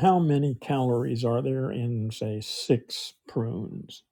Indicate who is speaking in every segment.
Speaker 1: how many calories are there in, say, six prunes?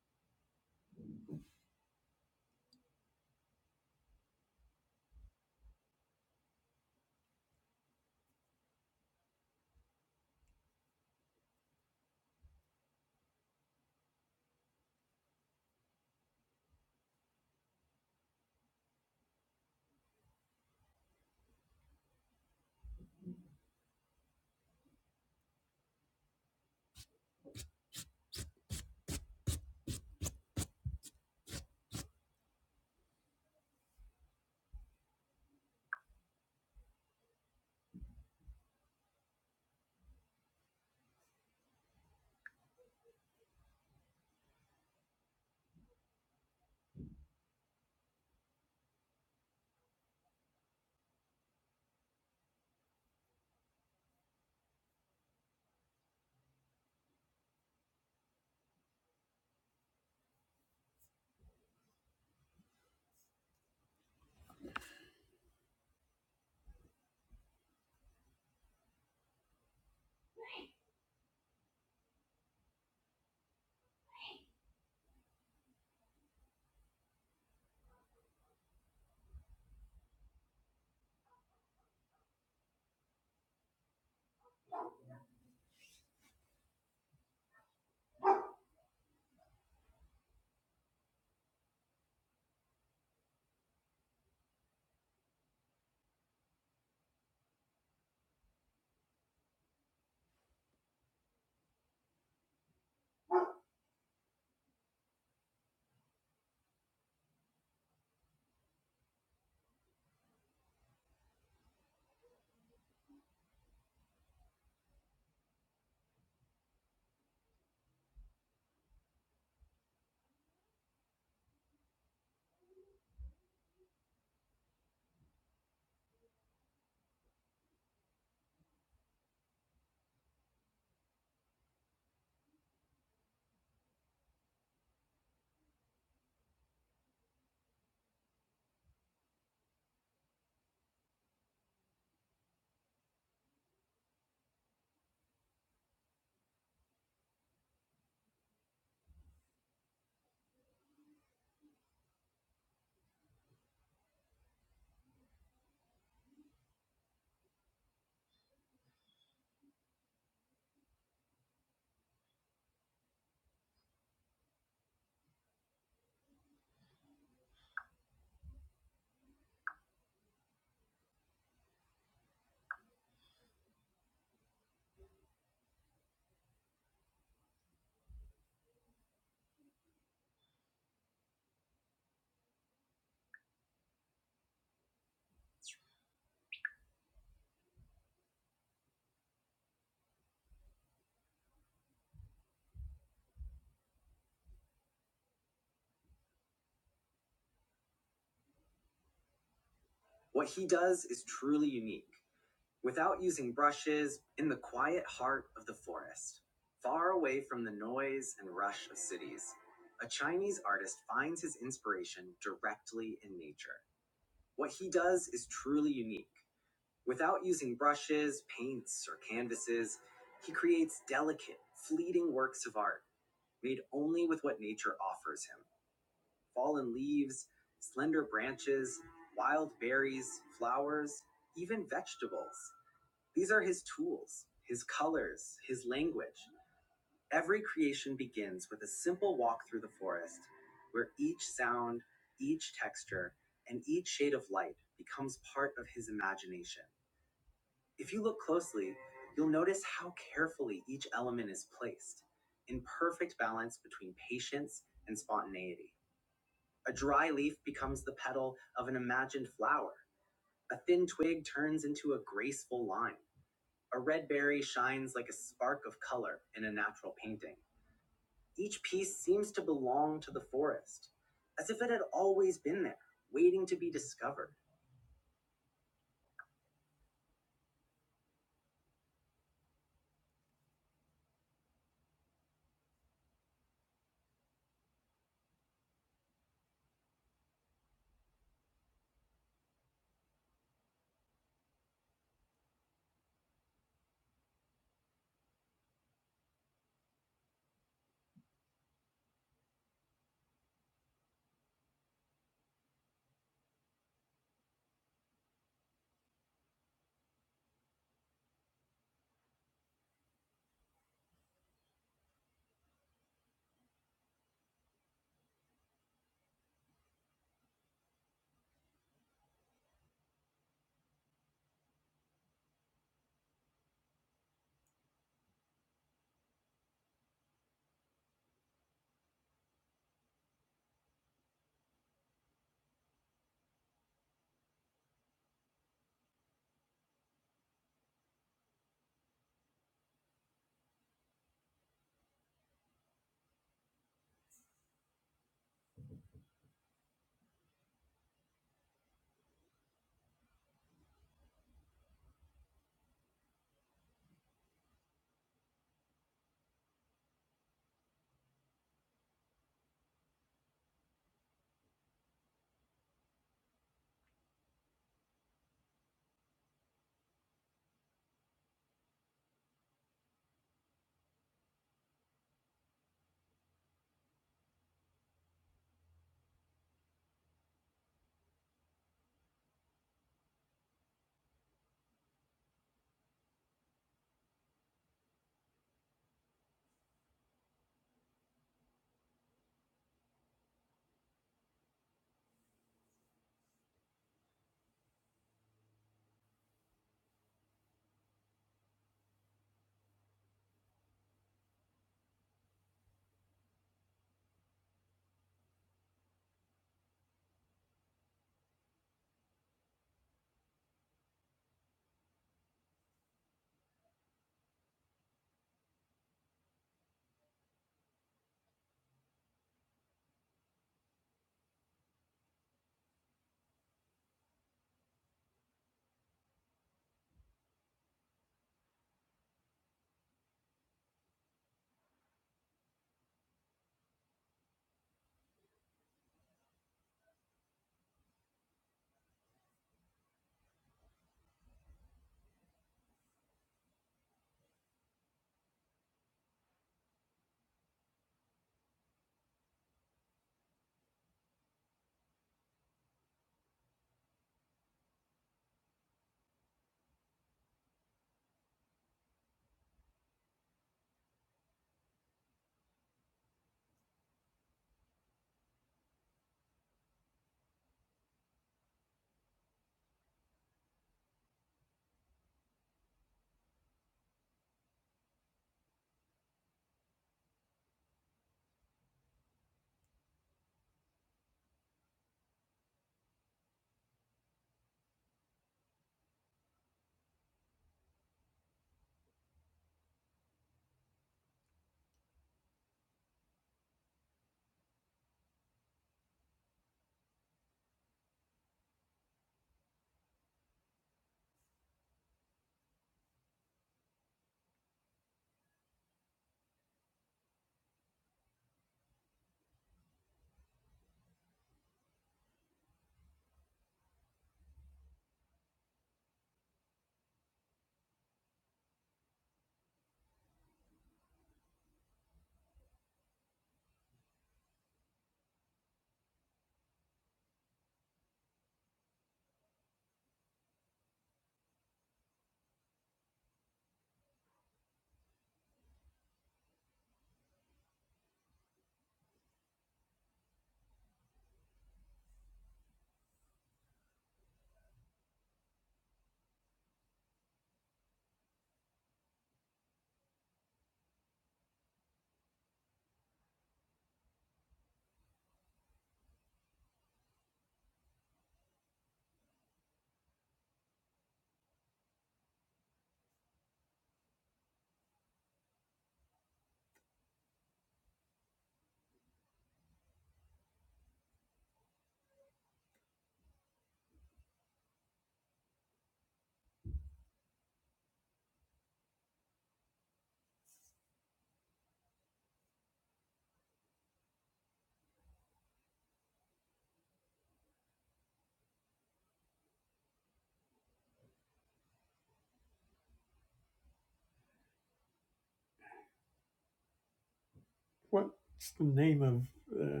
Speaker 1: What's the name of uh,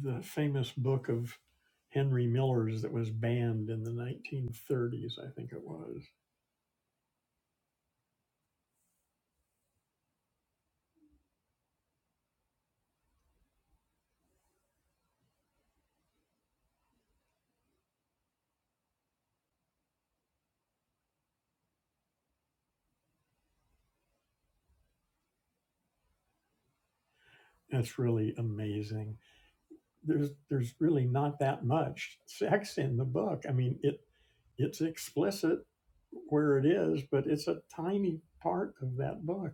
Speaker 1: the famous book of Henry Miller's that was banned in the 1930s? I think it was. That's really amazing. There's there's really not that much sex in the book. I mean, it it's explicit where it is, but it's a tiny part of that book.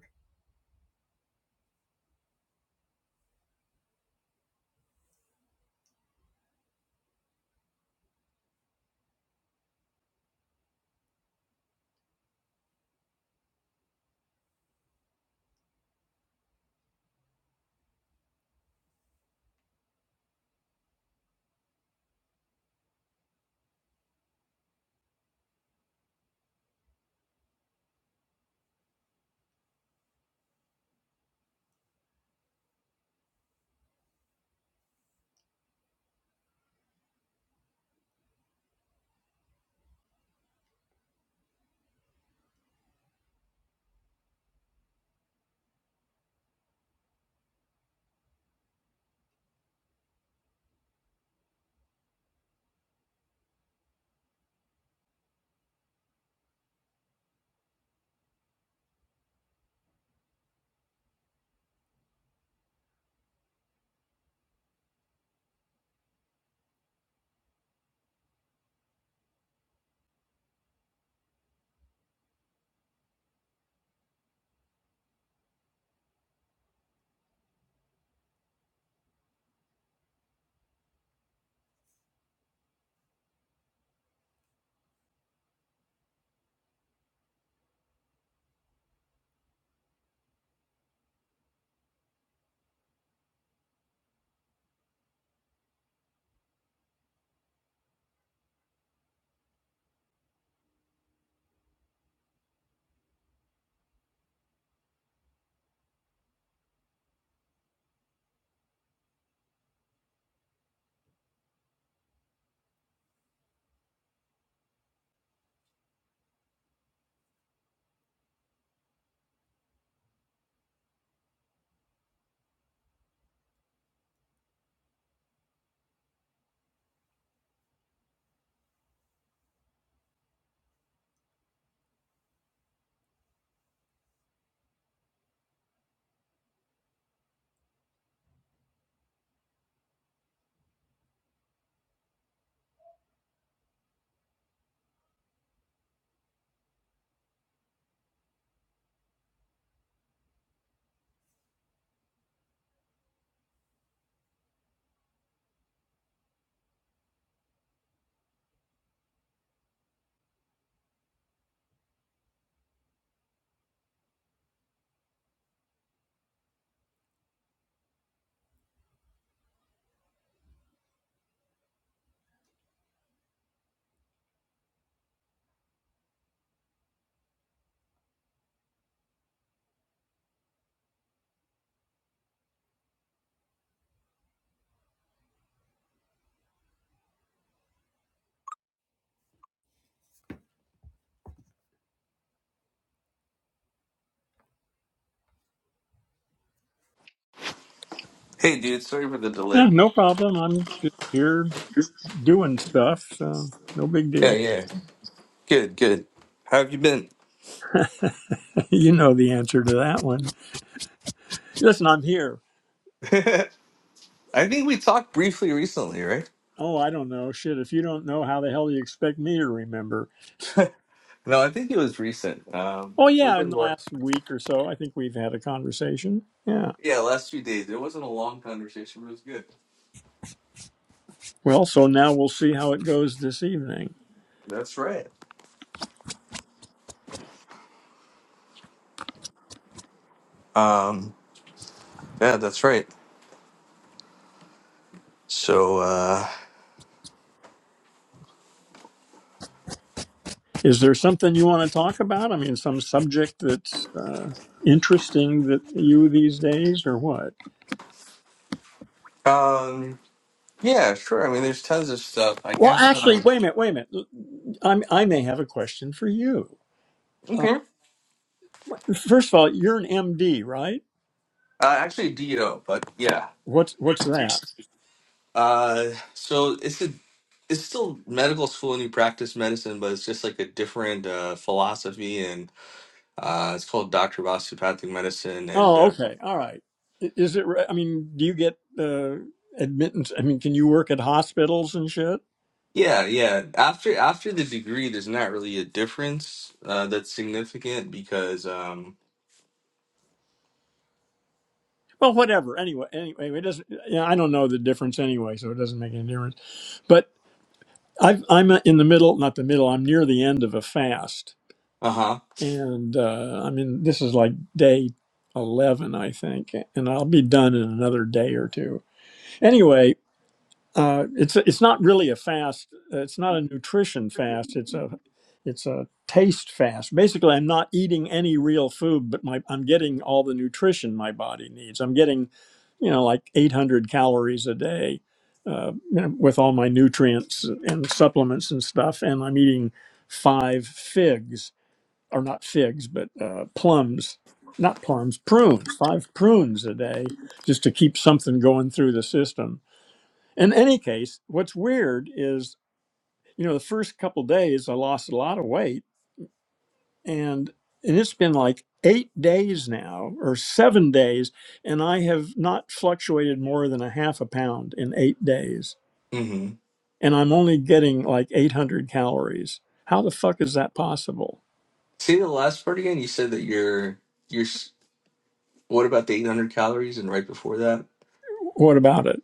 Speaker 2: Hey, dude, sorry for the
Speaker 1: Yeah,
Speaker 2: delay.
Speaker 1: no problem. I'm just here doing stuff, so no big
Speaker 2: Yeah,
Speaker 1: deal.
Speaker 2: yeah. Good, good. How have you been?
Speaker 1: You know the answer to that one. Listen, I'm here.
Speaker 2: I think we talked briefly recently, right?
Speaker 1: Oh, I don't know. Shit, if you don't know, how the hell do you expect me to remember?
Speaker 2: No, I think it was recent. Um,
Speaker 1: Oh,
Speaker 2: we've
Speaker 1: yeah, in
Speaker 2: been
Speaker 1: the
Speaker 2: working.
Speaker 1: last week or so, I think we've had a conversation. Yeah.
Speaker 2: Yeah, last few days. It wasn't a long conversation, but it was good.
Speaker 1: Well, so now we'll see how it goes this evening.
Speaker 2: That's right. Um, yeah, that's right. So, uh,
Speaker 1: Is there something you want to talk about? I mean, some subject that's uh, interesting that you these days, or what?
Speaker 2: um, yeah, sure. I mean, there's tons of stuff. I
Speaker 1: Well,
Speaker 2: guess,
Speaker 1: actually,
Speaker 2: um,
Speaker 1: wait a minute, wait a minute. I'm, I may have a question for you. Uh,
Speaker 2: okay.
Speaker 1: first of all, you're an MD, right?
Speaker 2: Uh, actually, D.O., but yeah.
Speaker 1: What's what's that?
Speaker 2: Uh, so it's a it's still medical school and you practice medicine, but it's just like a different uh, philosophy, and uh, it's called Doctor of Osteopathic Medicine. And
Speaker 1: Oh,
Speaker 2: uh,
Speaker 1: okay. All right. I- Is it, re- I mean, do you get uh, admittance? I mean, can you work at hospitals and shit?
Speaker 2: yeah, yeah. After after the degree, there's not really a difference uh, that's significant because um,
Speaker 1: Well, whatever. Anyway, anyway, it doesn't, Yeah, I don't know the difference anyway, so it doesn't make any difference. But I've, I'm in the middle, not the middle, I'm near the end of a fast.
Speaker 2: uh-huh.
Speaker 1: And uh, I mean, this is like day 11, I think, and I'll be done in another day or two. Anyway, uh, it's it's not really a fast. uh, It's not a nutrition fast. It's a it's a taste fast. Basically, I'm not eating any real food, but my I'm getting all the nutrition my body needs. I'm getting, you know, like 800 calories a day, uh, you know, with all my nutrients and supplements and stuff. And I'm eating five figs, or not figs, but uh, plums. Not plums, prunes. Five prunes a day, just to keep something going through the system in any case, what's weird is, you know, the first couple days I lost a lot of weight and and it's been like 8 days now or 7 days and I have not fluctuated more than a half a pound in 8 days
Speaker 2: Mm-hmm.
Speaker 1: and I'm only getting like 800 calories. How the fuck is that possible?
Speaker 2: Say the last part again. You said that you're you're. s- What about the 800 calories and right before that?
Speaker 1: What about it?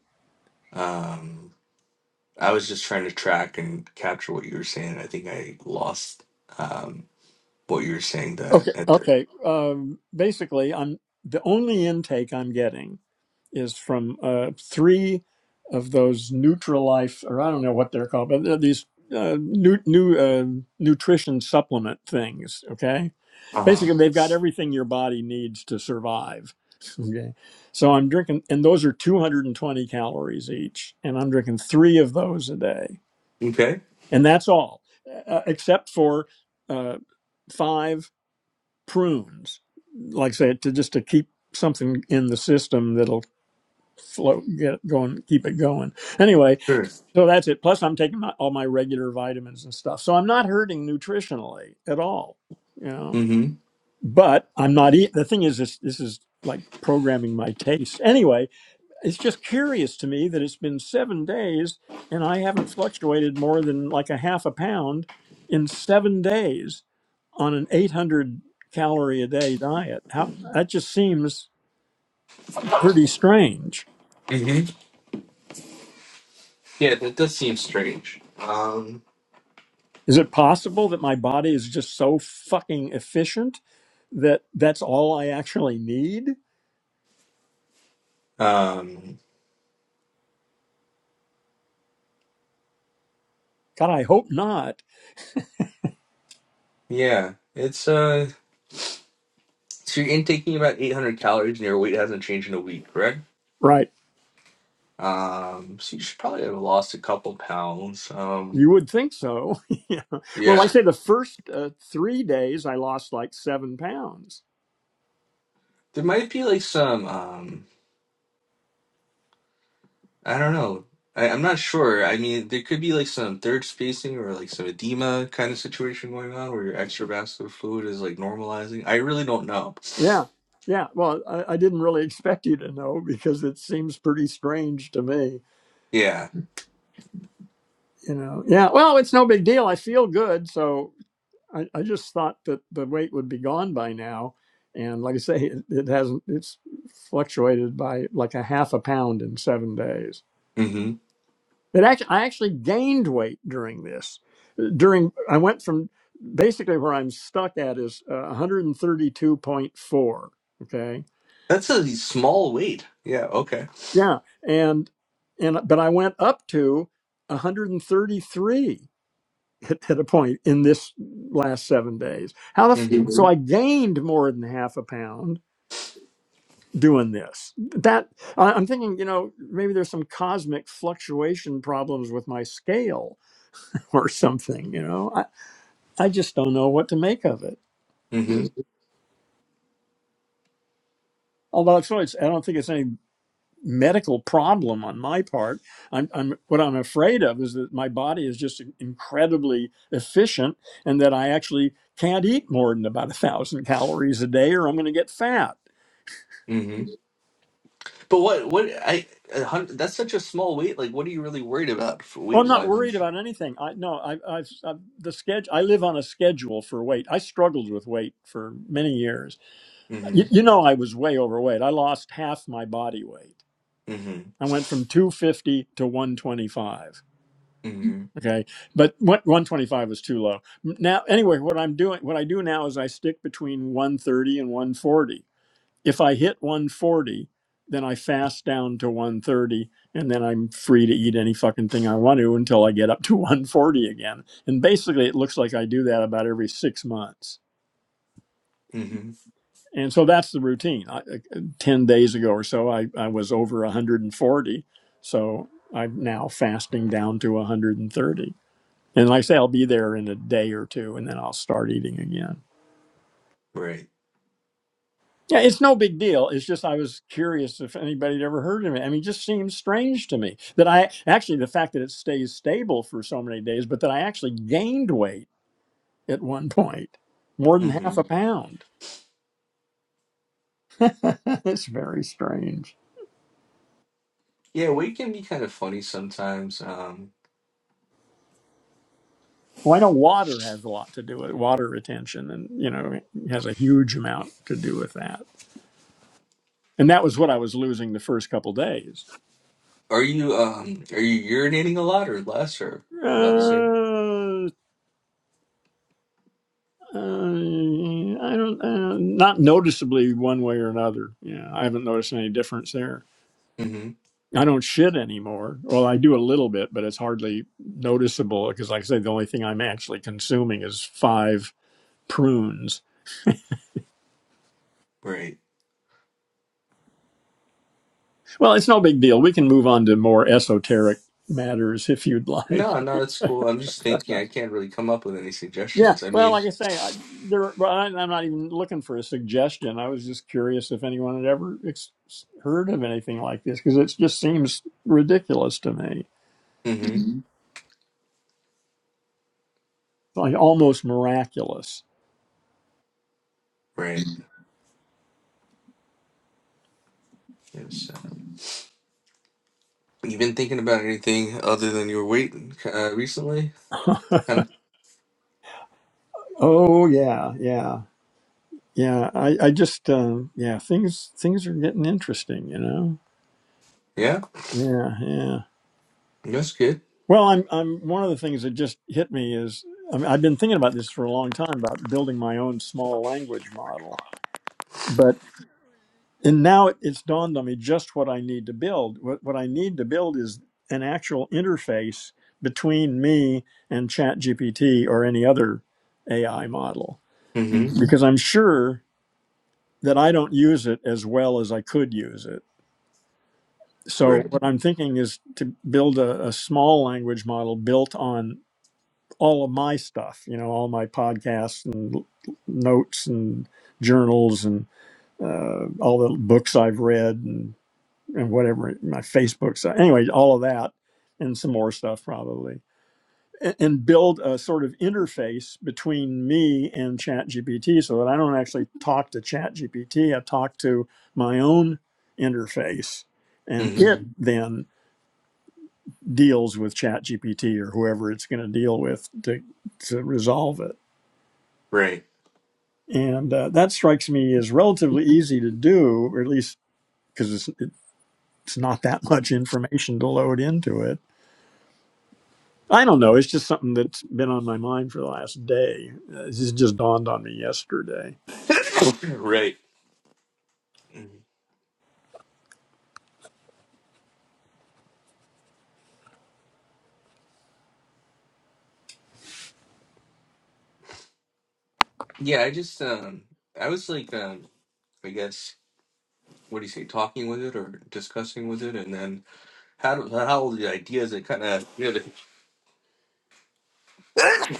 Speaker 2: Um, I was just trying to track and capture what you were saying. I think I lost. um, What you're saying that
Speaker 1: Okay.
Speaker 2: at the
Speaker 1: Okay. Um, basically, I'm the only intake I'm getting is from uh, three of those Nutrilife, or I don't know what they're called, but they're these uh, new new uh, nutrition supplement things. Okay.
Speaker 2: uh huh.
Speaker 1: Basically, they've got everything your body needs to survive. Okay. So I'm drinking, and those are 220 calories each, and I'm drinking three of those a day,
Speaker 2: Okay.
Speaker 1: and that's all, uh, except for uh, five prunes, like I said, to just to keep something in the system that'll flow, get it going, keep it going. Anyway,
Speaker 2: Sure.
Speaker 1: so that's it. Plus, I'm taking my, all my regular vitamins and stuff, so I'm not hurting nutritionally at all. You know,
Speaker 2: Mm-hmm.
Speaker 1: but I'm not. eating. the thing is, this, this is like programming my taste. Anyway, it's just curious to me that it's been seven days and I haven't fluctuated more than like a half a pound in seven days on an 800 calorie a day diet. How that just seems pretty strange.
Speaker 2: Mm-hmm. Yeah, that does seem strange. Um
Speaker 1: Is it possible that my body is just so fucking efficient that that's all I actually need?
Speaker 2: Um
Speaker 1: God, I hope not.
Speaker 2: Yeah. It's uh so you're intaking about eight hundred calories and your weight hasn't changed in a week, correct?
Speaker 1: Right.
Speaker 2: Um so you should probably have lost a couple pounds. Um
Speaker 1: You would think so. yeah. Well, I
Speaker 2: yeah.
Speaker 1: say the first uh, three days I lost like seven pounds.
Speaker 2: There might be like some um I don't know. I, I'm not sure. I mean, there could be like some third spacing or like some edema kind of situation going on where your extravascular fluid is like normalizing. I really don't know.
Speaker 1: Yeah. Yeah. Well, I, I didn't really expect you to know because it seems pretty strange to me
Speaker 2: Yeah.
Speaker 1: you know yeah well it's no big deal i feel good so I, I just thought that the weight would be gone by now. And like I say, it, it hasn't, it's fluctuated by like a half a pound in seven days.
Speaker 2: Mm-hmm.
Speaker 1: It actually, I actually gained weight during this. Uh, During, I went from basically where I'm stuck at is uh, 132.4. Okay.
Speaker 2: That's a small weight. Yeah. Okay.
Speaker 1: Yeah. And, and, but I went up to 133 at, at a point in this last seven days. How the,
Speaker 2: Mm-hmm.
Speaker 1: f- so I gained more than half a pound doing this that I- am thinking you know maybe there's some cosmic fluctuation problems with my scale or something you know i, I just don't know what to make of it
Speaker 2: Mm-hmm.
Speaker 1: although it's, really, it's i don't think it's any medical problem on my part I'm, I'm what i'm afraid of is that my body is just incredibly efficient and that i actually can't eat more than about a thousand calories a day or i'm going to get fat
Speaker 2: Mm-hmm. But what? What? I. a hun- That's such a small weight. Like, what are you really worried about for
Speaker 1: Well, I'm
Speaker 2: weight
Speaker 1: not
Speaker 2: wise?
Speaker 1: worried about anything. I no, I, I've, I've the schedule. I live on a schedule for weight. I struggled with weight for many years. You,
Speaker 2: Mm-hmm.
Speaker 1: you know, I was way overweight. I lost half my body weight.
Speaker 2: Mm-hmm.
Speaker 1: I went from 250 to 125.
Speaker 2: Mm-hmm.
Speaker 1: Okay, but what 125 was too low. Now, anyway, what I'm doing, what I do now is I stick between 130 and 140 if I hit 140, then I fast down to 130 and then I'm free to eat any fucking thing I want to until I get up to 140 again. And basically it looks like I do that about every 6 months.
Speaker 2: Mm-hmm.
Speaker 1: And so that's the routine. I, uh, 10 days ago or so I I was over 140. So I'm now fasting down to 130. And like I say I'll be there in a day or two and then I'll start eating again.
Speaker 2: Right.
Speaker 1: Yeah, it's no big deal. It's just I was curious if anybody had ever heard of it. I mean, it just seems strange to me that I actually the fact that it stays stable for so many days, but that I actually gained weight at one point, more than
Speaker 2: Mm-hmm.
Speaker 1: half a pound. it's very strange.
Speaker 2: Yeah, weight can be kind of funny sometimes. Um,
Speaker 1: Well, I know water has a lot to do with water retention, and you know it has a huge amount to do with that. And that was what I was losing the first couple days.
Speaker 2: Are you um are you urinating a lot or less or about the same?
Speaker 1: Uh, Um, I don't, uh, not noticeably one way or another. Yeah, I haven't noticed any difference there.
Speaker 2: hmm
Speaker 1: I don't shit anymore. Well, I do a little bit, but it's hardly noticeable because, like I said, the only thing I'm actually consuming is five prunes.
Speaker 2: Right.
Speaker 1: Well, it's no big deal. We can move on to more esoteric matters if you'd like.
Speaker 2: No, no, that's cool. I'm just thinking I can't really come up with any
Speaker 1: Yeah.
Speaker 2: suggestions. I
Speaker 1: Well,
Speaker 2: mean,
Speaker 1: like I say, I, there, well, I- I'm not even looking for a suggestion. I was just curious if anyone had ever ex- heard of anything like this because it just seems ridiculous to me.
Speaker 2: hmm
Speaker 1: like almost miraculous.
Speaker 2: Right. Yes. Um, you been thinking about anything other than your weight uh, recently? Kind of.
Speaker 1: Oh yeah, yeah, yeah. I I just um, yeah things things are getting interesting, you know.
Speaker 2: Yeah.
Speaker 1: Yeah, yeah.
Speaker 2: That's good.
Speaker 1: Well, I'm I'm one of the things that just hit me is I mean, I've been thinking about this for a long time about building my own small language model, but and now it, it's dawned on me just what I need to build. What what I need to build is an actual interface between me and ChatGPT or any other AI model
Speaker 2: hmm
Speaker 1: because I'm sure. that I don't use it as well as I could use it. So
Speaker 2: Right.
Speaker 1: what I'm thinking is to build a, a small language model built on all of my stuff, you know, all my podcasts and notes and journals and uh, all the books I've read and, and whatever my Facebook. So anyway, all of that and some more stuff probably and build a sort of interface between me and ChatGPT so that I don't actually talk to ChatGPT. I talk to my own interface, and
Speaker 2: hmm
Speaker 1: it Mhm. then deals with ChatGPT or whoever it's going to deal with to, to resolve it.
Speaker 2: Right.
Speaker 1: And uh, that strikes me as relatively easy to do, or at least because it's, it's not that much information to load into it. I don't know. It's just something that's been on my mind for the last day. Uh, This just dawned on me yesterday.
Speaker 2: right. Mhm. Yeah, I just um I was like um I guess what do you say talking with it or discussing with it and then how do, how all the ideas that kind of really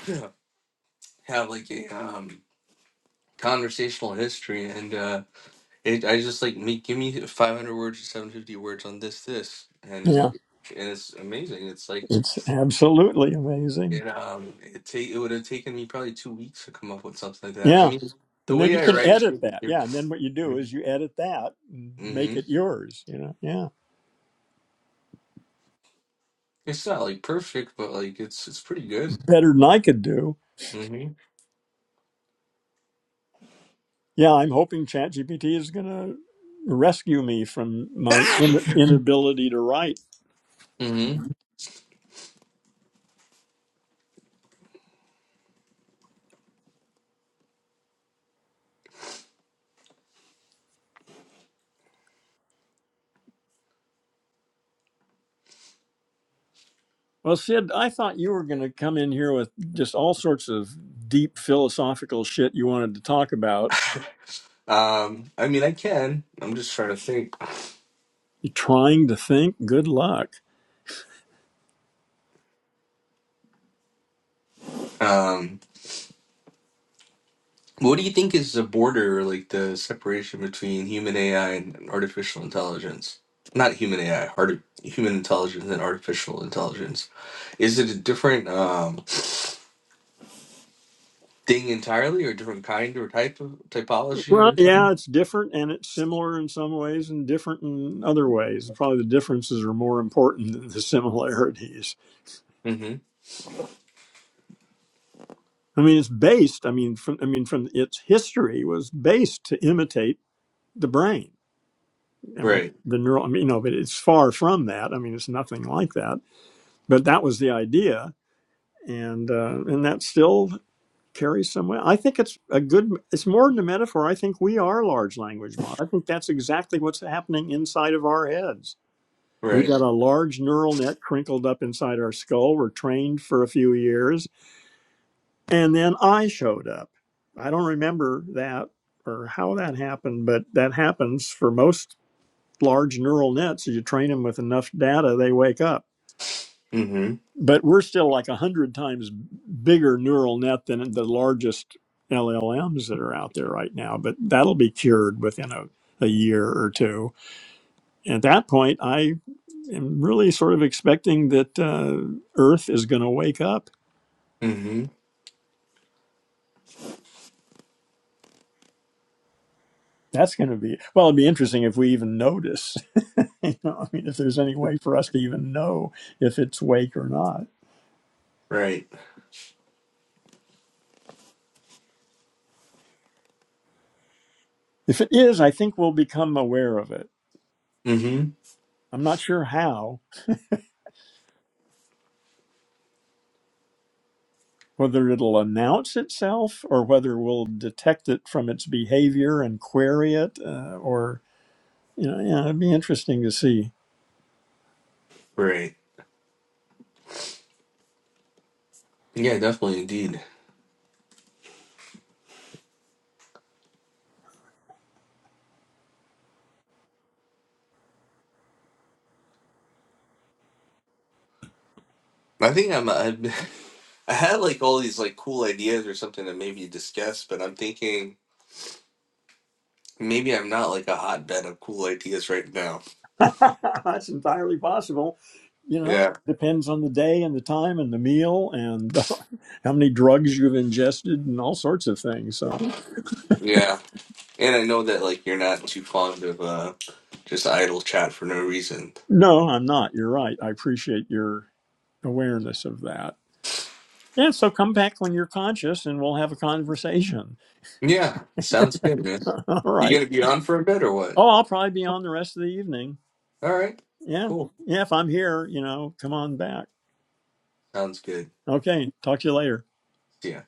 Speaker 2: have like a um, conversational history and uh, it I just like me give me 500 words or 750 words on this this and it,
Speaker 1: Yeah,
Speaker 2: and it's amazing it's like
Speaker 1: it's absolutely amazing.
Speaker 2: it um it take it would have taken me probably two weeks to come up with something like that I
Speaker 1: Yeah,
Speaker 2: mean the
Speaker 1: and then
Speaker 2: way
Speaker 1: you
Speaker 2: I
Speaker 1: can
Speaker 2: write
Speaker 1: edit that. Yeah, and then what you
Speaker 2: mm-hmm.
Speaker 1: do is you edit that and make it yours. You know, yeah,
Speaker 2: it's not like perfect but like it's it's pretty good
Speaker 1: better than I could do.
Speaker 2: mm-hmm.
Speaker 1: Yeah, I'm hoping ChatGPT is going to rescue me from my in- inability to write.
Speaker 2: Mm-hmm.
Speaker 1: Well, Sid, I thought you were going to come in here with just all sorts of deep philosophical shit you wanted to talk about.
Speaker 2: Um, I mean, I can. I'm just trying to think.
Speaker 1: Trying to think. Good luck.
Speaker 2: Um. What do you think is the border, like the separation between human AI and artificial intelligence? Not human AI, art, human intelligence and artificial intelligence. Is it a different um, thing entirely, or a different kind or type of typology of
Speaker 1: Well,
Speaker 2: intelligence?
Speaker 1: yeah, it's different and it's similar in some ways and different in other ways. Probably the differences are more important than the similarities.
Speaker 2: Mm-hmm.
Speaker 1: I mean, it's based, I mean, from, I mean, from its history was based to imitate the brain. I mean,
Speaker 2: Right.
Speaker 1: the neural, I mean, you know, but it's far from that. I mean, it's nothing like that, but that was the idea. And, uh, and that still carries some way. I think it's a good, it's more than a metaphor. I think we are large language models. I think that's exactly what's happening inside of our heads We've
Speaker 2: Right.
Speaker 1: got a large neural net crinkled up inside our skull. We're trained for a few years. And then I showed up. I don't remember that or how that happened, but that happens for most large neural nets. You train them with enough data, they wake up.
Speaker 2: Mm-hmm.
Speaker 1: But we're still like 100 times bigger neural net than the largest LLMs that are out there right now. But that'll be cured within a, a year or two. At that point, I. i am really sort of expecting that uh, Earth is going to wake up.
Speaker 2: Mm-hmm.
Speaker 1: That's going to be well. It'd be interesting if we even notice. you know, I mean, if there's any way for us to even know if it's wake or not.
Speaker 2: Right.
Speaker 1: If it is, I think we'll become aware of it.
Speaker 2: Mm-hmm.
Speaker 1: I'm not sure how. Whether it'll announce itself, or whether we'll detect it from its behavior and query it, uh, or you know, yeah, it'd be interesting to see.
Speaker 2: Right. Yeah, definitely, indeed. I think I'm. I've, I had like all these like cool ideas or something to maybe discuss, but I'm thinking maybe I'm not like a hotbed of cool ideas right now.
Speaker 1: That's entirely possible. You know,
Speaker 2: Yeah,
Speaker 1: depends on the day and the time and the meal and uh, how many drugs you've ingested and all sorts of things. So,
Speaker 2: yeah. And I know that like you're not too fond of uh just idle chat for no reason.
Speaker 1: no, I'm not. You're right. I appreciate your awareness of that. Yeah, so come back when you're conscious and we'll have a conversation.
Speaker 2: Yeah, sounds good, man.
Speaker 1: all
Speaker 2: You
Speaker 1: right.
Speaker 2: gonna be on for a bit or what?
Speaker 1: Oh, I'll probably be on the rest of the evening.
Speaker 2: All right,
Speaker 1: Yeah.
Speaker 2: cool.
Speaker 1: Yeah, if I'm here, you know, come on back.
Speaker 2: Sounds good.
Speaker 1: Okay. Talk to you later.
Speaker 2: See ya.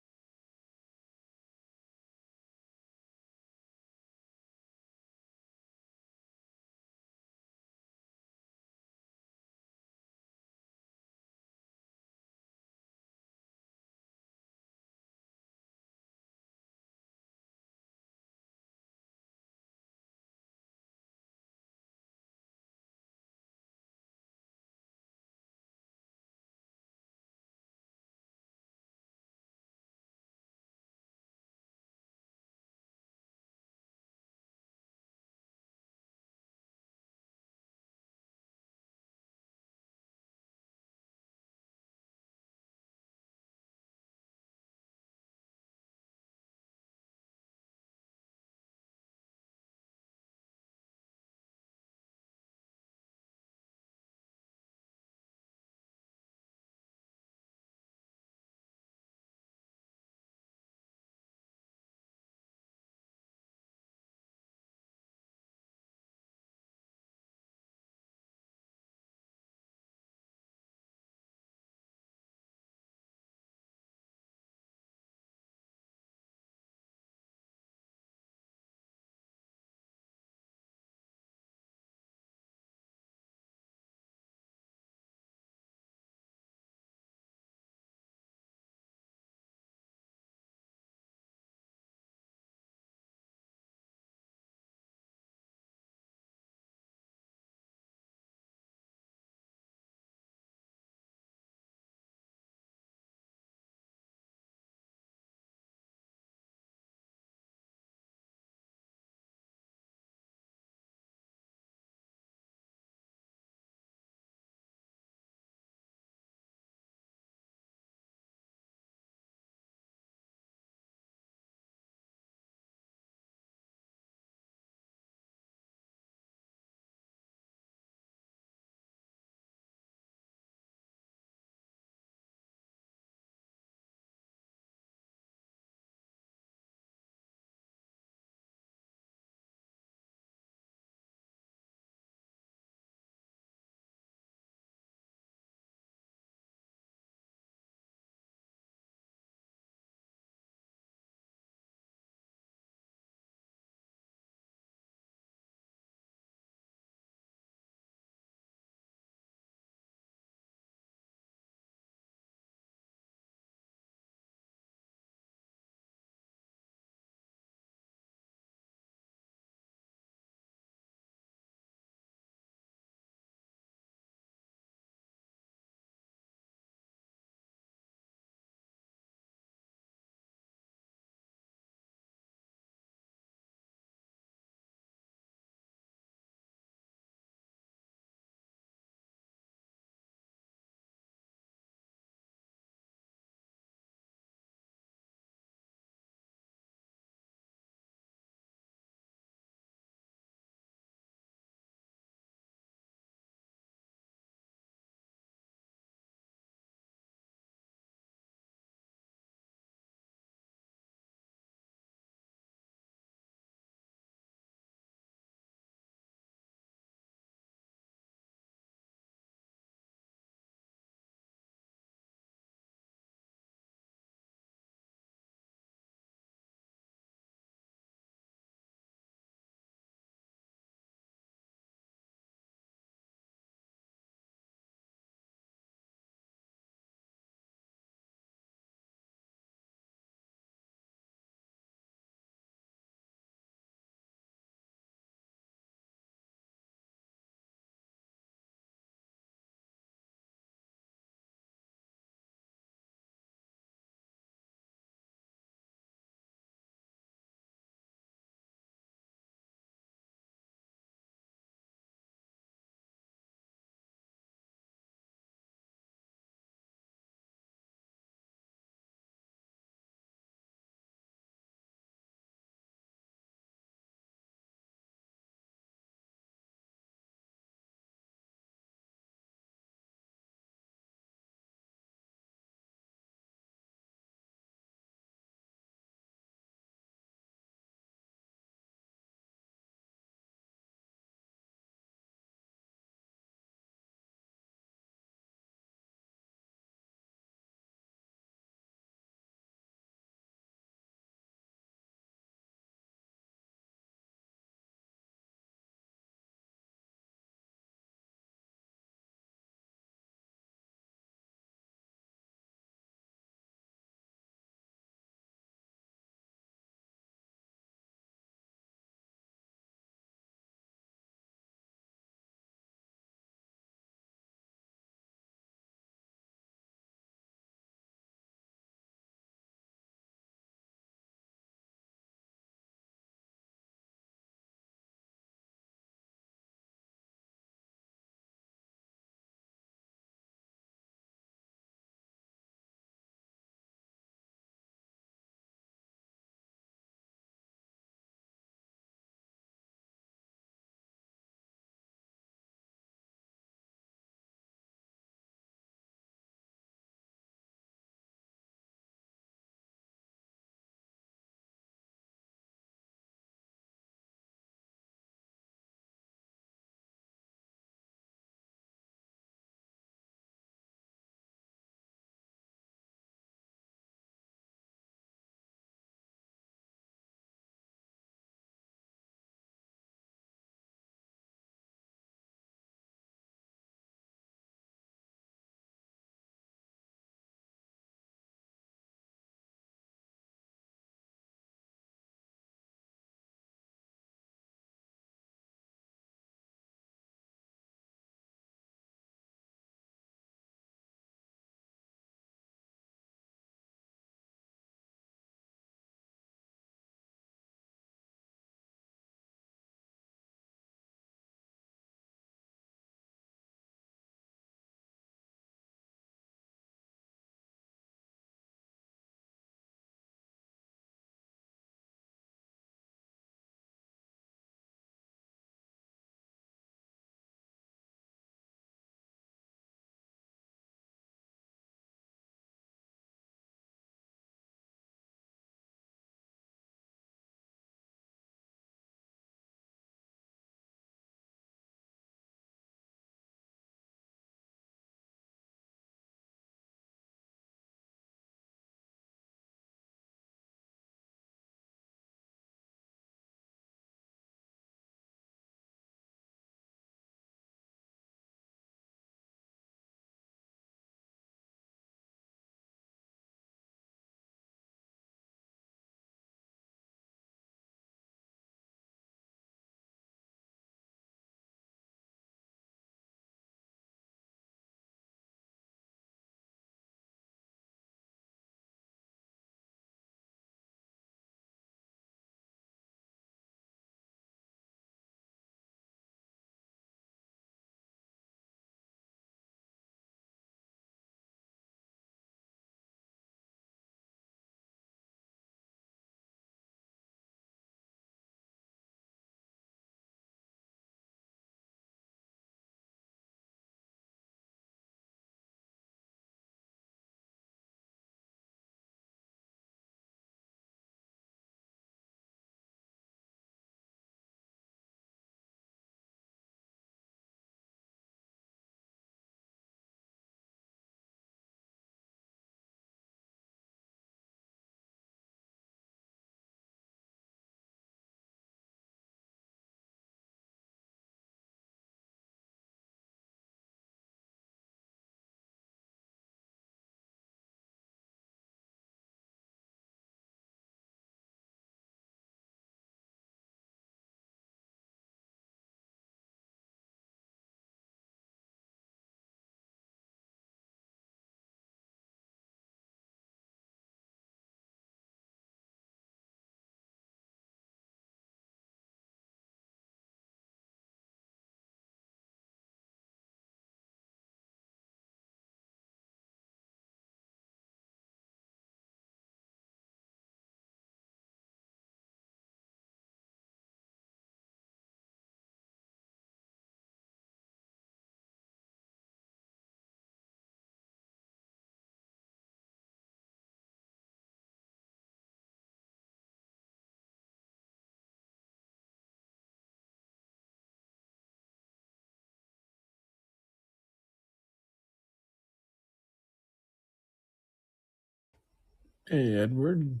Speaker 1: Hey, Edward.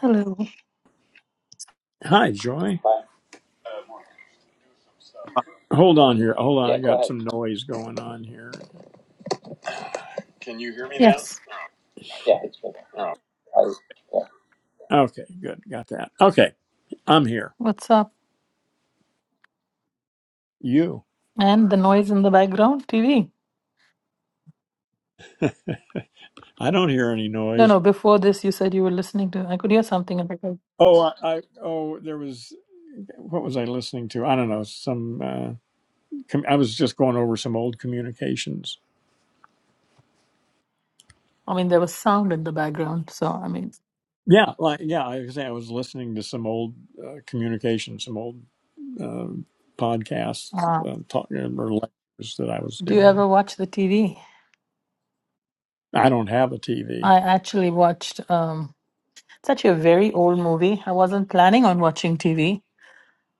Speaker 3: Hello.
Speaker 1: Hi, Joy. Hi. Hold on here. Hold on. Yeah, I go got go ahead. some noise going on here.
Speaker 3: Yes.
Speaker 1: Yeah, it's been. Oh, I, yeah. Okay, good. Got that. Okay. I'm here.
Speaker 3: What's up?
Speaker 1: You.
Speaker 3: And the noise in the background, TV.
Speaker 1: I don't hear any
Speaker 3: No,
Speaker 1: noise.
Speaker 3: no. Before this, you said you were listening to. I could hear something in the background.
Speaker 1: Oh, I, I oh, there was what was I listening to? I don't know. Some uh com- I was just going over some old communications.
Speaker 3: I mean, there was sound in the background. So, I mean,
Speaker 1: Yeah, like yeah, I was saying I was listening to some old uh, communications, some old uh, podcasts,
Speaker 3: uh,
Speaker 1: uh, talk, uh, or lectures that I was
Speaker 3: do you
Speaker 1: doing.
Speaker 3: ever watch the TV?
Speaker 1: I don't have a TV.
Speaker 3: I actually watched. Um, it's actually a very old movie. I wasn't planning on watching TV,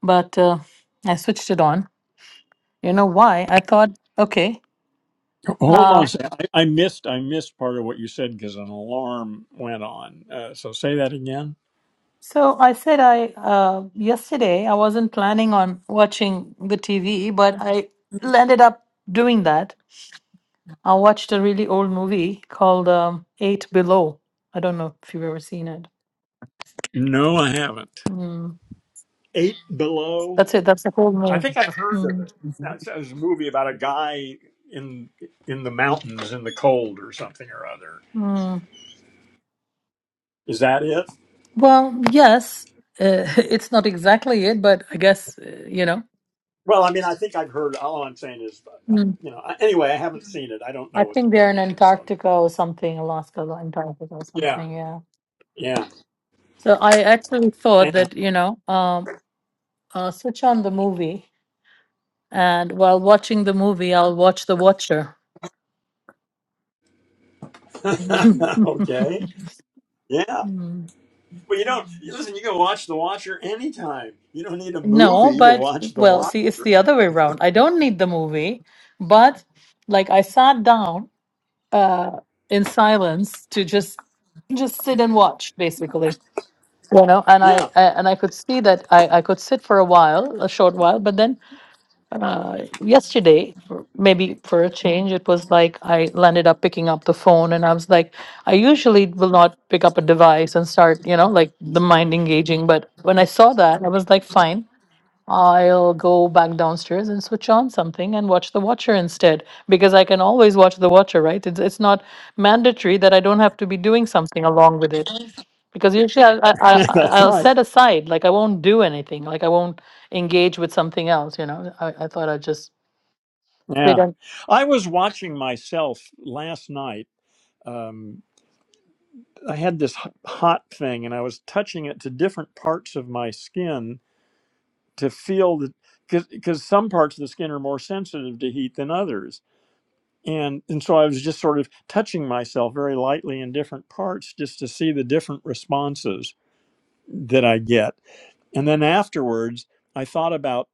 Speaker 3: but uh, I switched it on. You know why? I thought, okay.
Speaker 1: Hold
Speaker 3: uh,
Speaker 1: on a second. I, I missed I missed part of what you said because an alarm went on. Uh, so say that again.
Speaker 3: So I said I uh, yesterday I wasn't planning on watching the TV, but I ended up doing that. I watched a really old movie called um, Eight Below. I don't know if you've ever seen it.
Speaker 1: No, I haven't.
Speaker 3: Mm.
Speaker 1: Eight Below.
Speaker 3: That's it. That's the whole
Speaker 1: I think
Speaker 3: name.
Speaker 1: I've heard of it.
Speaker 3: Mm.
Speaker 1: It's it's a movie about a guy in in the mountains in the cold or something or other.
Speaker 3: Mm.
Speaker 1: Is that it?
Speaker 3: Well, yes, uh, it's not exactly it, but I guess uh, you know.
Speaker 1: Well, I mean, I think I've heard. All I'm saying is, uh, I-
Speaker 3: Mm.
Speaker 1: you know. I- Anyway, I haven't seen it. I don't
Speaker 3: I
Speaker 1: know what the
Speaker 3: think they're in
Speaker 1: movie is. So
Speaker 3: Antarctica or something, Alaska, or Antarctica or
Speaker 1: yeah,
Speaker 3: something. Yeah.
Speaker 1: yeah.
Speaker 3: So I actually thought
Speaker 1: And-
Speaker 3: that, you know, um, uh, switch on the movie, and while watching the movie, I'll watch The Watcher.
Speaker 1: okay. Yeah.
Speaker 3: Mm.
Speaker 1: But you don't listen. You can watch The Watcher anytime. You don't need a
Speaker 3: No,
Speaker 1: movie to
Speaker 3: but
Speaker 1: watch The
Speaker 3: well,
Speaker 1: Watcher.
Speaker 3: see, it's the other way around. I don't need the movie, but like I sat down uh in silence to just just sit and watch, basically. You know, and I,
Speaker 1: Yeah,
Speaker 3: I and I could see that I I could sit for a while, a short while, but then uh, yesterday, for- maybe for a change, it was like I landed up picking up the phone and I was like, I usually will not pick up a device and start, you know, like the mind engaging. But when I saw that, I was like, fine, I'll go back downstairs and switch on something and watch The Watcher instead because I can always watch The Watcher, right? It's, it's not mandatory that I don't have to be doing something along with it. Because usually I, I, I, I-
Speaker 1: that's
Speaker 3: I'll
Speaker 1: right.
Speaker 3: set aside, like I won't do anything, like I won't engage with something else you know i, I thought i'd just we
Speaker 1: Yeah,
Speaker 3: don't.
Speaker 1: I was watching myself last night. Um, I had this h- hot thing, and I was touching it to different parts of my skin to feel that because some parts of the skin are more sensitive to heat than others. And, and so I was just sort of touching myself very lightly in different parts just to see the different responses that I get And then afterwards, I thought about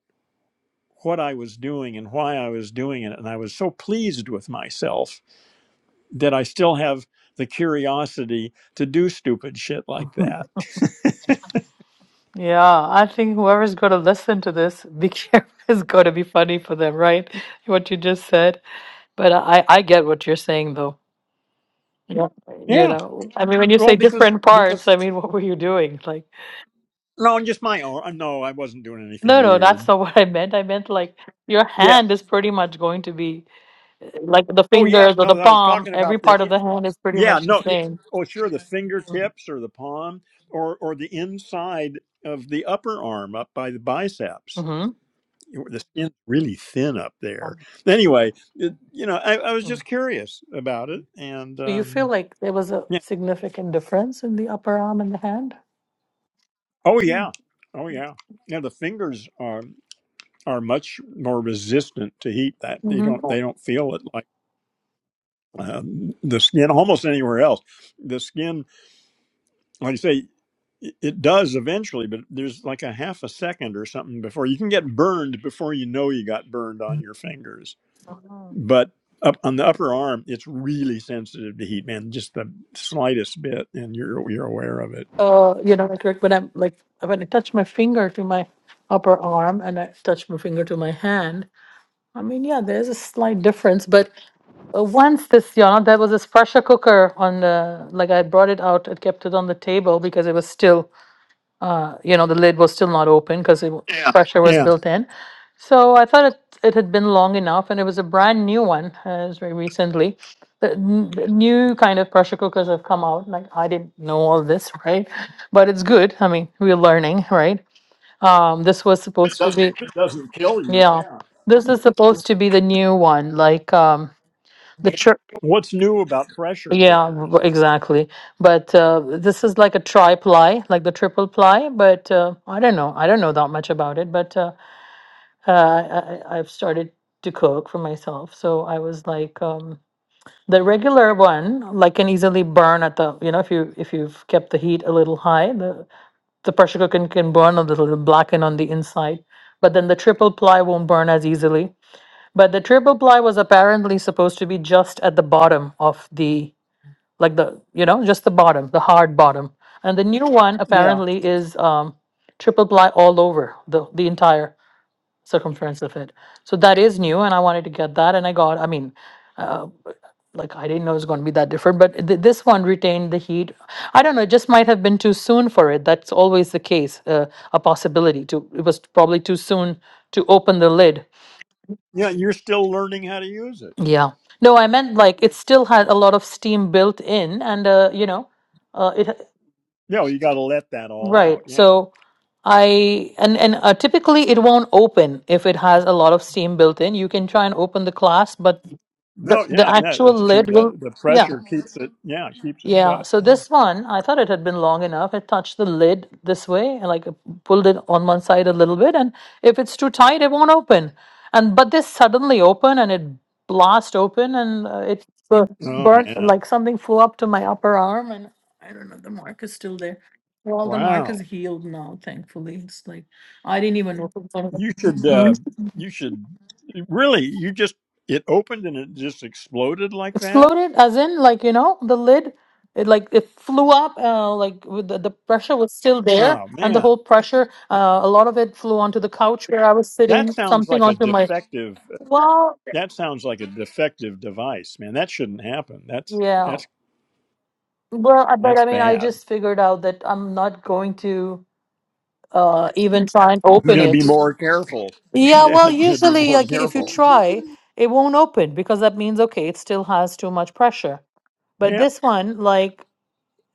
Speaker 1: what I was doing and why I was doing it. And I was so pleased with myself that I still have the curiosity to do stupid shit like that.
Speaker 3: Yeah, I think whoever's going to listen to this, be careful, is going to be funny for them, right? What you just said. But I, I get what you're saying, though. Yeah. You
Speaker 1: Yeah.
Speaker 3: know, I mean, when you
Speaker 1: Well,
Speaker 3: say
Speaker 1: because,
Speaker 3: different parts, I
Speaker 1: because,
Speaker 3: mean, what were you doing? Like,
Speaker 1: no, just my own. No, I wasn't doing anything
Speaker 3: no, no,
Speaker 1: weird.
Speaker 3: that's not what I meant. I meant like your
Speaker 1: Yeah.
Speaker 3: hand is pretty much going to be uh, like the
Speaker 1: Oh, yeah.
Speaker 3: fingers or the
Speaker 1: No, I was
Speaker 3: palm,
Speaker 1: talking
Speaker 3: every
Speaker 1: about
Speaker 3: part of
Speaker 1: the,
Speaker 3: the hand is pretty
Speaker 1: yeah,
Speaker 3: much the
Speaker 1: no. y-
Speaker 3: same.
Speaker 1: Oh, sure. The fingertips or the palm or, or the inside of the upper arm up by the biceps.
Speaker 3: Mm-hmm.
Speaker 1: the skin's really thin up there. Anyway, it, you know, I, I was just curious about it, and
Speaker 3: So you feel
Speaker 1: um,
Speaker 3: like there was a
Speaker 1: yeah,
Speaker 3: significant difference in the upper arm and the hand?
Speaker 1: oh
Speaker 3: Mm.
Speaker 1: yeah, oh yeah, yeah. The fingers are are much more resistant to heat. That they
Speaker 3: hmm
Speaker 1: don't they don't feel it like um, the skin almost anywhere else. The skin, like you say. It it does eventually, but there's like a half a second or something before you can get burned before you know you got burned on your fingers but up on the upper arm, it's really sensitive to heat, man. Just the slightest bit, and you're you're aware of it.
Speaker 3: Uh, you know, like like when I'm like when I touch my finger to my upper arm and I touch my finger to my hand. I mean, yeah, there's a slight difference, but uh, once this, you know, there was this pressure cooker on the like I brought it out, I kept it on the table because it was still uh, you know, the lid was still not open because Yeah. pressure was
Speaker 1: Yeah.
Speaker 3: built in. So I thought it, it had been long enough, and it was a brand new one, uh, it was very recently. The, n- the new kind of pressure cookers have come out. Like I didn't know all this, right? But it's good. I mean, we're learning, right? Um, this was supposed to be,
Speaker 1: it doesn't kill you,
Speaker 3: yeah, this is supposed to be the new one, like um, the church.
Speaker 1: What's new about pressure
Speaker 3: Yeah, r-
Speaker 1: cookers?
Speaker 3: exactly. But uh, this is like a tri ply, like the triple ply. But uh, I don't know. I don't know that much about it. But uh, uh, I, I- I've started to cook for myself. So I was like, um, the regular one, like can easily burn at the, you know, if you if you've kept the heat a little high, the the pressure cooker can, can burn a little, blacken on the inside. But then the triple ply won't burn as easily. But the triple ply was apparently supposed to be just at the bottom of the like the you know just the bottom the hard bottom and the new one
Speaker 1: Yeah.
Speaker 3: apparently is um triple ply all over the the entire circumference of it so that is new and i wanted to get that and i got i mean uh, like i didn't know it was going to be that different but th- this one retained the heat i don't know it just might have been too soon for it that's always the case uh, a possibility to it was probably too soon to open the lid
Speaker 1: Yeah, you're still learning how to use it.
Speaker 3: yeah no i meant like it still had
Speaker 1: Yeah.
Speaker 3: a lot of steam built in and uh, you know uh, it
Speaker 1: Yeah, well, you got to let that all
Speaker 3: Right.
Speaker 1: out. Yeah.
Speaker 3: So I and and uh, typically it won't open if it has a lot of steam built in. You can try and open the class, but the
Speaker 1: No,
Speaker 3: the
Speaker 1: yeah, yeah.
Speaker 3: actual
Speaker 1: It's too
Speaker 3: lid will
Speaker 1: the the
Speaker 3: yeah.
Speaker 1: pressure keeps it. Yeah, keeps it
Speaker 3: Yeah,
Speaker 1: shut.
Speaker 3: so
Speaker 1: Yeah.
Speaker 3: this one, I thought it had been long enough. I touched the lid this way and like uh, pulled it on one side a little bit, and if it's too tight, it won't open. And but this suddenly open and it blast open and uh, it bu-
Speaker 1: Oh
Speaker 3: burnt
Speaker 1: man.
Speaker 3: like something flew up to my upper arm, and I don't know, the mark is still there. Well, the mark
Speaker 1: Wow.
Speaker 3: is healed now, thankfully. It's like I didn't even know.
Speaker 1: You should. uh
Speaker 3: Hmm?
Speaker 1: You should really. You just. It opened and it just exploded like that.
Speaker 3: Exploded, as in, like, you know, the lid, it like it flew up, uh, like with the, the pressure was still there,
Speaker 1: Oh
Speaker 3: and the
Speaker 1: man.
Speaker 3: whole pressure, uh, a lot of it flew onto the couch where I was
Speaker 1: That
Speaker 3: sitting,
Speaker 1: sounds
Speaker 3: something
Speaker 1: like a
Speaker 3: onto my.
Speaker 1: defective.
Speaker 3: Well,
Speaker 1: That sounds like a defective device, man. That shouldn't happen. That's
Speaker 3: yeah.
Speaker 1: that's
Speaker 3: Well, I- but
Speaker 1: that's
Speaker 3: I mean, I
Speaker 1: bad.
Speaker 3: just figured out that I'm not going to uh, even try and
Speaker 1: You're
Speaker 3: open
Speaker 1: gonna be
Speaker 3: it.
Speaker 1: more careful.
Speaker 3: Yeah,
Speaker 1: Yeah,
Speaker 3: well,
Speaker 1: you're gonna be
Speaker 3: usually,
Speaker 1: more
Speaker 3: like, if you
Speaker 1: careful.
Speaker 3: try, it won't open because that means, okay, it still has too much pressure. But
Speaker 1: Yeah.
Speaker 3: this one, like,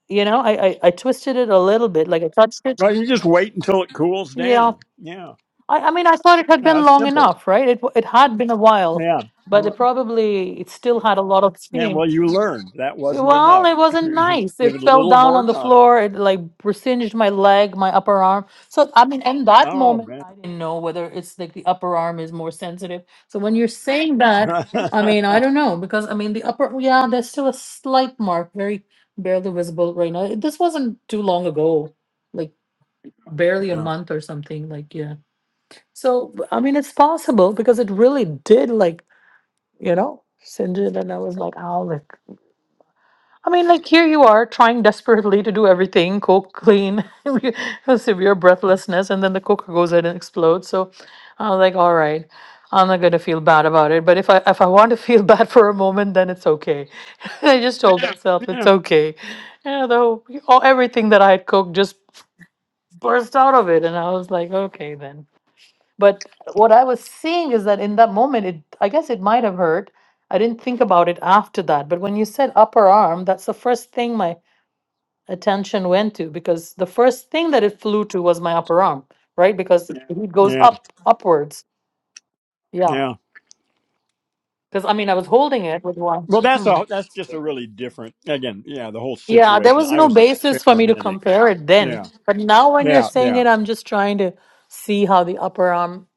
Speaker 3: you know, I, I, I twisted it a little bit, like I touched it
Speaker 1: Well, you just wait until it cools
Speaker 3: Yeah,
Speaker 1: down. Yeah.
Speaker 3: I, I mean, I thought it had
Speaker 1: Yeah,
Speaker 3: been
Speaker 1: that's
Speaker 3: long
Speaker 1: simple.
Speaker 3: enough, right? It w- it had been a while,
Speaker 1: Yeah.
Speaker 3: but
Speaker 1: Well,
Speaker 3: it probably it still had a lot of
Speaker 1: Yeah.
Speaker 3: steam.
Speaker 1: Well, you learned that wasn't
Speaker 3: Well,
Speaker 1: enough.
Speaker 3: it wasn't
Speaker 1: You
Speaker 3: nice.
Speaker 1: Give
Speaker 3: It
Speaker 1: it a
Speaker 3: fell
Speaker 1: little
Speaker 3: down
Speaker 1: more
Speaker 3: on the
Speaker 1: time.
Speaker 3: floor. It like singed my leg, my upper arm. So I mean, in that
Speaker 1: Oh
Speaker 3: moment,
Speaker 1: man.
Speaker 3: I didn't know whether it's like the upper arm is more sensitive. So when you're saying that, I mean, I don't know because I mean the upper, yeah, there's still a slight mark, very barely visible right now. This wasn't too long ago, like barely a
Speaker 1: yeah.
Speaker 3: month or something. Like yeah. So, I mean, it's possible because it really did, like, you know, singe it. And I was like, oh, like, I mean, like, here you are trying desperately to do everything coke, clean, severe breathlessness, and then the coke goes in and explodes. So I was like, all right. I'm not gonna feel bad about it, but if I if I want to feel bad for a moment, then it's okay. I just told Yeah. myself it's
Speaker 1: Yeah.
Speaker 3: okay. You know, though all everything that I had cooked just burst out of it, and I was like, okay then. But what I was seeing is that in that moment, it I guess it might have hurt. I didn't think about it after that. But when you said upper arm, that's the first thing my attention went to because the first thing that it flew to was my upper arm, right? Because Yeah. it goes
Speaker 1: Yeah.
Speaker 3: up upwards. Yeah.
Speaker 1: Yeah.
Speaker 3: Because I mean, I was holding it with one.
Speaker 1: Well, that's
Speaker 3: Hmm.
Speaker 1: a that's just a really different. Again, yeah, the whole
Speaker 3: Yeah, there
Speaker 1: situation.
Speaker 3: was
Speaker 1: I
Speaker 3: no
Speaker 1: was
Speaker 3: basis for me to
Speaker 1: experimenting.
Speaker 3: compare it then.
Speaker 1: Yeah,
Speaker 3: But now when you're
Speaker 1: yeah,
Speaker 3: saying
Speaker 1: yeah,
Speaker 3: it, I'm just trying to see how the upper arm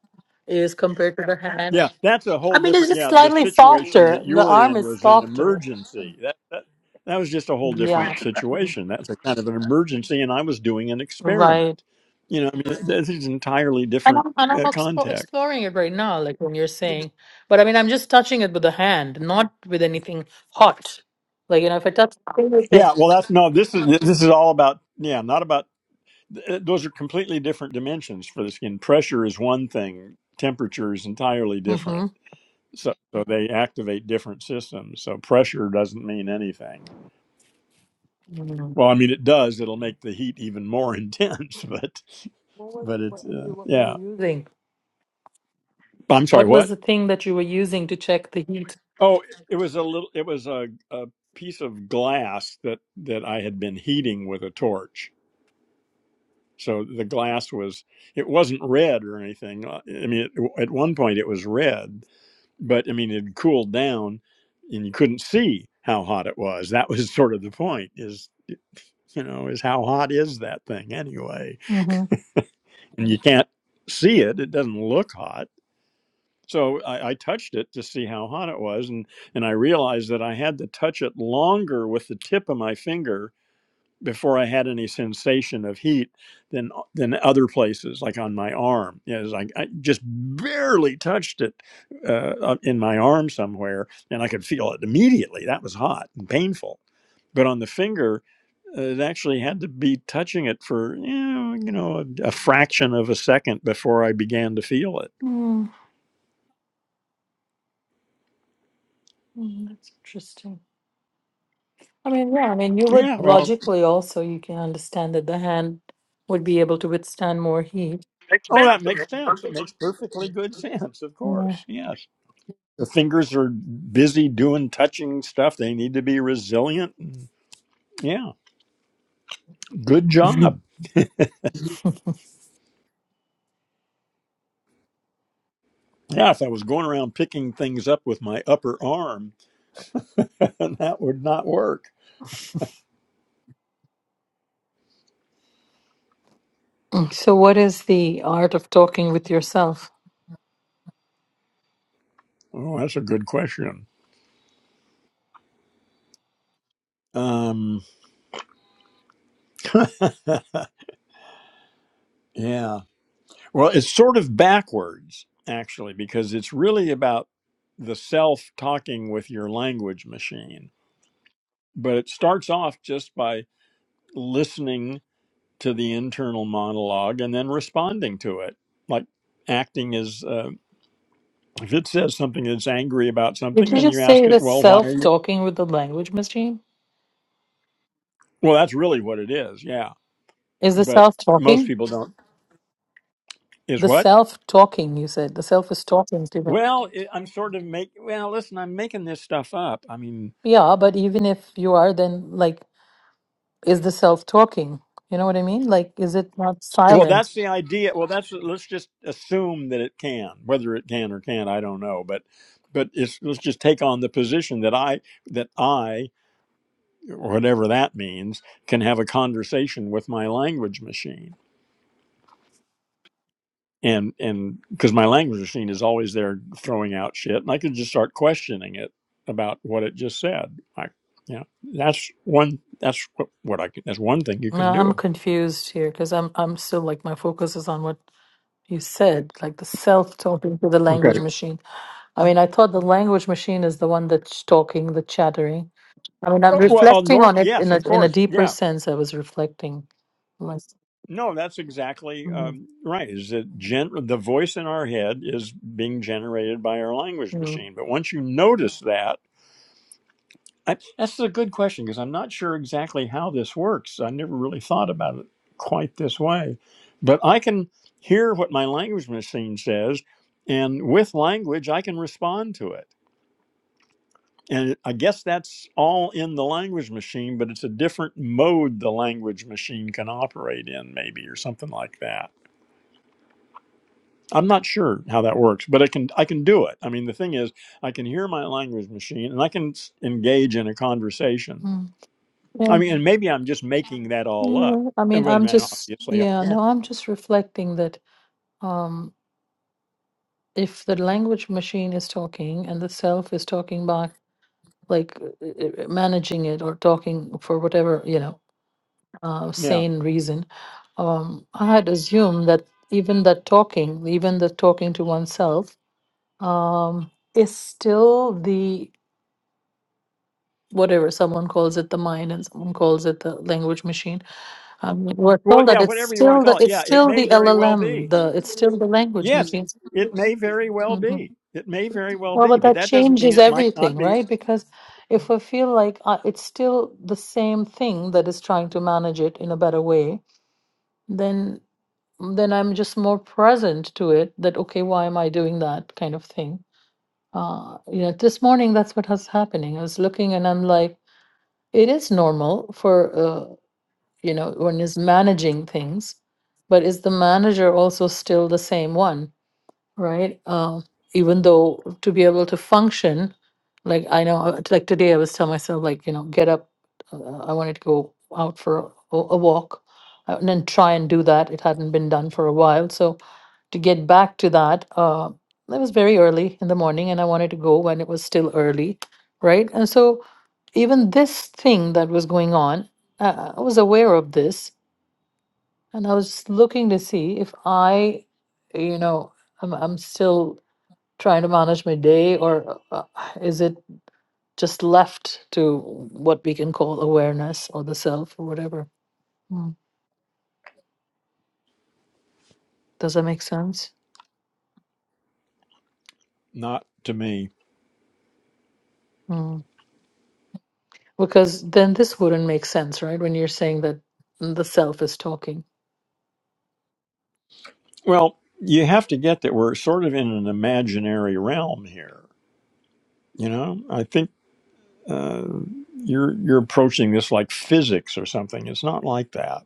Speaker 3: is compared to the hand.
Speaker 1: yeah. That's a
Speaker 3: I
Speaker 1: whole
Speaker 3: mean, it's
Speaker 1: different.
Speaker 3: just
Speaker 1: Yeah, the
Speaker 3: slightly
Speaker 1: situation that
Speaker 3: softer.
Speaker 1: you
Speaker 3: The
Speaker 1: were
Speaker 3: arm
Speaker 1: in
Speaker 3: is
Speaker 1: was an
Speaker 3: softer.
Speaker 1: emergency. That that that was just a whole
Speaker 3: Yeah,
Speaker 1: different situation. That's a kind of an emergency, and I was doing an
Speaker 3: right.
Speaker 1: experiment. You know, I mean, this is entirely
Speaker 3: And
Speaker 1: different
Speaker 3: I'm, and I'm
Speaker 1: uh,
Speaker 3: expo-
Speaker 1: context.
Speaker 3: exploring it right now, like when you're saying. But I mean, I'm just touching it with the hand, not with anything hot. Like, you know, if I touch
Speaker 1: Yeah, well, that's no. This is this is all about. Yeah, not about. th- Those are completely different dimensions for the skin. Pressure is one thing. Temperature is entirely
Speaker 3: Mm-hmm.
Speaker 1: different. So, so they activate different systems. So pressure doesn't mean anything
Speaker 3: What
Speaker 1: Well, I mean, it does. It'll make the heat even more intense, but
Speaker 3: was
Speaker 1: but
Speaker 3: it?
Speaker 1: it's
Speaker 3: What were
Speaker 1: uh,
Speaker 3: you, what were you
Speaker 1: yeah.
Speaker 3: using?
Speaker 1: I'm sorry.
Speaker 3: What was
Speaker 1: What?
Speaker 3: the thing that you were using to check the heat?
Speaker 1: Oh, it was a little. It was a, a piece of glass that that I had been heating with a torch. So the glass was. It wasn't red or anything. uh, I mean, it, at one point it was red, but I mean, it had cooled down, and you couldn't see how hot it was. That was sort of the point. Is you know, is how hot is that thing anyway?
Speaker 3: Mm-hmm.
Speaker 1: and you can't see it. It doesn't look hot. So I, I touched it to see how hot it was, and and I realized that I had to touch it longer with the tip of my finger before I had any sensation of heat than than other places, like on my arm. Yeah, it was like I just barely touched it uh, uh, in my arm somewhere, and I could feel it immediately. That was hot and painful. But on the finger, it actually had to be touching it for you know, you know a, a fraction of a second before I began to feel it.
Speaker 3: Mm, mm, that's interesting. I mean, yeah, I mean, you would
Speaker 1: Yeah, well,
Speaker 3: logically also, you can understand that the hand would be able to withstand more heat.
Speaker 1: oh, that makes sense. It makes perfectly good sense, of course. Yes, the fingers are busy doing touching stuff. They need to be resilient. Yeah, good job. Yeah, if I was going around picking things up with my upper arm, that would not work.
Speaker 3: So, what is the art of talking with yourself?
Speaker 1: Oh, that's a good question. Um, yeah. Well, it's sort of backwards, actually, because it's really about the self talking with your language machine. But it starts off just by listening to the internal monologue and then responding to it, like acting as uh, if it says something that's angry about
Speaker 3: Did
Speaker 1: something,
Speaker 3: you
Speaker 1: then you
Speaker 3: just
Speaker 1: ask
Speaker 3: say
Speaker 1: it,
Speaker 3: the
Speaker 1: well, why are
Speaker 3: self
Speaker 1: you?
Speaker 3: talking with the language machine?
Speaker 1: Well, that's really what it is, yeah.
Speaker 3: Is the
Speaker 1: But
Speaker 3: self
Speaker 1: most
Speaker 3: talking?
Speaker 1: people don't. Is
Speaker 3: The
Speaker 1: what?
Speaker 3: self talking, you said. The self is talking to the.
Speaker 1: Well, it, I'm sort of make. Well, listen, I'm making this stuff up. I mean,
Speaker 3: Yeah, but even if you are, then, like, is the self talking? You know what I mean? Like, is it not
Speaker 1: Well,
Speaker 3: silent?
Speaker 1: that's the idea. Well, that's let's just assume that it can, whether it can or can't, I don't know. But but it's, let's just take on the position that I that I or whatever that means can have a conversation with my language machine. And and because my language machine is always there throwing out shit, and I could just start questioning it about what it just said. Like, yeah, that's one. That's what, what I can. That's one thing you
Speaker 3: No,
Speaker 1: can
Speaker 3: I'm
Speaker 1: do.
Speaker 3: confused here because I'm, I'm still like, my focus is on what you said, like the self talking to the
Speaker 1: Okay.
Speaker 3: language machine. I mean, I thought the language machine is the one that's talking, the chattering I mean,
Speaker 1: Uh,
Speaker 3: I'm
Speaker 1: Well, uh,
Speaker 3: reflecting on it
Speaker 1: Yes,
Speaker 3: in a
Speaker 1: of
Speaker 3: in a
Speaker 1: course.
Speaker 3: deeper
Speaker 1: Yeah,
Speaker 3: sense. I was reflecting, like,
Speaker 1: No, that's exactly
Speaker 3: mm,
Speaker 1: um, right. Is that gen- the voice in our head is being generated by our language
Speaker 3: mm,
Speaker 1: machine? But once you notice that, I, that's a good question because I'm not sure exactly how this works. I never really thought about it quite this way, but I can hear what my language machine says, and with language, I can respond to it. And I guess that's all in the language machine, but it's a different mode the language machine can operate in, maybe, or something like that. I'm not sure how that works, but I can I can do it. I mean, the thing is, I can hear my language machine and I can s- engage in a conversation.
Speaker 3: mm.
Speaker 1: I
Speaker 3: yeah,
Speaker 1: mean, and maybe I'm just making that all up.
Speaker 3: yeah. I
Speaker 1: And
Speaker 3: mean,
Speaker 1: well,
Speaker 3: I'm
Speaker 1: man,
Speaker 3: just
Speaker 1: obviously I
Speaker 3: yeah,
Speaker 1: am.
Speaker 3: no, I'm just reflecting that um, if the language machine is talking and the self is talking back, like uh, uh, uh, managing it or talking for whatever you know uh,
Speaker 1: Yeah.
Speaker 3: sane reason, um, I had assumed that even that talking, even the talking to oneself, um, is still the whatever someone calls it the mind and someone calls it the language machine um, we're
Speaker 1: Well,
Speaker 3: told
Speaker 1: yeah,
Speaker 3: that it's
Speaker 1: whatever you want
Speaker 3: still
Speaker 1: to
Speaker 3: the
Speaker 1: call it.
Speaker 3: it's
Speaker 1: Yeah, it
Speaker 3: still
Speaker 1: may
Speaker 3: the
Speaker 1: very well
Speaker 3: llm
Speaker 1: be.
Speaker 3: the it's still the language
Speaker 1: Yes,
Speaker 3: machine
Speaker 1: it may very well
Speaker 3: hmm
Speaker 1: be. It may very well
Speaker 3: well
Speaker 1: be,
Speaker 3: but
Speaker 1: but
Speaker 3: that
Speaker 1: that doesn't mean
Speaker 3: changes
Speaker 1: it might not
Speaker 3: everything
Speaker 1: be
Speaker 3: right because if i feel like uh, it's still the same thing that is trying to manage it in a better way then then i'm just more present to it that okay why am i doing that kind of thing uh you know this morning that's what was happening i was looking and i'm like it is normal for uh, you know, one is managing things, but is the manager also still the same one, right? Uh, even though to be able to function, like I know, uh, like today I was telling myself, like, you know, get up, uh, I wanted to go out for a, a walk uh, and then try and do that. It hadn't been done for a while. So to get back to that, uh, it was very early in the morning and I wanted to go when it was still early, right? And so even this thing that was going on, uh, I was aware of this and I was looking to see if I, you know, I'm, I'm still trying to manage my day, or uh, is it just left to what we can call awareness or the self or whatever? Mm. Does that make sense?
Speaker 1: not to me.
Speaker 3: Mm. Because then this wouldn't make sense, right? When you're saying that the self is talking.
Speaker 1: Well, you have to get that we're sort of in an imaginary realm here, you know? I think uh, you're you're approaching this like physics or something. It's not like that.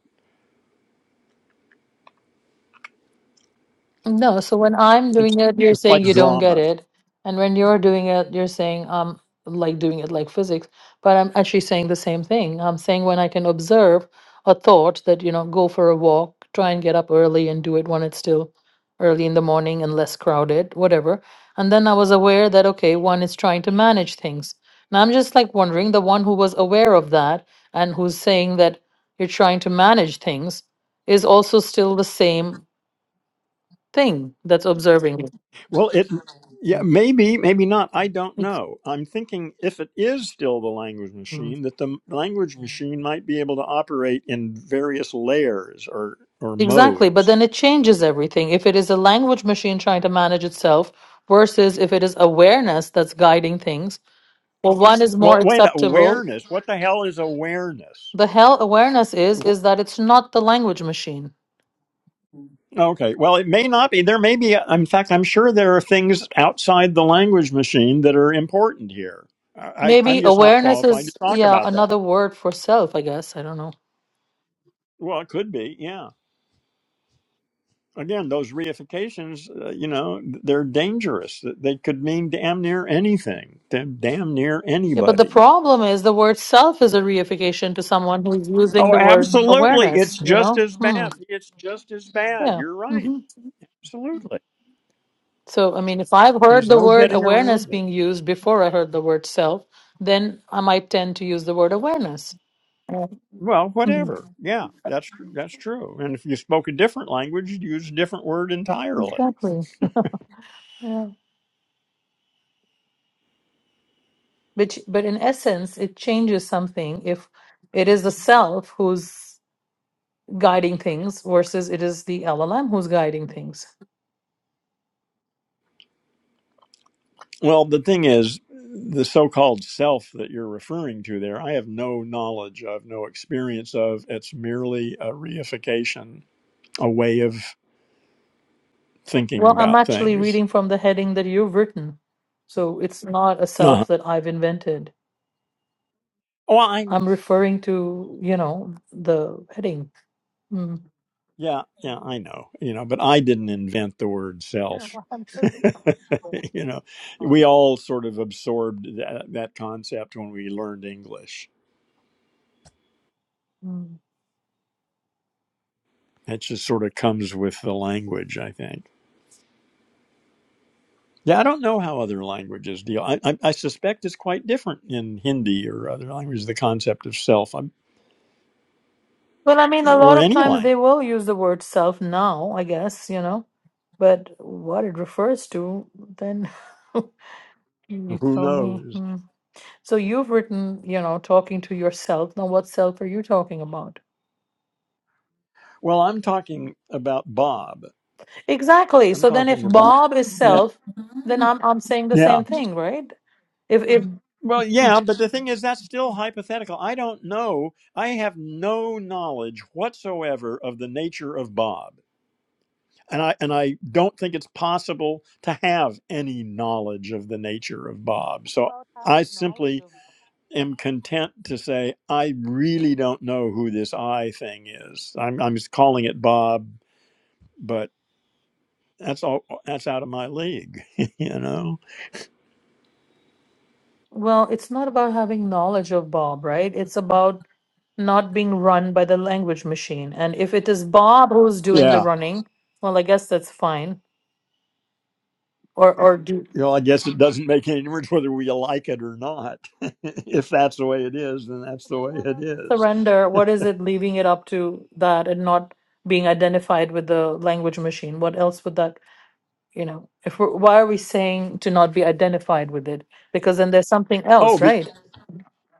Speaker 3: No, so when I'm
Speaker 1: It's
Speaker 3: doing it, you're
Speaker 1: it's like
Speaker 3: saying you don't get
Speaker 1: drama.
Speaker 3: it. And when you're doing it, you're saying I'm like doing it like physics. But I'm actually saying the same thing. I'm saying when I can observe a thought that, you know, go for a walk, try and get up early and do it when it's still early in the morning and less crowded, whatever. And then I was aware that, okay, one is trying to manage things. Now I'm just like wondering the one who was aware of that and who's saying that you're trying to manage things is also still the same thing that's observing it.
Speaker 1: Well, it yeah
Speaker 3: Mm.
Speaker 1: maybe maybe not. I don't
Speaker 3: Ex-
Speaker 1: know. I'm thinking if it is still the language
Speaker 3: mm.
Speaker 1: machine, that the language machine might be able to operate in various layers or or
Speaker 3: Exactly, but
Speaker 1: modes.
Speaker 3: then it changes everything. If it is a language machine trying to manage itself versus if it is awareness that's guiding things, well, one is more
Speaker 1: Well, wait,
Speaker 3: acceptable.
Speaker 1: awareness. What the hell is awareness?
Speaker 3: The hell awareness is is that it's not the language machine.
Speaker 1: Okay. Well, it may not be. There may be, in fact, I'm sure there are things outside the language machine that are important here. I, I-
Speaker 3: Maybe
Speaker 1: am just not
Speaker 3: awareness
Speaker 1: qualified to
Speaker 3: is
Speaker 1: talk
Speaker 3: yeah
Speaker 1: about that.
Speaker 3: another word for self. I guess I don't know.
Speaker 1: Well, it could be. Yeah. Again, those reifications, uh, you know, they're dangerous. They could mean damn near anything, damn damn near
Speaker 3: Yeah, but the
Speaker 1: anybody.
Speaker 3: problem is the word self is a reification to someone who's using
Speaker 1: Oh,
Speaker 3: the word
Speaker 1: absolutely. It's
Speaker 3: awareness. You
Speaker 1: just
Speaker 3: know?
Speaker 1: as
Speaker 3: Hmm.
Speaker 1: bad. It's just as bad.
Speaker 3: Yeah.
Speaker 1: You're right.
Speaker 3: mm-hmm.
Speaker 1: Absolutely.
Speaker 3: So, I mean, if I've heard
Speaker 1: There's
Speaker 3: the
Speaker 1: no
Speaker 3: word
Speaker 1: getting
Speaker 3: awareness
Speaker 1: around it.
Speaker 3: being used before I heard the word self, then I might tend to use the word awareness. Yeah.
Speaker 1: Well,
Speaker 3: Mhm.
Speaker 1: whatever. Yeah, that's tr- that's true. And if you spoke a different language, you'd use a different word entirely.
Speaker 3: Exactly. Yeah. Which, but in essence, it changes something if it is the self who's guiding things versus it is the LLM who's guiding things.
Speaker 1: Well, the thing is, the so-called self that you're referring to there, I have no knowledge of, no experience of. It's merely a reification, a way of thinking
Speaker 3: Well, I'm
Speaker 1: about
Speaker 3: actually
Speaker 1: things.
Speaker 3: reading from the heading that you've written. So it's not a
Speaker 1: Uh-huh.
Speaker 3: self that I've invented.
Speaker 1: Well, I
Speaker 3: I'm referring to, you know, the heading. Mm.
Speaker 1: yeah yeah I know you know, but I didn't invent the word self.
Speaker 3: No, I'm certain.
Speaker 1: you know, we all sort of absorbed that, that concept when we learned English
Speaker 3: Mm.
Speaker 1: That just sort of comes with the language, I think. Yeah, I don't know how other languages deal. I, I, I suspect it's quite different in Hindi or other languages, the concept of self, I'm,
Speaker 3: Well, I mean, a
Speaker 1: or
Speaker 3: lot of
Speaker 1: any
Speaker 3: times
Speaker 1: language.
Speaker 3: they will use the word self now, I guess, you know, but what it refers to, then you
Speaker 1: Who
Speaker 3: tell me.
Speaker 1: knows?
Speaker 3: Mm. So you've written, you know, talking to yourself. Now, what self are you talking about?
Speaker 1: Well, I'm talking about Bob.
Speaker 3: Exactly.
Speaker 1: I'm
Speaker 3: So then, if
Speaker 1: talking about,
Speaker 3: Bob is
Speaker 1: yeah,
Speaker 3: self, then I'm I'm saying the
Speaker 1: yeah.
Speaker 3: same thing, right? If if
Speaker 1: Well,
Speaker 3: Mm.
Speaker 1: yeah, but the thing is, that's still hypothetical. I don't know. I have no knowledge whatsoever of the nature of Bob. and I and I don't think it's possible to have any knowledge of the nature of Bob. So I simply am content to say I really don't know who this I thing is. I'm I'm just calling it Bob, but that's all that's out of my league, you know.
Speaker 3: well, it's not about having knowledge of Bob, right? It's about not being run by the language machine. And if it is Bob who's doing the
Speaker 1: Yeah.
Speaker 3: running, well, I guess that's fine. Or or do
Speaker 1: You know, I guess it doesn't make any difference whether we like it or not. if that's the way it is, then that's the way it is.
Speaker 3: surrender. What is it leaving it up to that and not being identified with the language machine? What else would that you know? If we're, why are we saying to not be identified with it? Because then there's something
Speaker 1: Oh,
Speaker 3: else,
Speaker 1: be,
Speaker 3: right?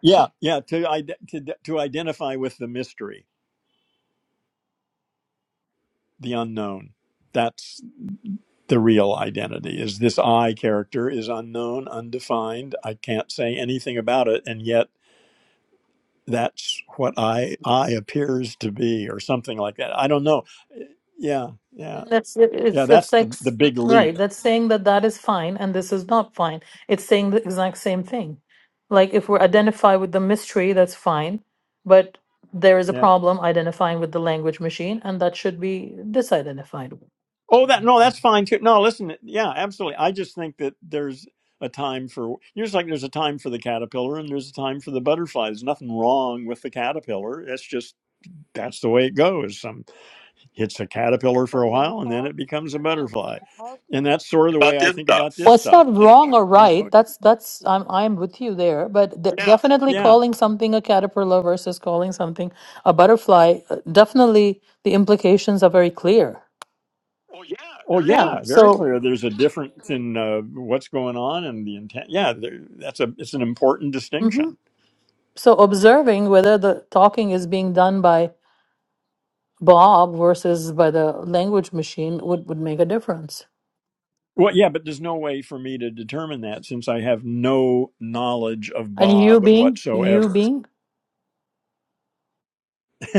Speaker 1: yeah, yeah. To ide- to to identify with the mystery. the unknown. That's the real identity is this I character is unknown, undefined. I can't say anything about it. And yet that's what I, I appears to be or something like that. I don't know. Yeah.
Speaker 3: But
Speaker 1: Yeah.
Speaker 3: then that's it- it's
Speaker 1: Yeah.
Speaker 3: the
Speaker 1: That's the, the
Speaker 3: sex
Speaker 1: big
Speaker 3: right.
Speaker 1: leap.
Speaker 3: That's saying that that is fine and this is not fine. It's saying the exact same thing. Like if we're identified with the mystery, that's fine, but there is a
Speaker 1: Yeah.
Speaker 3: problem identifying with the language machine, and that should be disidentified.
Speaker 1: Oh, that, no, that's fine too. No, listen. Yeah, absolutely. I just think that there's a time for, just like there's a time for the caterpillar and there's a time for the butterfly. There's nothing wrong with the caterpillar. It's just, that's the way it goes It's a caterpillar for
Speaker 3: But
Speaker 1: a
Speaker 3: when you
Speaker 1: while and then
Speaker 3: pause,
Speaker 1: it becomes a
Speaker 3: no, no. But when
Speaker 1: butterfly.
Speaker 3: you pause,
Speaker 1: And that's sort of the way I think about this
Speaker 3: Well, it's
Speaker 1: stuff.
Speaker 3: not wrong or
Speaker 1: You
Speaker 3: right.
Speaker 1: know,
Speaker 3: That's that's I'm I'm with you there, but de- definitely
Speaker 1: yeah.
Speaker 3: calling something a caterpillar versus calling something a butterfly, uh, definitely the implications are very clear.
Speaker 1: Oh,
Speaker 3: Yeah.
Speaker 1: yeah. Very
Speaker 3: So,
Speaker 1: clear. There's a difference in uh, what's going on and the intent. Yeah, there, that's a it's an important
Speaker 3: hmm
Speaker 1: distinction.
Speaker 3: so observing whether the talking is being done by Bob versus by the language machine would would make a difference.
Speaker 1: Well, yeah, but there's no way for me to determine that since I have no knowledge of
Speaker 3: And you
Speaker 1: Bob
Speaker 3: being you
Speaker 1: whatsoever.
Speaker 3: being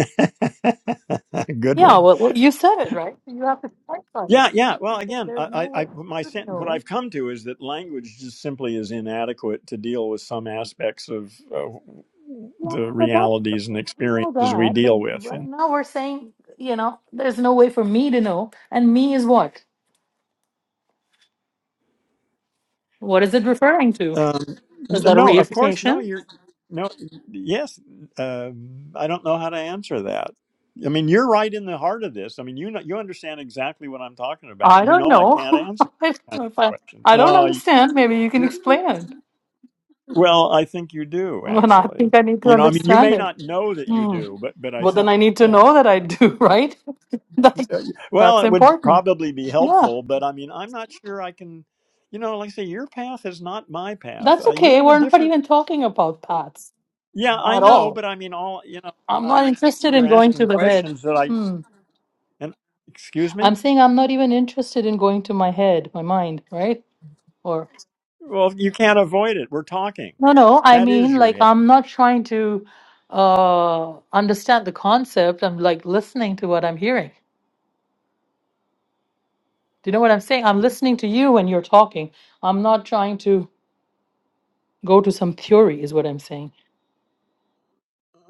Speaker 1: Good
Speaker 3: Yeah,
Speaker 1: one.
Speaker 3: well, well, you said it, right? You have to start on it.
Speaker 1: Yeah, yeah. Well,
Speaker 3: because
Speaker 1: again,
Speaker 3: there's no
Speaker 1: I, I,
Speaker 3: way
Speaker 1: I my
Speaker 3: for you to
Speaker 1: sen- what
Speaker 3: know.
Speaker 1: I've come to is that language just simply is inadequate to deal with some aspects of uh,
Speaker 3: Yeah,
Speaker 1: the
Speaker 3: but that's,
Speaker 1: realities and
Speaker 3: we know
Speaker 1: experiences we
Speaker 3: that. But
Speaker 1: deal with.
Speaker 3: right
Speaker 1: And
Speaker 3: now we're saying, you know, there's no way for me to know. And me is what? What is it referring to?
Speaker 1: um,
Speaker 3: Is
Speaker 1: n-
Speaker 3: that a
Speaker 1: no, of course, no.
Speaker 3: reification?
Speaker 1: You're no. Yes, um I don't know how to answer that. I mean, you're right in the heart of this. I mean, you know, you understand exactly what I'm talking about.
Speaker 3: I
Speaker 1: You
Speaker 3: don't
Speaker 1: know, I
Speaker 3: know.
Speaker 1: can't answer
Speaker 3: I don't
Speaker 1: that kind
Speaker 3: know if
Speaker 1: of
Speaker 3: I,
Speaker 1: question.
Speaker 3: I don't
Speaker 1: No,
Speaker 3: understand. Maybe you can explain it.
Speaker 1: Well, I think you do
Speaker 3: When I
Speaker 1: actually.
Speaker 3: think I need to
Speaker 1: You know, I mean, you
Speaker 3: understand
Speaker 1: may
Speaker 3: it.
Speaker 1: not know that you
Speaker 3: Hmm.
Speaker 1: do, but but I
Speaker 3: Well, then
Speaker 1: think,
Speaker 3: I need to
Speaker 1: yeah.
Speaker 3: know that I
Speaker 1: Uh,
Speaker 3: do, right? That's,
Speaker 1: uh, well,
Speaker 3: that's
Speaker 1: it would
Speaker 3: important.
Speaker 1: probably be
Speaker 3: Yeah.
Speaker 1: helpful, but I mean, I'm not sure I can. You know, like I say, your path is not my path.
Speaker 3: That's
Speaker 1: Uh, you
Speaker 3: okay.
Speaker 1: have a
Speaker 3: We're not
Speaker 1: different.
Speaker 3: even talking about paths
Speaker 1: Yeah, I
Speaker 3: at
Speaker 1: know,
Speaker 3: all.
Speaker 1: but I mean, all you know,
Speaker 3: I'm
Speaker 1: I-
Speaker 3: not
Speaker 1: I'm.
Speaker 3: interested
Speaker 1: You're
Speaker 3: in going
Speaker 1: asking
Speaker 3: to the head.
Speaker 1: questions that I.
Speaker 3: Hmm.
Speaker 1: And excuse
Speaker 3: I'm
Speaker 1: me.
Speaker 3: saying I'm not even interested in going to my head, my mind, right? Or
Speaker 1: Well, you can't avoid it. We're talking.
Speaker 3: no, no. I
Speaker 1: That is
Speaker 3: mean,
Speaker 1: your
Speaker 3: like
Speaker 1: head.
Speaker 3: I'm not trying to uh understand the concept. I'm like listening to what I'm hearing. Do you know what I'm saying? I'm listening to you when you're talking. I'm not trying to go to some theory, is what I'm saying.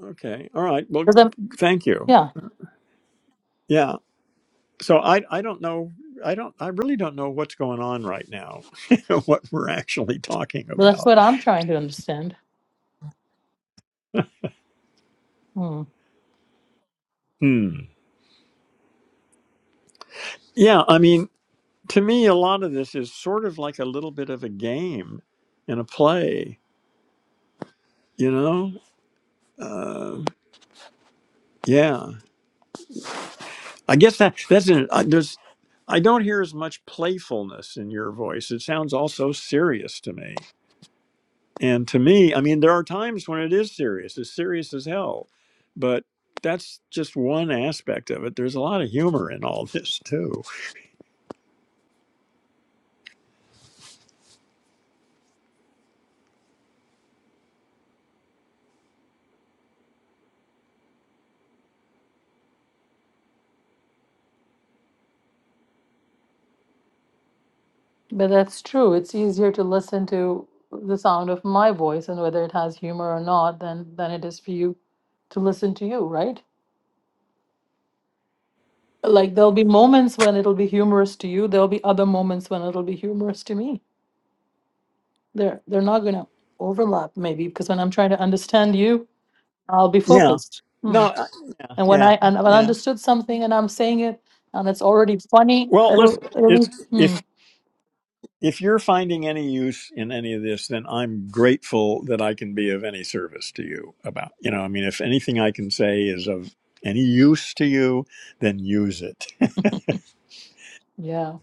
Speaker 1: Okay. All right. Well,
Speaker 3: 'Cause I'm-
Speaker 1: thank you.
Speaker 3: yeah,
Speaker 1: Yeah. so I I don't know I don't I really don't know what's going on right now what we're actually talking
Speaker 3: but that's
Speaker 1: about.
Speaker 3: what I'm trying to understand. Hmm.
Speaker 1: Hmm. Yeah, I mean to me a lot of this is sort of like a little bit of a game and a play, you know? Uh, yeah. I guess that that's an, I, there's I don't hear as much playfulness in your voice. It sounds all so serious to me. And to me, I mean, there are times when it is serious, it's serious as hell. But that's just one aspect of it. There's a lot of humor in all this too.
Speaker 3: But that's true. It's easier to listen to the sound of my voice and whether it has humor or not than than it is for you to listen to you, right? Like there'll be moments when it'll be humorous to you, there'll be other moments when it'll be humorous to me. They're they're not going to overlap maybe because when I'm trying to understand you, I'll be
Speaker 1: Yeah.
Speaker 3: focused. Hmm.
Speaker 1: No. I-
Speaker 3: And when
Speaker 1: Yeah.
Speaker 3: I and I
Speaker 1: Yeah.
Speaker 3: understood something and I'm saying it and it's already funny,
Speaker 1: Well, listen.
Speaker 3: it'll, it'll
Speaker 1: It's,
Speaker 3: be, hmm,
Speaker 1: if if you're finding any use in any of this, then I'm grateful that I can be of any service to you. About you know, I mean, if anything I can say is of any use to you, then use it.
Speaker 3: yeah.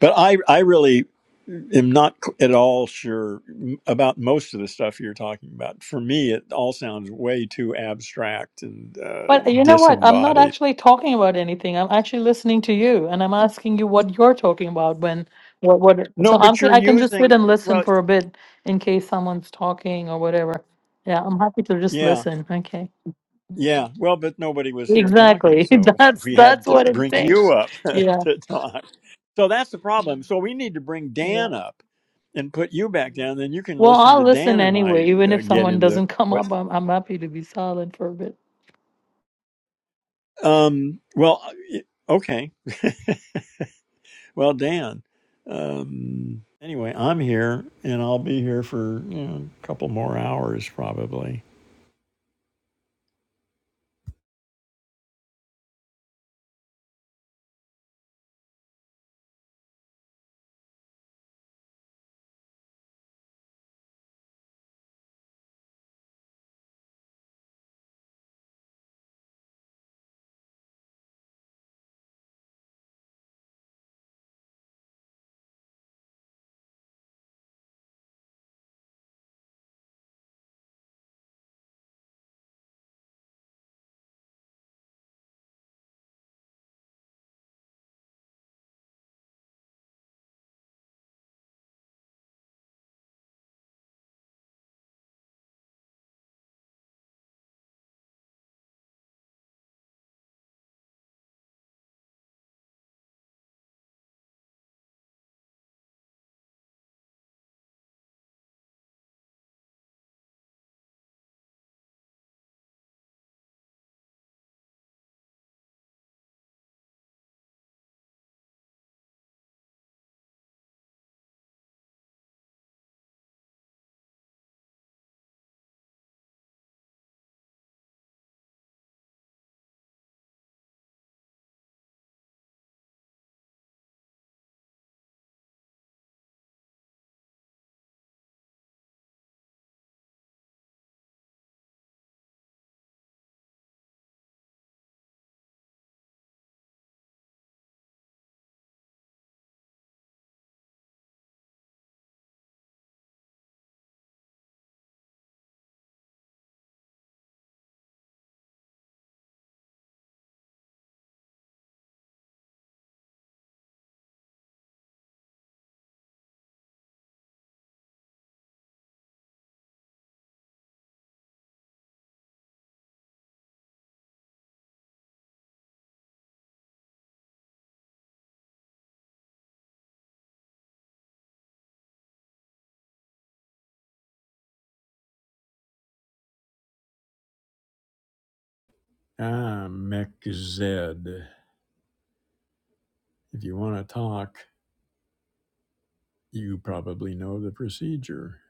Speaker 1: But I, I really am not c- at all sure m- about most of the stuff you're talking about. For me, it all sounds way too abstract and uh,
Speaker 3: But you know what? I'm not
Speaker 1: disembodied.
Speaker 3: actually talking about anything. I'm actually listening to you, and I'm asking you what you're talking about when what what.
Speaker 1: No,
Speaker 3: So I'm
Speaker 1: but you're
Speaker 3: I can just sit and
Speaker 1: using,
Speaker 3: listen
Speaker 1: well,
Speaker 3: for a bit in case someone's talking or whatever. Yeah, I'm happy to just
Speaker 1: yeah,
Speaker 3: listen. Okay,
Speaker 1: yeah. Well, but nobody was here talking,
Speaker 3: exactly.
Speaker 1: so
Speaker 3: That's
Speaker 1: we had
Speaker 3: that's
Speaker 1: to
Speaker 3: what I'm
Speaker 1: bring
Speaker 3: saying.
Speaker 1: you up
Speaker 3: Yeah,
Speaker 1: to talk. So that's the problem. So we need to bring
Speaker 3: yeah.
Speaker 1: Dan up and put you back down. Then you can
Speaker 3: Well,
Speaker 1: listen
Speaker 3: I'll
Speaker 1: to Dan
Speaker 3: listen
Speaker 1: and I
Speaker 3: anyway, even
Speaker 1: uh,
Speaker 3: if
Speaker 1: get
Speaker 3: someone
Speaker 1: into.
Speaker 3: doesn't come up. I'm I'm happy to be silent for a bit.
Speaker 1: Um, well, okay. Well, Dan, um, anyway, I'm here and I'll be here for you know, a couple more hours probably. I'm Mech Zed. If you want to talk, you probably know the procedure.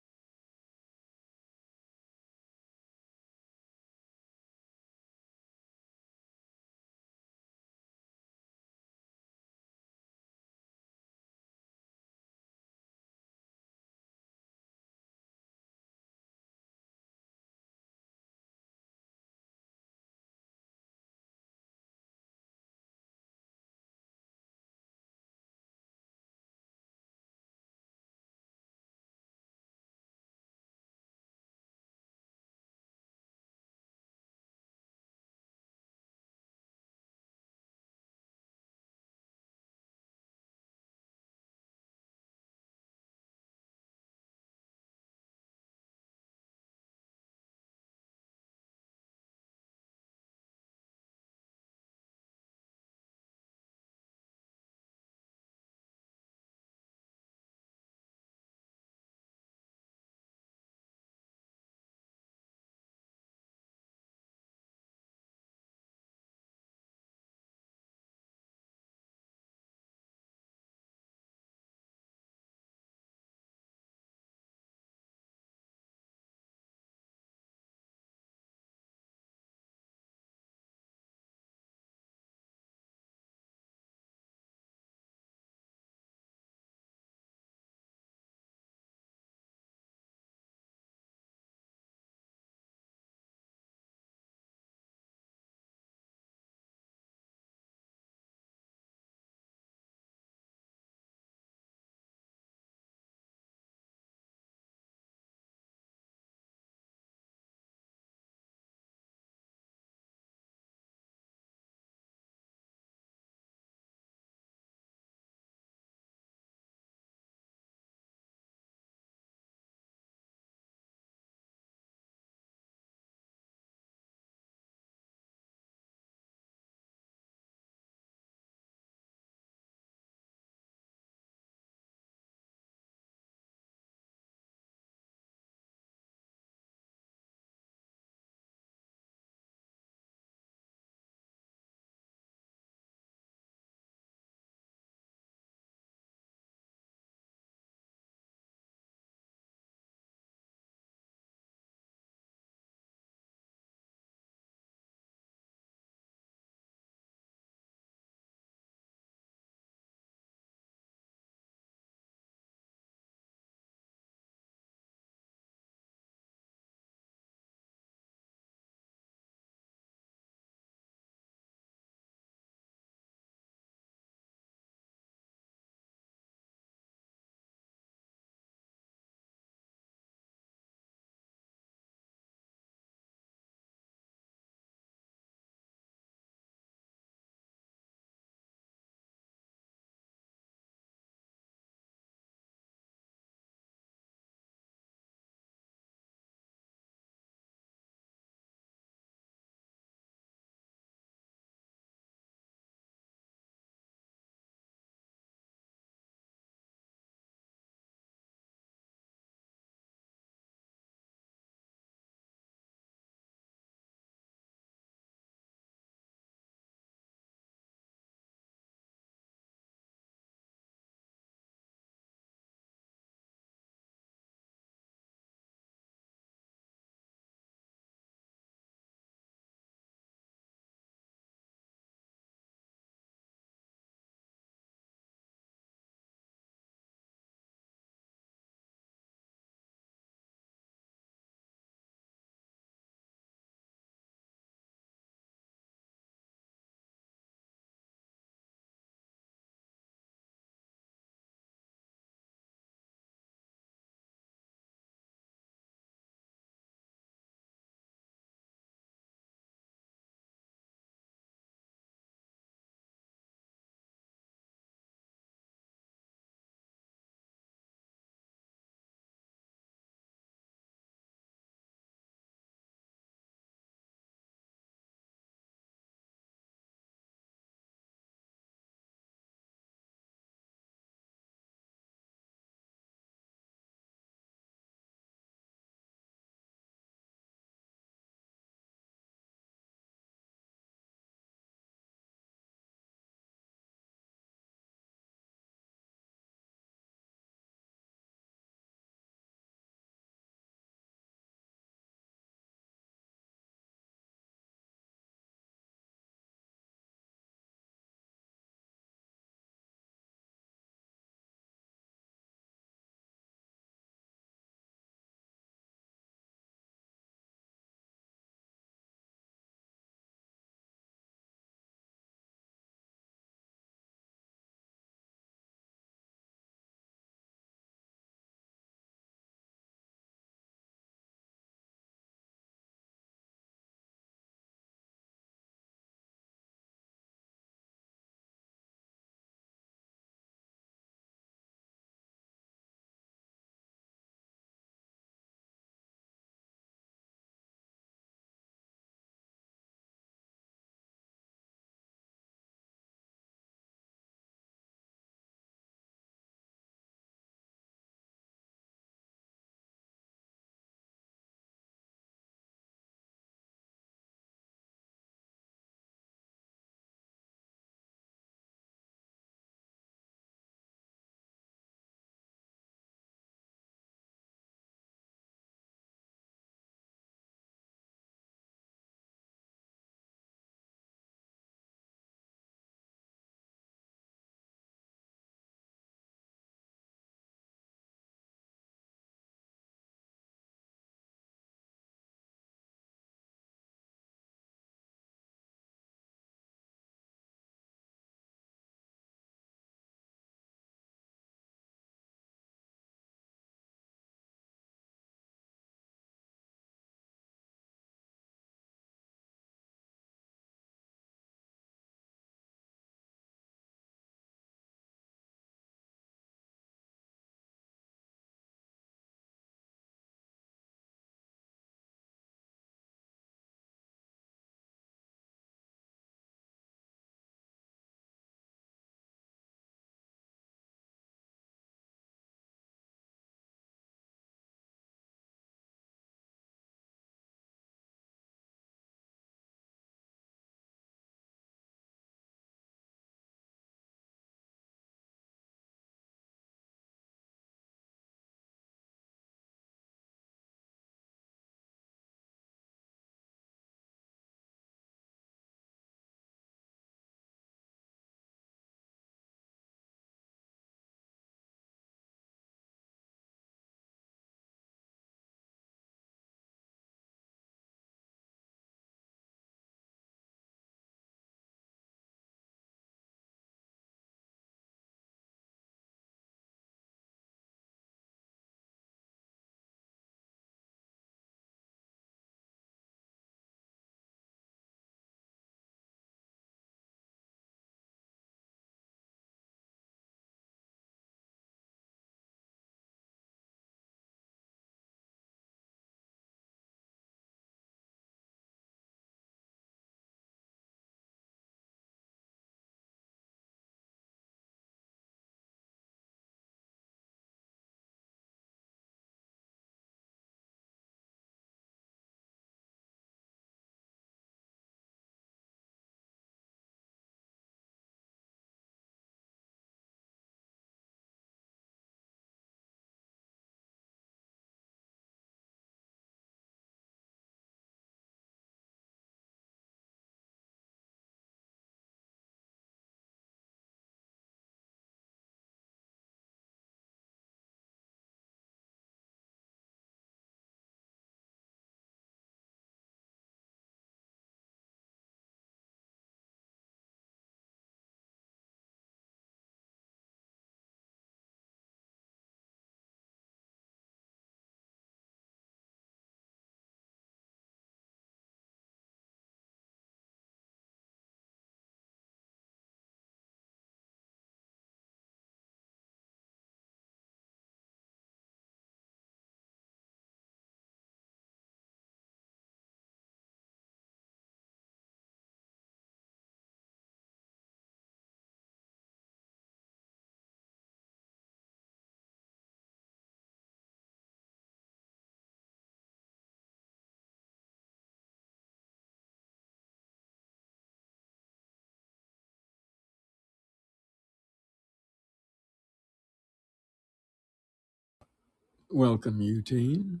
Speaker 1: Welcome, Eugene.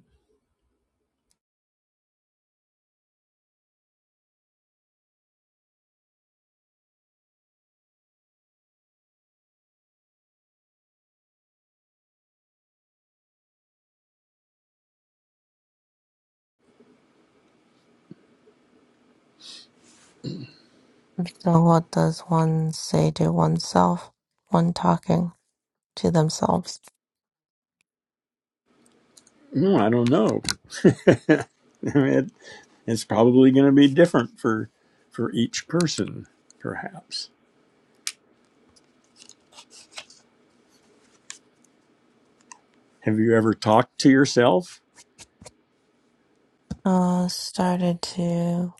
Speaker 4: So what does one say to oneself when talking to themselves?
Speaker 1: No, I don't know. It, it's probably going to be different for for each person, perhaps. Have you ever talked to yourself?
Speaker 4: Uh, started to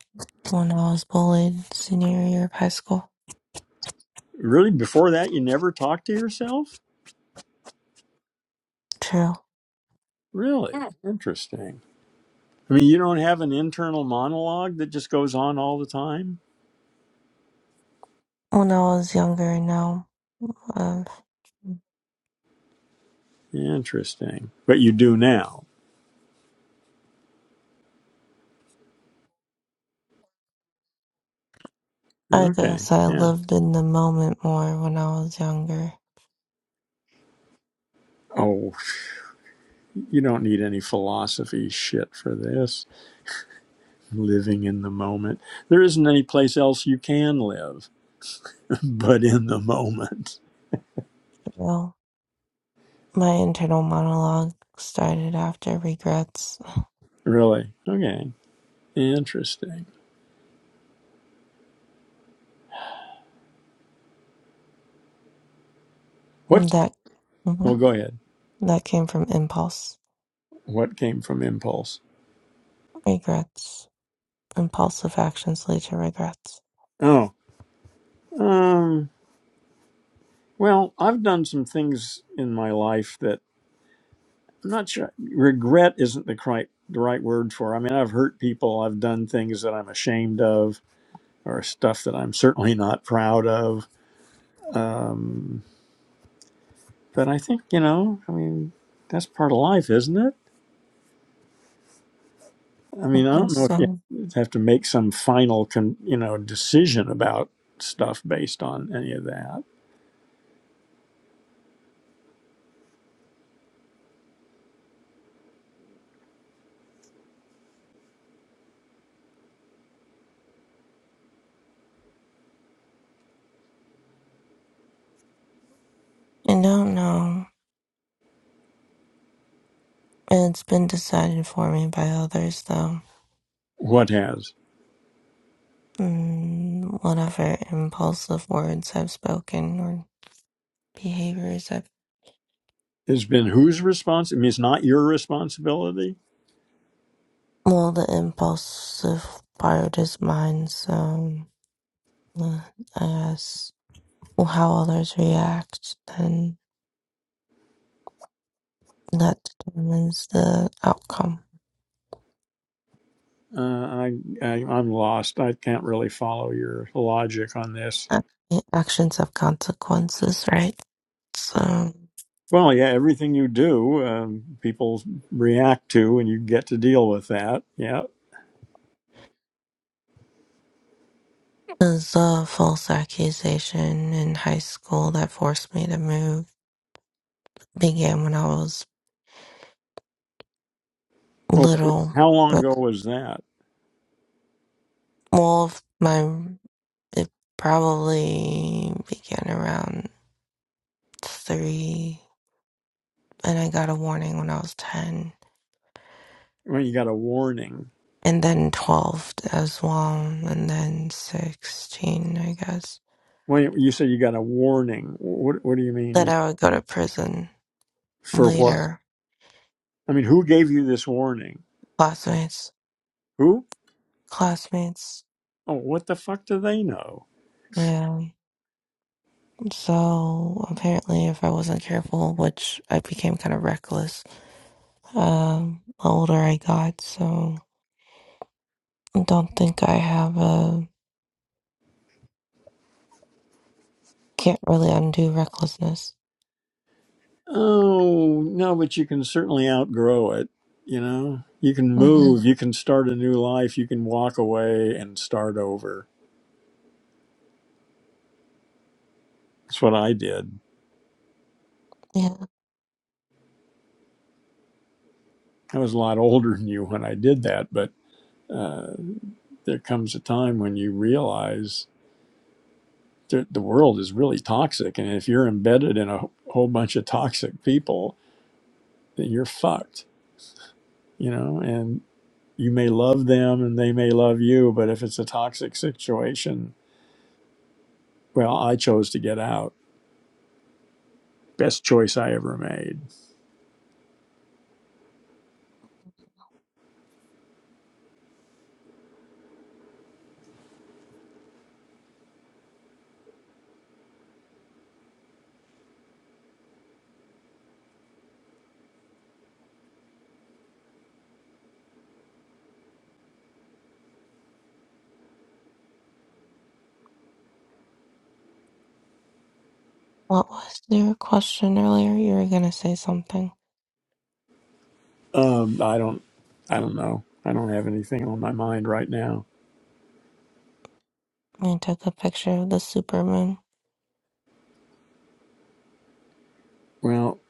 Speaker 4: when I was bullied senior year of high school.
Speaker 1: Really, before that, you never talked to yourself?
Speaker 4: True.
Speaker 1: Really? Interesting. I mean, you don't have an internal monologue that just goes on all the time?
Speaker 4: When I was younger, now, uh,
Speaker 1: Interesting. But you do now.
Speaker 4: I
Speaker 1: Okay.
Speaker 4: guess I
Speaker 1: Yeah.
Speaker 4: lived in the moment more when I was younger.
Speaker 1: Oh, you don't need any philosophy shit for this. Living in the moment. There isn't any place else you can live but in the moment.
Speaker 4: Well, my internal monologue started after regrets.
Speaker 1: Really? Okay. Interesting. What?
Speaker 4: That
Speaker 1: Well,
Speaker 4: mhm,
Speaker 1: go ahead.
Speaker 4: that came from impulse,
Speaker 1: What came from impulse?
Speaker 4: regrets, impulsive actions lead to regrets.
Speaker 1: Oh, um, well, I've done some things in my life that I'm not sure. Regret isn't the right, the right word for. I mean, I've hurt people. I've done things that I'm ashamed of, or stuff that I'm certainly not proud of. Um, but I think you know. I mean, that's part of life, isn't it? I mean, I don't know if you
Speaker 4: Awesome.
Speaker 1: have to make some final, con, you know, decision about stuff based on any of that.
Speaker 4: I don't know. It's been decided for me by others, though.
Speaker 1: What has
Speaker 4: Mm, whatever impulsive words I've spoken or behaviors I've.
Speaker 1: it's been whose response? I mean, it's not your responsibility.
Speaker 4: Well, the impulsive part is mine, so uh, I guess well, how others react, then that determines the outcome.
Speaker 1: Uh, I, I I'm lost. I can't really follow your logic on this.
Speaker 4: Ac- Actions have consequences, right? So.
Speaker 1: Well, yeah, everything you do, um, people react to, and you get to deal with that. Yeah.
Speaker 4: It was a false accusation in high school that forced me to move. Began when I was
Speaker 1: Well,
Speaker 4: little.
Speaker 1: how long
Speaker 4: But,
Speaker 1: ago was that?
Speaker 4: well, if my it probably began around three, and I got a warning when I was ten,
Speaker 1: When you got a warning?
Speaker 4: and then twelve as well, and then sixteen, I guess.
Speaker 1: When you said you got a warning, what what do you mean? You,
Speaker 4: That I would go to prison
Speaker 1: for what?
Speaker 4: later.
Speaker 1: I mean, who gave you this warning?
Speaker 4: Classmates,
Speaker 1: Who?
Speaker 4: classmates,
Speaker 1: Oh, what the fuck do they know?
Speaker 4: yeah. So apparently, if I wasn't careful, which I became kind of reckless, um, the older I got, so I don't think I have a can't really undo recklessness.
Speaker 1: Oh, no, but you can certainly outgrow it. You know, you can
Speaker 4: hmm
Speaker 1: move, you can start a new life, you can walk away and start over. That's what I did.
Speaker 4: Yeah.
Speaker 1: I was a lot older than you when I did that, but uh, there comes a time when you realize that the world is really toxic. And if you're embedded in a whole bunch of toxic people, then you're fucked, you know, and. you may love them and they may love you, but if it's a toxic situation, well, I chose to get out. Best choice I ever made.
Speaker 4: What was your question earlier? You were gonna say something.
Speaker 1: Um, I don't, I don't know. I don't have anything on my mind right now.
Speaker 4: I took a picture of the supermoon.
Speaker 1: Well,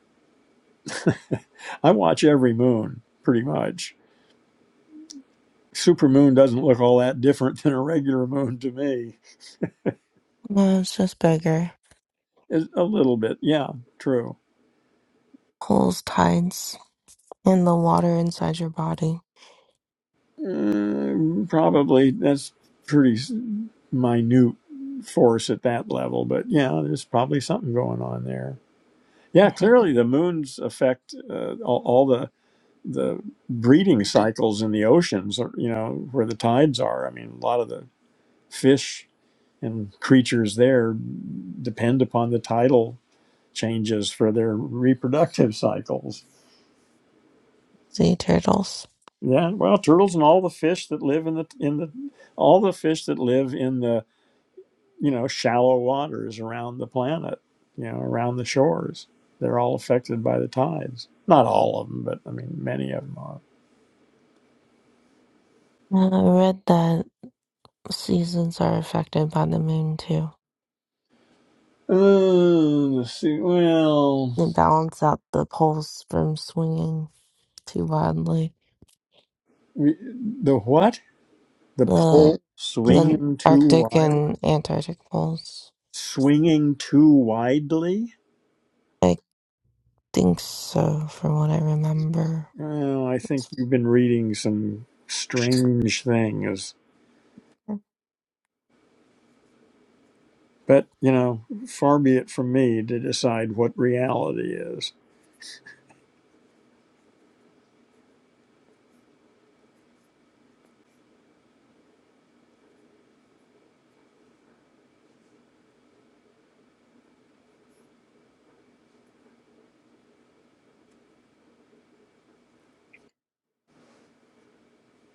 Speaker 1: I watch every moon pretty much. Supermoon doesn't look all that different than a regular moon to me.
Speaker 4: No, it's just bigger.
Speaker 1: It's a little bit, yeah, true.
Speaker 4: Pulls tides in the water inside your body.
Speaker 1: Mm, probably that's pretty s- minute force at that level, but yeah, there's probably something going on there Yeah,
Speaker 4: Mhm.
Speaker 1: clearly the moons affect uh, all, all the the breeding cycles in the oceans, or, you know, where the tides are. I mean, a lot of the fish and creatures there depend upon the tidal changes for their reproductive cycles.
Speaker 4: Sea turtles.
Speaker 1: Yeah, well, turtles and all the fish that live in the in the all the fish that live in the, you know, shallow waters around the planet, you know, around the shores, they're all affected by the tides. Not all of them, but I mean, many of them are.
Speaker 4: Uh, I read that seasons are affected by the moon too.
Speaker 1: Uh, let's see. Well,
Speaker 4: and balance out the poles from swinging too wildly.
Speaker 1: we- the what? The
Speaker 4: The
Speaker 1: pole
Speaker 4: the
Speaker 1: swinging too
Speaker 4: Arctic
Speaker 1: wild,
Speaker 4: and Antarctic poles.
Speaker 1: swinging too widely.
Speaker 4: I think so, from what I remember.
Speaker 1: Well, I think
Speaker 4: It's-
Speaker 1: you've been reading some strange things, but you know, far be it from me to decide what reality is.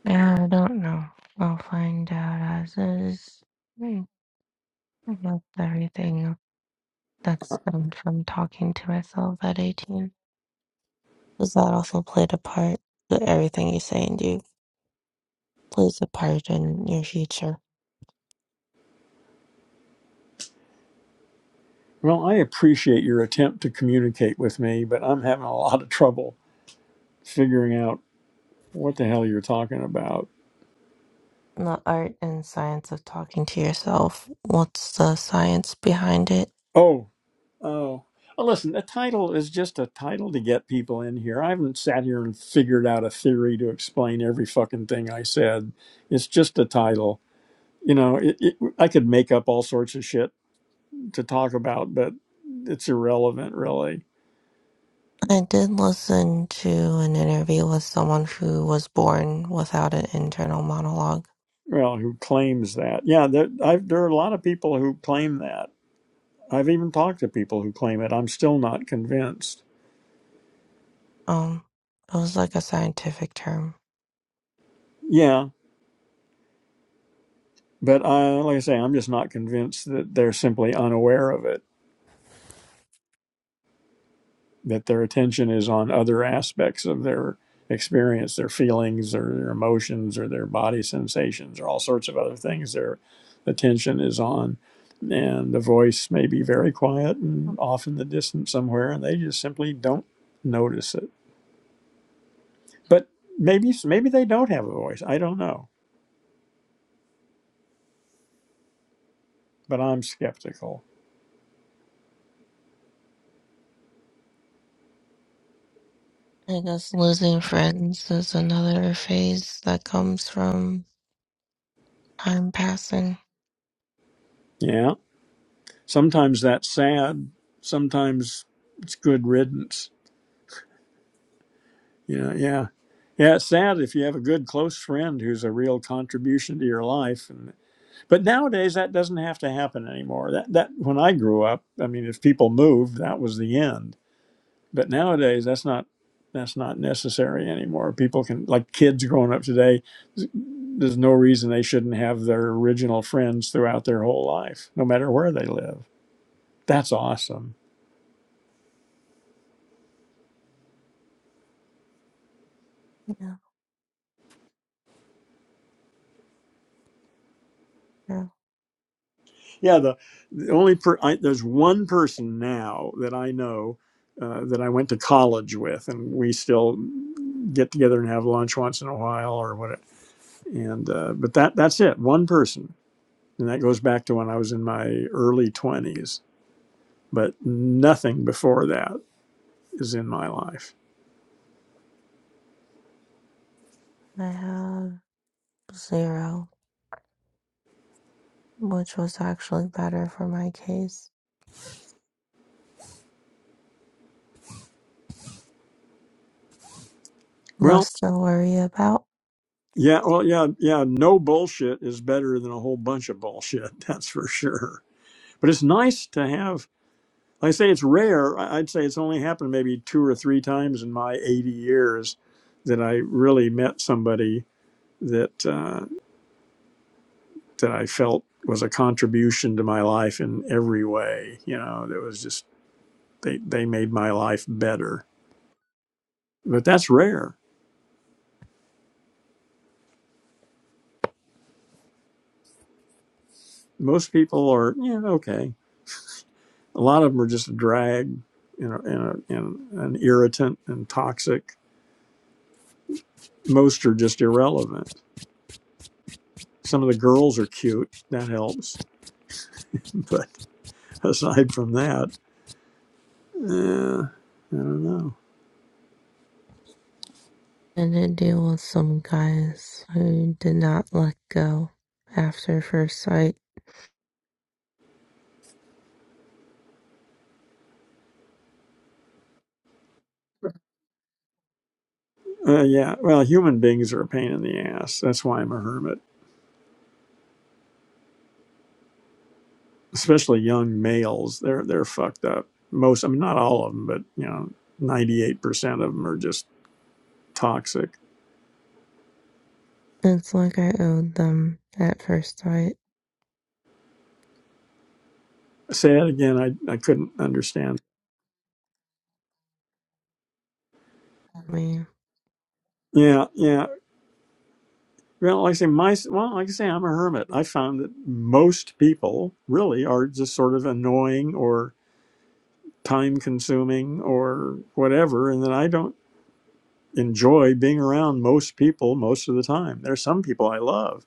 Speaker 4: Yeah, I don't know. I'll find out as is. Hmm, I love everything that's stemmed from talking to myself at 18. Does that also played a part. But everything you say and do plays a part in your future.
Speaker 1: Well, I appreciate your attempt to communicate with me, but I'm having a lot of trouble figuring out what the hell you're talking about.
Speaker 4: the art and science of talking to yourself. What's the science behind it?
Speaker 1: Oh. Oh, well, listen, a title is just a title to get people in here. I haven't sat here and figured out a theory to explain every fucking thing I said. It's just a title. You know, it, it, I could make up all sorts of shit to talk about, but it's irrelevant, really.
Speaker 4: I did listen to an interview with someone who was born without an internal monologue.
Speaker 1: Well, who claims that? Yeah, there, I've, there are a lot of people who claim that. I've even talked to people who claim it. I'm still not convinced.
Speaker 4: Um, it was like a scientific term.
Speaker 1: Yeah, but I, like I say, I'm just not convinced that they're simply unaware of it that their attention is on other aspects of their experience, their feelings or their emotions or their body sensations or all sorts of other things their attention is on. And the voice may be very quiet and off in the distance somewhere, and they just simply don't notice it. But maybe maybe they don't have a voice. I don't know. But I'm skeptical.
Speaker 4: I guess losing friends is another phase that comes from time passing.
Speaker 1: Yeah. Sometimes that's sad. Sometimes it's good riddance Yeah, yeah. Yeah, it's sad if you have a good close friend who's a real contribution to your life. And, but nowadays that doesn't have to happen anymore. That that when I grew up, I mean if people moved, that was the end. But nowadays that's not that's not necessary anymore. People can like kids growing up today, there's no reason they shouldn't have their original friends throughout their whole life, no matter where they live. That's awesome.
Speaker 4: Yeah, yeah.
Speaker 1: yeah the, the only per I, there's one person now that i know uh, that i went to college with and we still get together and have lunch once in a while or what and uh, but that that's it one person and that goes back to when i was in my early 20s but nothing before that is in my life
Speaker 4: I have zero, which was actually better for my case.
Speaker 1: well
Speaker 4: Less to worry about.
Speaker 1: yeah well yeah yeah no bullshit is better than a whole bunch of bullshit that's for sure but it's nice to have When I say it's rare, I- would say it's only happened maybe two or three times in my 80 years that I really met somebody that uh, that I felt was a contribution to my life in every way. You know, that was just they they made my life better. But that's rare. Most people are yeah okay. A lot of them are just a drag, you know, and, a, and an irritant and toxic. Most are just irrelevant. Some of the girls are cute. That helps, but aside from that. Yeah, I don't know.
Speaker 4: And it deal with some guys who did not let go after first sight.
Speaker 1: Uh, yeah, well, human beings are a pain in the ass. That's why I'm a hermit. Especially young males, they're they're fucked up. Most, I mean, not all of them, but you know, ninety eight percent of them are just toxic.
Speaker 4: It's like I owed them at first sight.
Speaker 1: Say that again. I I couldn't understand.
Speaker 4: Me.
Speaker 1: Yeah, yeah. Well, like I say, my well, like I say, I'm a hermit. I found that most people really are just sort of annoying or time consuming or whatever, and then I don't. enjoy being around most people most of the time. There are some people I love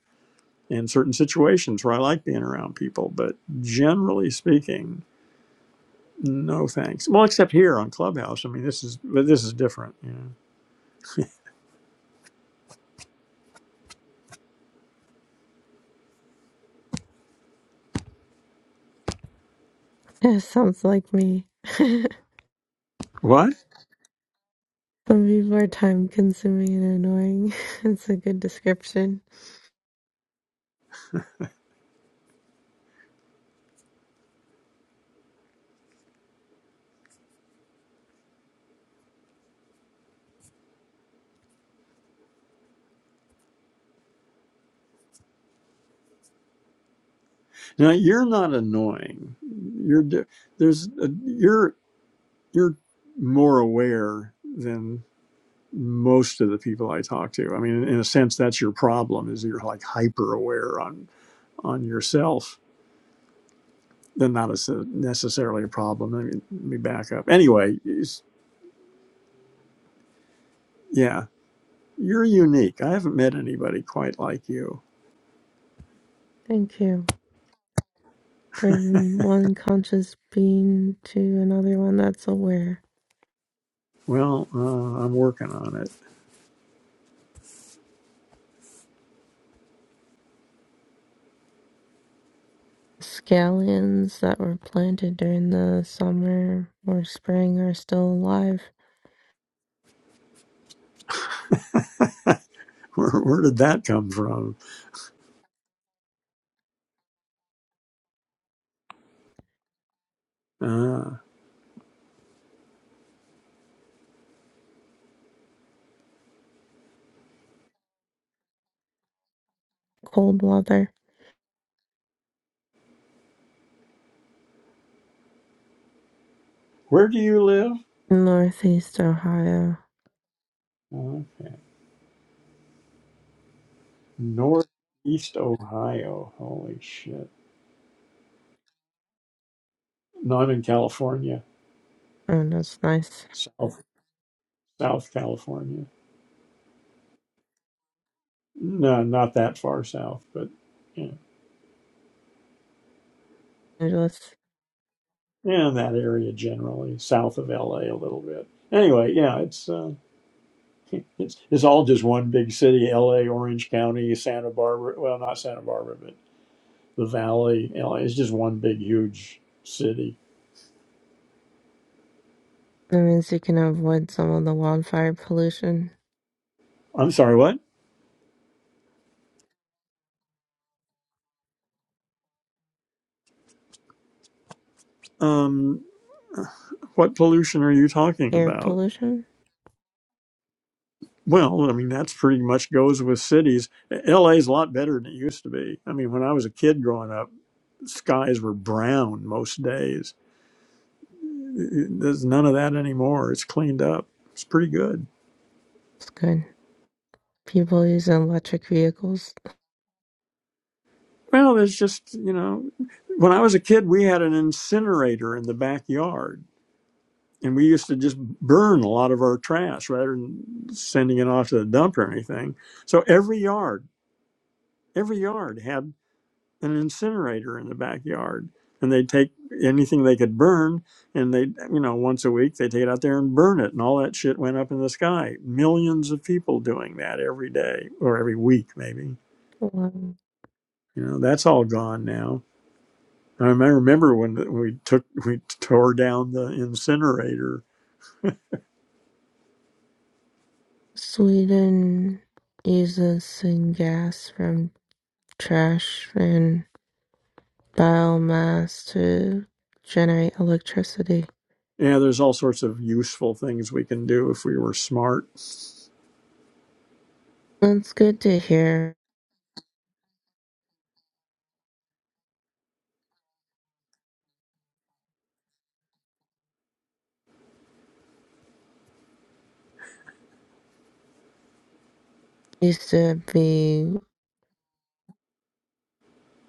Speaker 1: in certain situations where I like being around people, but generally speaking, no thanks. Well, except here on Clubhouse. I mean, this is but this is different. You know.
Speaker 4: It sounds like me.
Speaker 1: What?
Speaker 4: Some people are time consuming and annoying. it's a good description.
Speaker 1: Now you're not annoying. You're di- there's a, you're you're more aware than most of the people I talk to. I mean, in a sense, that's your problem is you're like hyper aware on on yourself then not a, necessarily a problem. Let me, let me back up. Anyway, yeah, you're unique. I haven't met anybody quite like you.
Speaker 4: Thank you. From one conscious being to another one that's aware.
Speaker 1: Well, uh, I'm working on it.
Speaker 4: Scallions that were planted during the summer or spring are still alive.
Speaker 1: Where, where did that come from? Uh,
Speaker 4: Cold weather.
Speaker 1: where do you live?
Speaker 4: Northeast Ohio.
Speaker 1: Uh, Northeast Ohio. Holy shit. No, I'm in California.
Speaker 4: Oh, that's nice.
Speaker 1: South South California. No, not that far south, but yeah,
Speaker 4: Angeles.
Speaker 1: yeah, in that area generally, south of LA a a little bit. Anyway, yeah, it's. uh, It's, it's all just one big city, LA, Orange County, Santa Barbara. Well, not Santa Barbara, but the Valley, LA. It's just one big, huge city.
Speaker 4: That means you can avoid some of the wildfire pollution,
Speaker 1: I'm sorry, what? Um, what pollution are you talking
Speaker 4: air
Speaker 1: about?
Speaker 4: pollution.
Speaker 1: Well, I mean, that's pretty much goes with cities. LA is a lot better than it used to be. I mean, when I was a kid growing up, skies were brown most days. There's none of that anymore. It's cleaned up. It's pretty good.
Speaker 4: It's good. People use electric vehicles.
Speaker 1: Well, it's just, you know, when I was a kid, we had an incinerator in the backyard and we used to just burn a lot of our trash rather than sending it off to the dump or anything. So every yard, every yard had an incinerator in the backyard and they'd take anything they could burn and they, you know, once a week they take it out there and burn it and all that shit went up in the sky. Millions of people doing that every day or every week, maybe.
Speaker 4: Um,
Speaker 1: You know, that's all gone now I remember when we took we tore down the incinerator.
Speaker 4: Sweden uses syngas from trash and biomass to generate electricity.
Speaker 1: Yeah, there's all sorts of useful things we can do if we were smart.
Speaker 4: That's good to hear. Used to be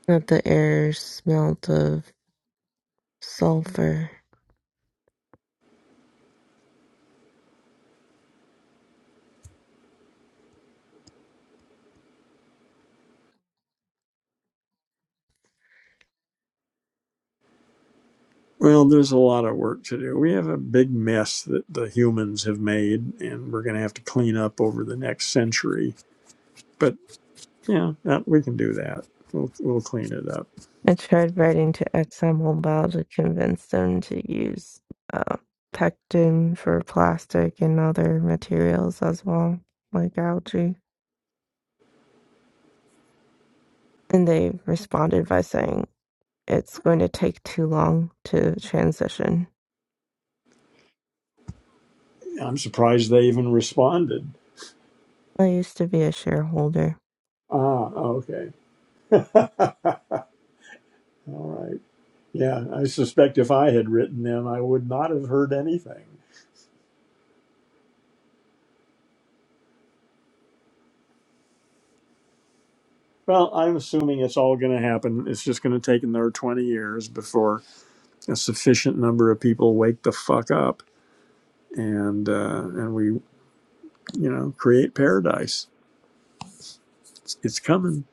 Speaker 4: that the air smelt of sulfur
Speaker 1: Well, there's a lot of work to do. We have a big mess that the humans have made, and we're going to have to clean up over the next century. But yeah, yeah, we can do that. We'll we'll clean it up.
Speaker 4: I tried writing to ExxonMobil to convince them to use uh, pectin for plastic and other materials as well, like algae. And they responded by saying it's going to take too long to transition.
Speaker 1: I'm surprised they even responded.
Speaker 4: I used to be a shareholder.
Speaker 1: Ah, okay. all right. Yeah, I suspect if I had written them, I would not have heard anything. Well, I'm assuming it's all going to happen. It's just going to take another 20 years before a sufficient number of people wake the fuck up and uh, and we, you know, create paradise. It's, it's coming.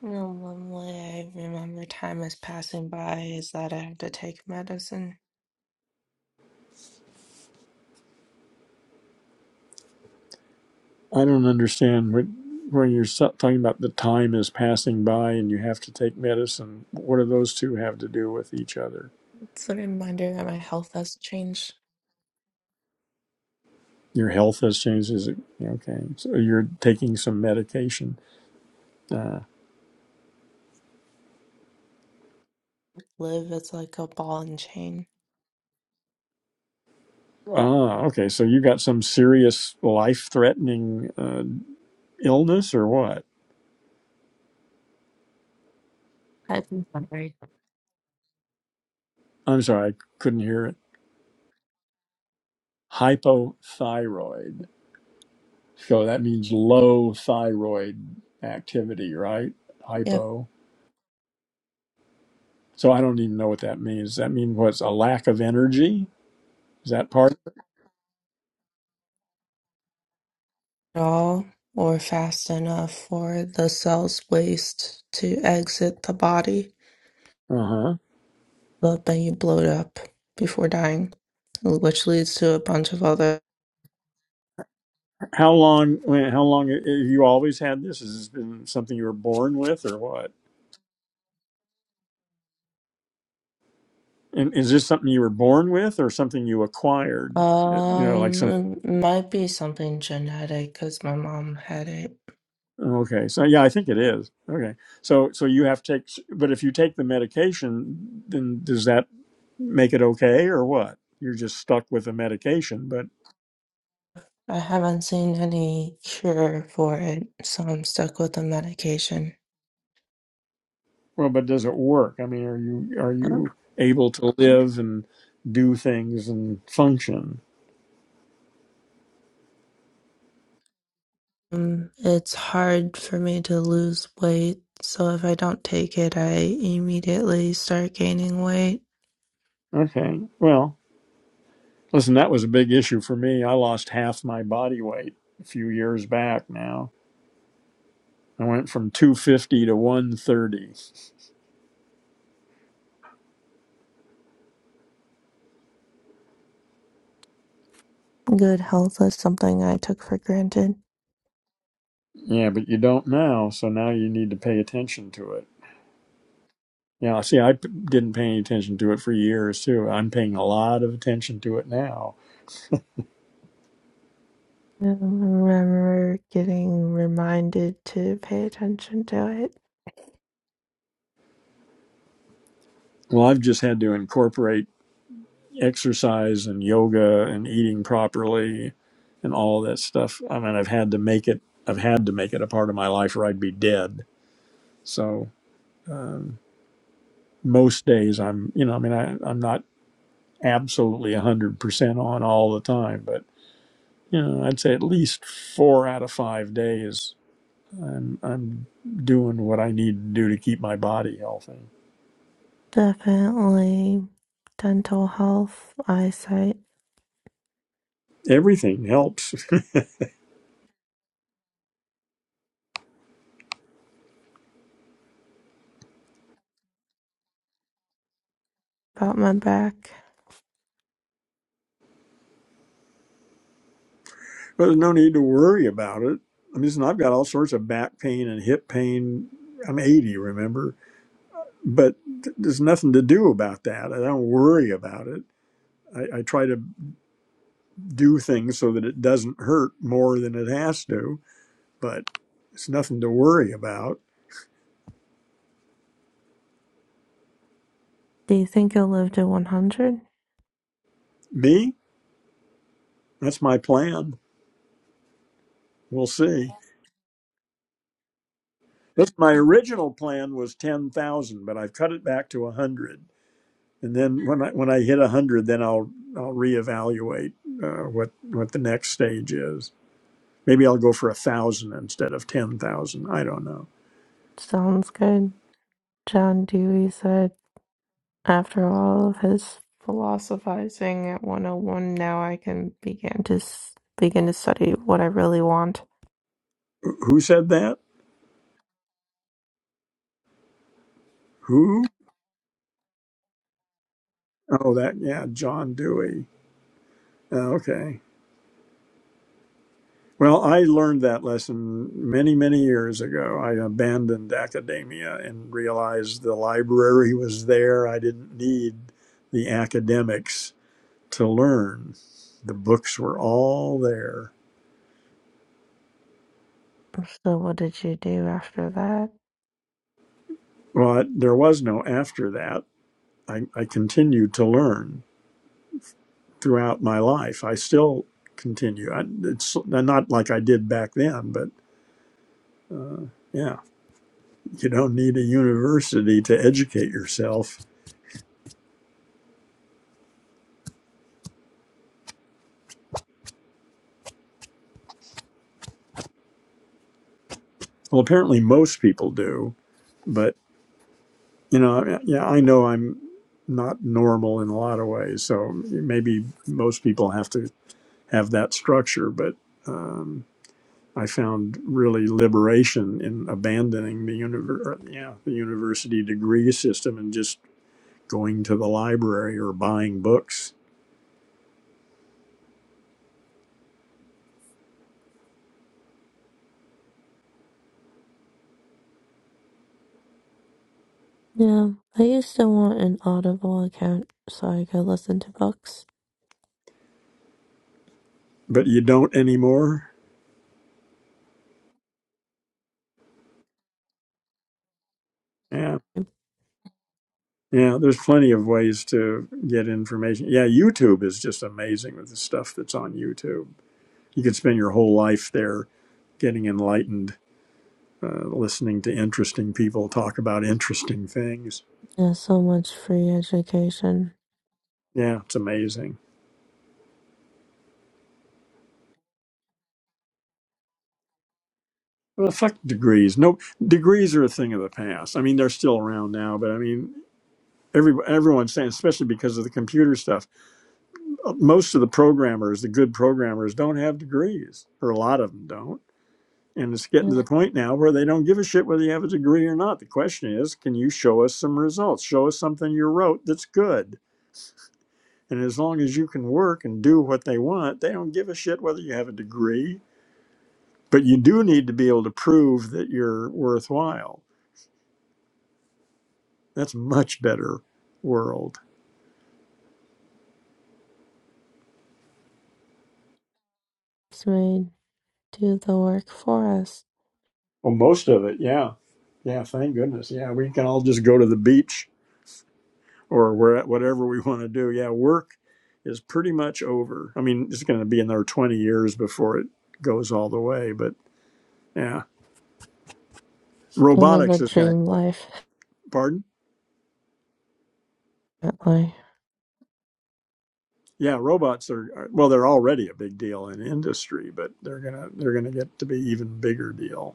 Speaker 4: You know, one way I remember time is passing by is that I have to take medicine.
Speaker 1: I don't understand what when you're so- talking about the time is passing by and you have to take medicine. What do those two have to do with each other?
Speaker 4: It's a reminder that my health has changed.
Speaker 1: Your health has changed. Is it okay? So you're taking some medication. Uh,
Speaker 4: Live is like a ball and chain.
Speaker 1: Ah, okay. So you got some serious life-threatening uh, illness or what?
Speaker 4: I've been hungry.
Speaker 1: I'm sorry, I couldn't hear it. Hypothyroid. So that means low thyroid activity, right?
Speaker 4: Yep.
Speaker 1: Hypo. So I don't even know what that means. Does that mean what's a lack of energy? Is that part?
Speaker 4: at all or fast enough for the cell's waste to exit the body,
Speaker 1: Uh huh.
Speaker 4: but then you blow it up before dying, which leads to a bunch of other.
Speaker 1: How long? when- How long have you always had this? Has this been something you were born with, or what? And is this something you were born with, or something you acquired? Uh, You know, like
Speaker 4: Um,
Speaker 1: some.
Speaker 4: it might be something genetic because my mom had it.
Speaker 1: Okay, so yeah, I think it is. Okay, so so you have to take, but if you take the medication, then does that make it okay or what? You're just stuck with the medication, but
Speaker 4: I haven't seen any cure for it, so I'm stuck with the medication.
Speaker 1: well, but does it work? I mean, are you are you able to live and do things and function?
Speaker 4: Um, it's hard for me to lose weight, so if I don't take it, I immediately start gaining weight.
Speaker 1: Okay, well, listen, that was a big issue for me. I lost half my body weight a few years back. Now I went from two fifty to one thirty.
Speaker 4: Good health is something I took for granted.
Speaker 1: Yeah, but you don't now, so now you need to pay attention to it. Now, see, I p- didn't pay any attention to it for years too. I'm paying a lot of attention to it now.
Speaker 4: I remember getting reminded to pay attention to it.
Speaker 1: Well, I've just had to incorporate exercise and yoga and eating properly and all that stuff. I mean, I've had to make it. I've had to make it a part of my life, or I'd be dead. So most days, I'm, you know, I mean, I, I'm not absolutely one hundred percent on all the time, but you know, I'd say at least four out of five days, I'm, I'm doing what I need to do to keep my body healthy.
Speaker 4: Definitely dental health, eyesight,
Speaker 1: Everything helps.
Speaker 4: about my back.
Speaker 1: There's no need to worry about it. I mean, listen, I've got all sorts of back pain and hip pain. I'm 80, remember? But th- there's nothing to do about that. I don't worry about it. I, I try to do things so that it doesn't hurt more than it has to, but it's nothing to worry about.
Speaker 4: Do you think you'll live to 100?
Speaker 1: Me? That's my plan. We'll see. That's my original plan was 10,000, but I've cut it back to 100. and then when I when I hit a hundred, then I'll I'll reevaluate uh, what what the next stage is. Maybe I'll go for a thousand instead of ten thousand. I don't know.
Speaker 4: Sounds good. John Dewey said, after all of his philosophizing at 101, now I can begin to s- begin to study what I really want.
Speaker 1: Wh- Who said that? Who? Oh, that yeah, John Dewey. Uh, Okay. Well, I learned that lesson many many years ago. I abandoned academia and realized the library was there. I didn't need the academics to learn. The books were all there
Speaker 4: So what did you do after that?
Speaker 1: But there was no after that. I, I continued to learn throughout my life. I still continue. I, it's not like I did back then, but yeah, you don't need a university to educate yourself. Well, apparently most people do, but you know, yeah, I know I'm not normal in a lot of ways, so maybe most people have to have that structure, but. um, I found really liberation in abandoning the univer- uh, yeah, the university degree system and just going to the library or buying books.
Speaker 4: Yeah, I used to want an Audible account so I could listen to books.
Speaker 1: But you don't anymore. Yeah. Yeah, there's plenty of ways to get information. Yeah, YouTube is just amazing with the stuff that's on YouTube. You could spend your whole life there getting enlightened, uh, listening to interesting people talk about interesting things.
Speaker 4: Yeah, so much free education.
Speaker 1: Yeah, it's amazing. Well, fuck degrees. No, degrees are a thing of the past. I mean, they're still around now, but I mean, every everyone's saying, especially because of the computer stuff. Most of the programmers, the good programmers, don't have degrees, or a lot of them don't. And it's getting to the
Speaker 4: It's
Speaker 1: point now where they don't give a shit whether you have a degree or not. The question is, can you show us some results? Show us something you wrote that's good. And as long as you can work and do what they want, they don't give a shit whether you have a degree. But you do need to be able to prove that you're worthwhile That's a much better world.
Speaker 4: made do the work for us
Speaker 1: Well, most of it, yeah, yeah. Thank goodness, yeah. We can all just go to the beach or where whatever we want to do. Yeah, work is pretty much over. I mean, it's going to be another twenty years before it goes all the way, but yeah,
Speaker 4: and live a
Speaker 1: robotics is going to
Speaker 4: dream
Speaker 1: help.
Speaker 4: life.
Speaker 1: Pardon?
Speaker 4: Definitely.
Speaker 1: Yeah, robots are, are well, they're already a big deal in industry, but they're gonna they're gonna get to be even bigger deal.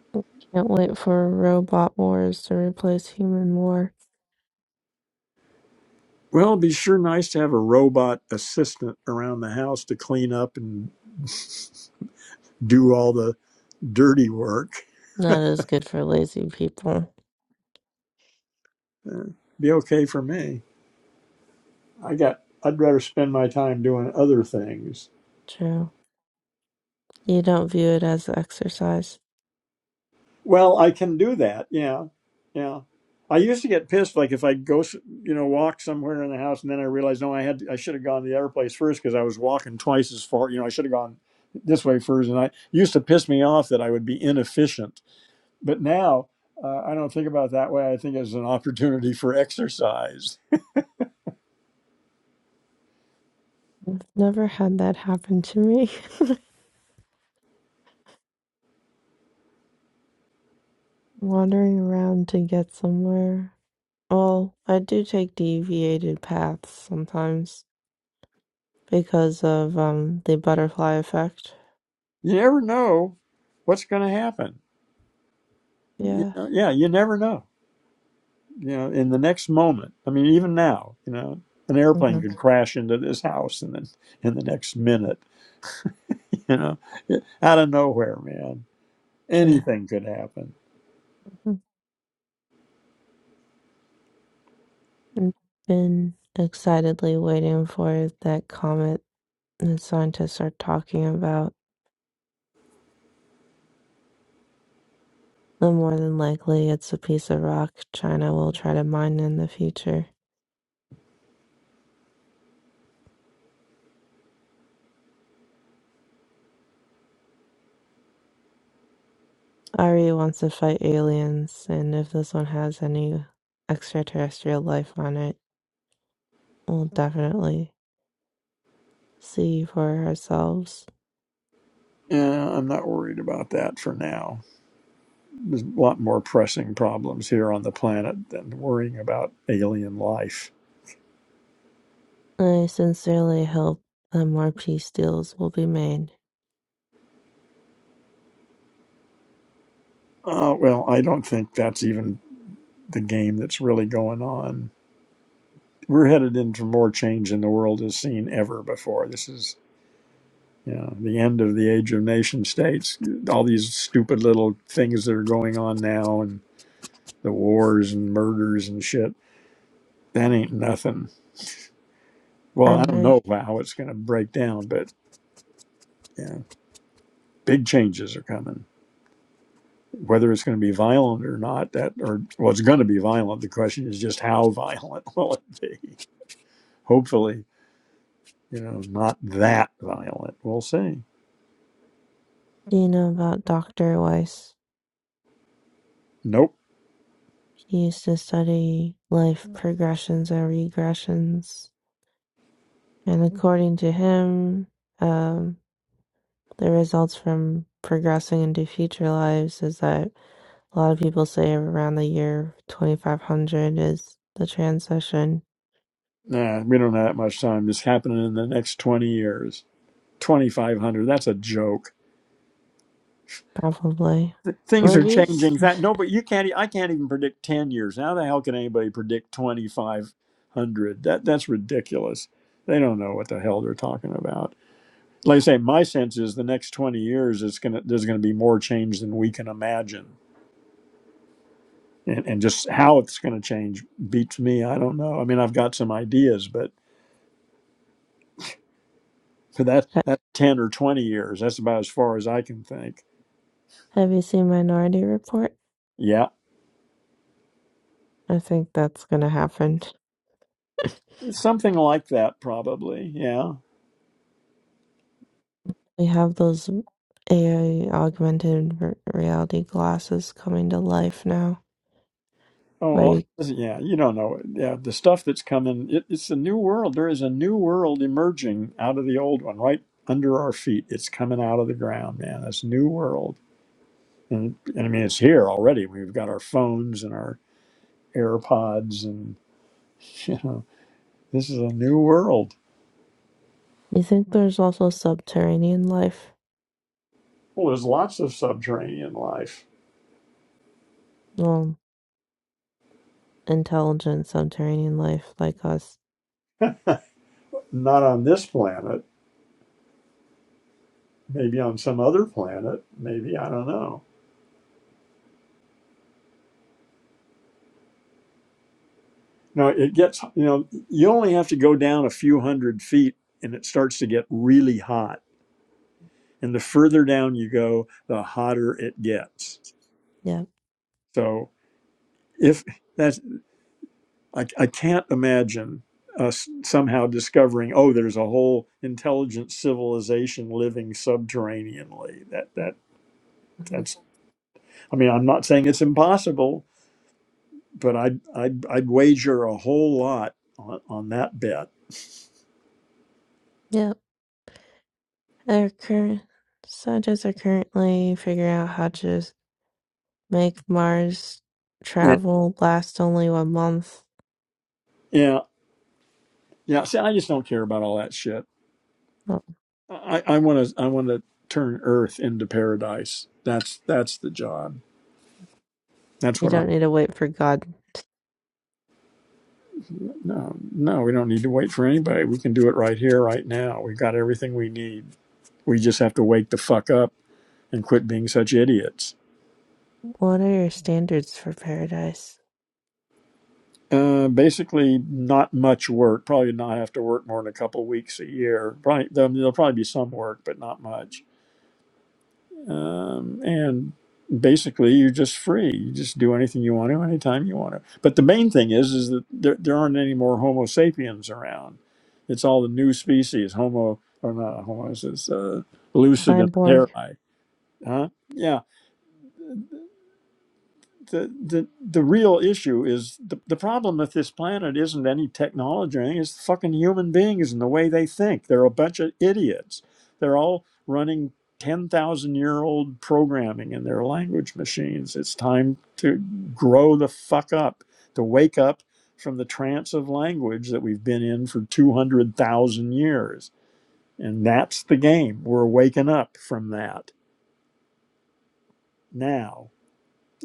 Speaker 4: Can't wait for robot wars to replace human war.
Speaker 1: Well, it'd be sure nice to have a robot assistant around the house to clean up and do all the dirty work.
Speaker 4: Not as good for lazy people.
Speaker 1: Uh, be okay for me. I got. I'd rather spend my time doing other things.
Speaker 4: True. You don't view it as exercise.
Speaker 1: Well, I can do that. Yeah, yeah. I used to get pissed, like if I go, you know, walk somewhere in the house, and then I realized, no, I had, I should have gone to the other place first because I was walking twice as far. You know, I should have gone this way first, and I it used to piss me off that I would be inefficient. But now uh, I don't think about it that way. I think it's an opportunity for exercise.
Speaker 4: Never had that happen to me. Wandering around to get somewhere. Well, I do take deviated paths sometimes because of um the butterfly effect.
Speaker 1: You never know what's going to happen. you
Speaker 4: Yeah.
Speaker 1: know, yeah, you never know. You know, in the next moment, I mean, even now, you know, an airplane
Speaker 4: hmm
Speaker 1: could crash into this house, and then in the next minute, you know, out of nowhere, man,
Speaker 4: True.
Speaker 1: anything could happen.
Speaker 4: Mhm. I've been excitedly waiting for that comet that scientists are talking about. Though more than likely it's a piece of rock China will try to mine in the future. Ari wants to fight aliens, and if this one has any extraterrestrial life on it, we'll definitely see for ourselves.
Speaker 1: Yeah, I'm not worried about that for now. There's a lot more pressing problems here on the planet than worrying about alien life.
Speaker 4: I sincerely hope that more peace deals will be made.
Speaker 1: Uh, well, I don't think that's even the game that's really going on. We're headed into more change in the world as seen ever before. This is Yeah, the end of the age of nation states. All these stupid little things that are going on now, and the wars and murders and shit. That ain't nothing. Well, I
Speaker 4: I'm
Speaker 1: don't know
Speaker 4: reading
Speaker 1: how it's going to break down, but yeah, big changes are coming. Whether it's going to be violent or not, that or well, it's going to be violent. The question is just how violent will it be? Hopefully, you know, not that violent. We'll see.
Speaker 4: about Dr. Weiss.
Speaker 1: Nope.
Speaker 4: He used to study life progressions and regressions. And according to him, um, the results from progressing into future lives is that a lot of people say around the year 2500 is the transition,
Speaker 1: Nah, we don't have that much time. It's happening in the next twenty years. Twenty five hundred. That's a joke.
Speaker 4: probably.
Speaker 1: th- things are
Speaker 4: Maybe.
Speaker 1: changing. That nobody you can't e- I can't even predict ten years. How the hell can anybody predict twenty five hundred? That that's ridiculous. They don't know what the hell they're talking about. Like I say, my sense is the next twenty years it's gonna there's gonna be more change than we can imagine. And and just how it's gonna change beats me. I don't know. I mean I've got some ideas, but for that that ten or twenty years, that's about as far as I can think.
Speaker 4: Have you seen Minority Report?
Speaker 1: Yeah.
Speaker 4: I think that's going to happen.
Speaker 1: Something like that probably. Yeah.
Speaker 4: They have those AI augmented r- reality glasses coming to life now,
Speaker 1: Oh,
Speaker 4: where
Speaker 1: well,
Speaker 4: you,
Speaker 1: listen, yeah, you don't know. Yeah, the stuff that's coming, it, it's a new world. There is a new world emerging out of the old one, right under our feet. It's coming out of the ground, man. This new world. And, and I mean, it's here already. We've got our phones and our AirPods, and, you know, this is a new world.
Speaker 4: you think there's also subterranean life,
Speaker 1: Well, there's lots of subterranean life,
Speaker 4: well, intelligent subterranean life like us.
Speaker 1: not on this planet, maybe on some other planet, maybe, I don't know. No, it gets, you know, you only have to go down a few hundred feet and it starts to get really hot. And the further down you go, the hotter it gets.
Speaker 4: Yep.
Speaker 1: So if that's, I, I can't imagine us somehow discovering, oh, there's a whole intelligent civilization living subterraneanly. That, that,
Speaker 4: Mhm.
Speaker 1: that's, I mean, I'm not saying it's impossible, but I'd, I'd, I'd wager a whole lot on, on that bet.
Speaker 4: Yep. Our current scientists are currently figuring out how to s- make Mars
Speaker 1: Yeah.
Speaker 4: travel last only one month.
Speaker 1: Yeah. Yeah. See, I just don't care about all that shit.
Speaker 4: Oh,
Speaker 1: I I want to I want to turn Earth into paradise. That's that's the job. That's
Speaker 4: You
Speaker 1: what I.
Speaker 4: don't need to wait for God.
Speaker 1: No, no, we don't need to wait for anybody. We can do it right here, right now. We've got everything we need. We just have to wake the fuck up and quit being such idiots.
Speaker 4: What are your standards for paradise?
Speaker 1: Uh, basically, not much work. Probably not have to work more than a couple weeks a year. Probably there'll there'll probably be some work, but not much. um, and basically you're just free you just do anything you want to anytime you want to but the main thing is is that there, there aren't any more homo sapiens around it's all the new species homo or not homo it's uh, lucidum
Speaker 4: Cyborg.
Speaker 1: terrae huh Yeah the the the real issue is the, the problem with this planet isn't any technology or anything, it's fucking human beings and the way they think. They're a bunch of idiots. They're all running ten thousand year old programming in their language machines. It's time to grow the fuck up, to wake up from the trance of language that we've been in for two hundred thousand years. And that's the game. We're waking up from that now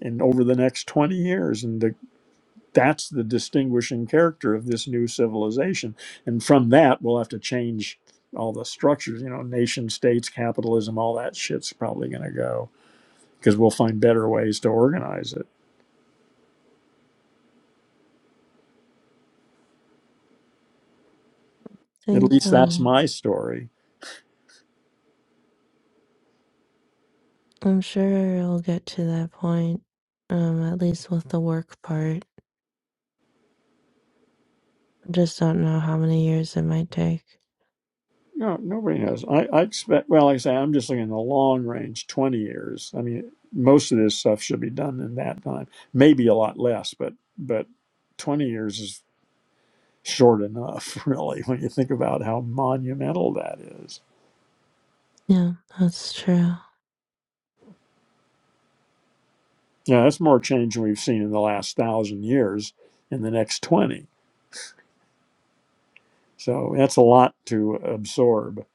Speaker 1: and over the next 20 years. and the that's the distinguishing character of this new civilization and from that we'll have to change all the structures you know nation states capitalism all that shit's probably going to go because we'll find better ways to organize it at
Speaker 4: think
Speaker 1: least that's
Speaker 4: um
Speaker 1: my story
Speaker 4: I'm sure it'll get to that point, um, at least with the work part. Just don't know how many years it might take.
Speaker 1: no nobody knows i, I expect well like i say i'm just looking in the long range 20 years i mean most of this stuff should be done in that time maybe a lot less but but 20 years is short enough really when you think about how monumental that is
Speaker 4: Yeah, that's true.
Speaker 1: Now, that's more change than we've seen in the last thousand years in the next 20. So that's a lot to absorb.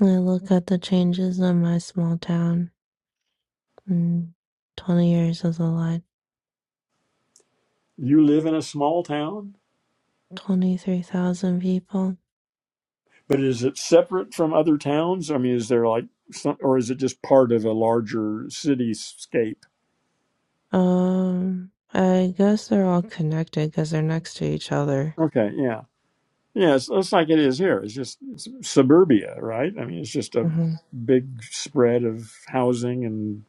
Speaker 4: I look at the changes in my small town. Mm, 20 years is a lot.
Speaker 1: You live in a small town,
Speaker 4: 23,000 people.
Speaker 1: but is it separate from other towns? I mean, is there like some, or is it just part of a larger cityscape?
Speaker 4: Um, I guess they're all connected because they're next to each other.
Speaker 1: Okay, yeah. Yeah, it's, it's like it is here. It's just it's suburbia, right? I mean, it's just a
Speaker 4: hmm
Speaker 1: big spread of housing and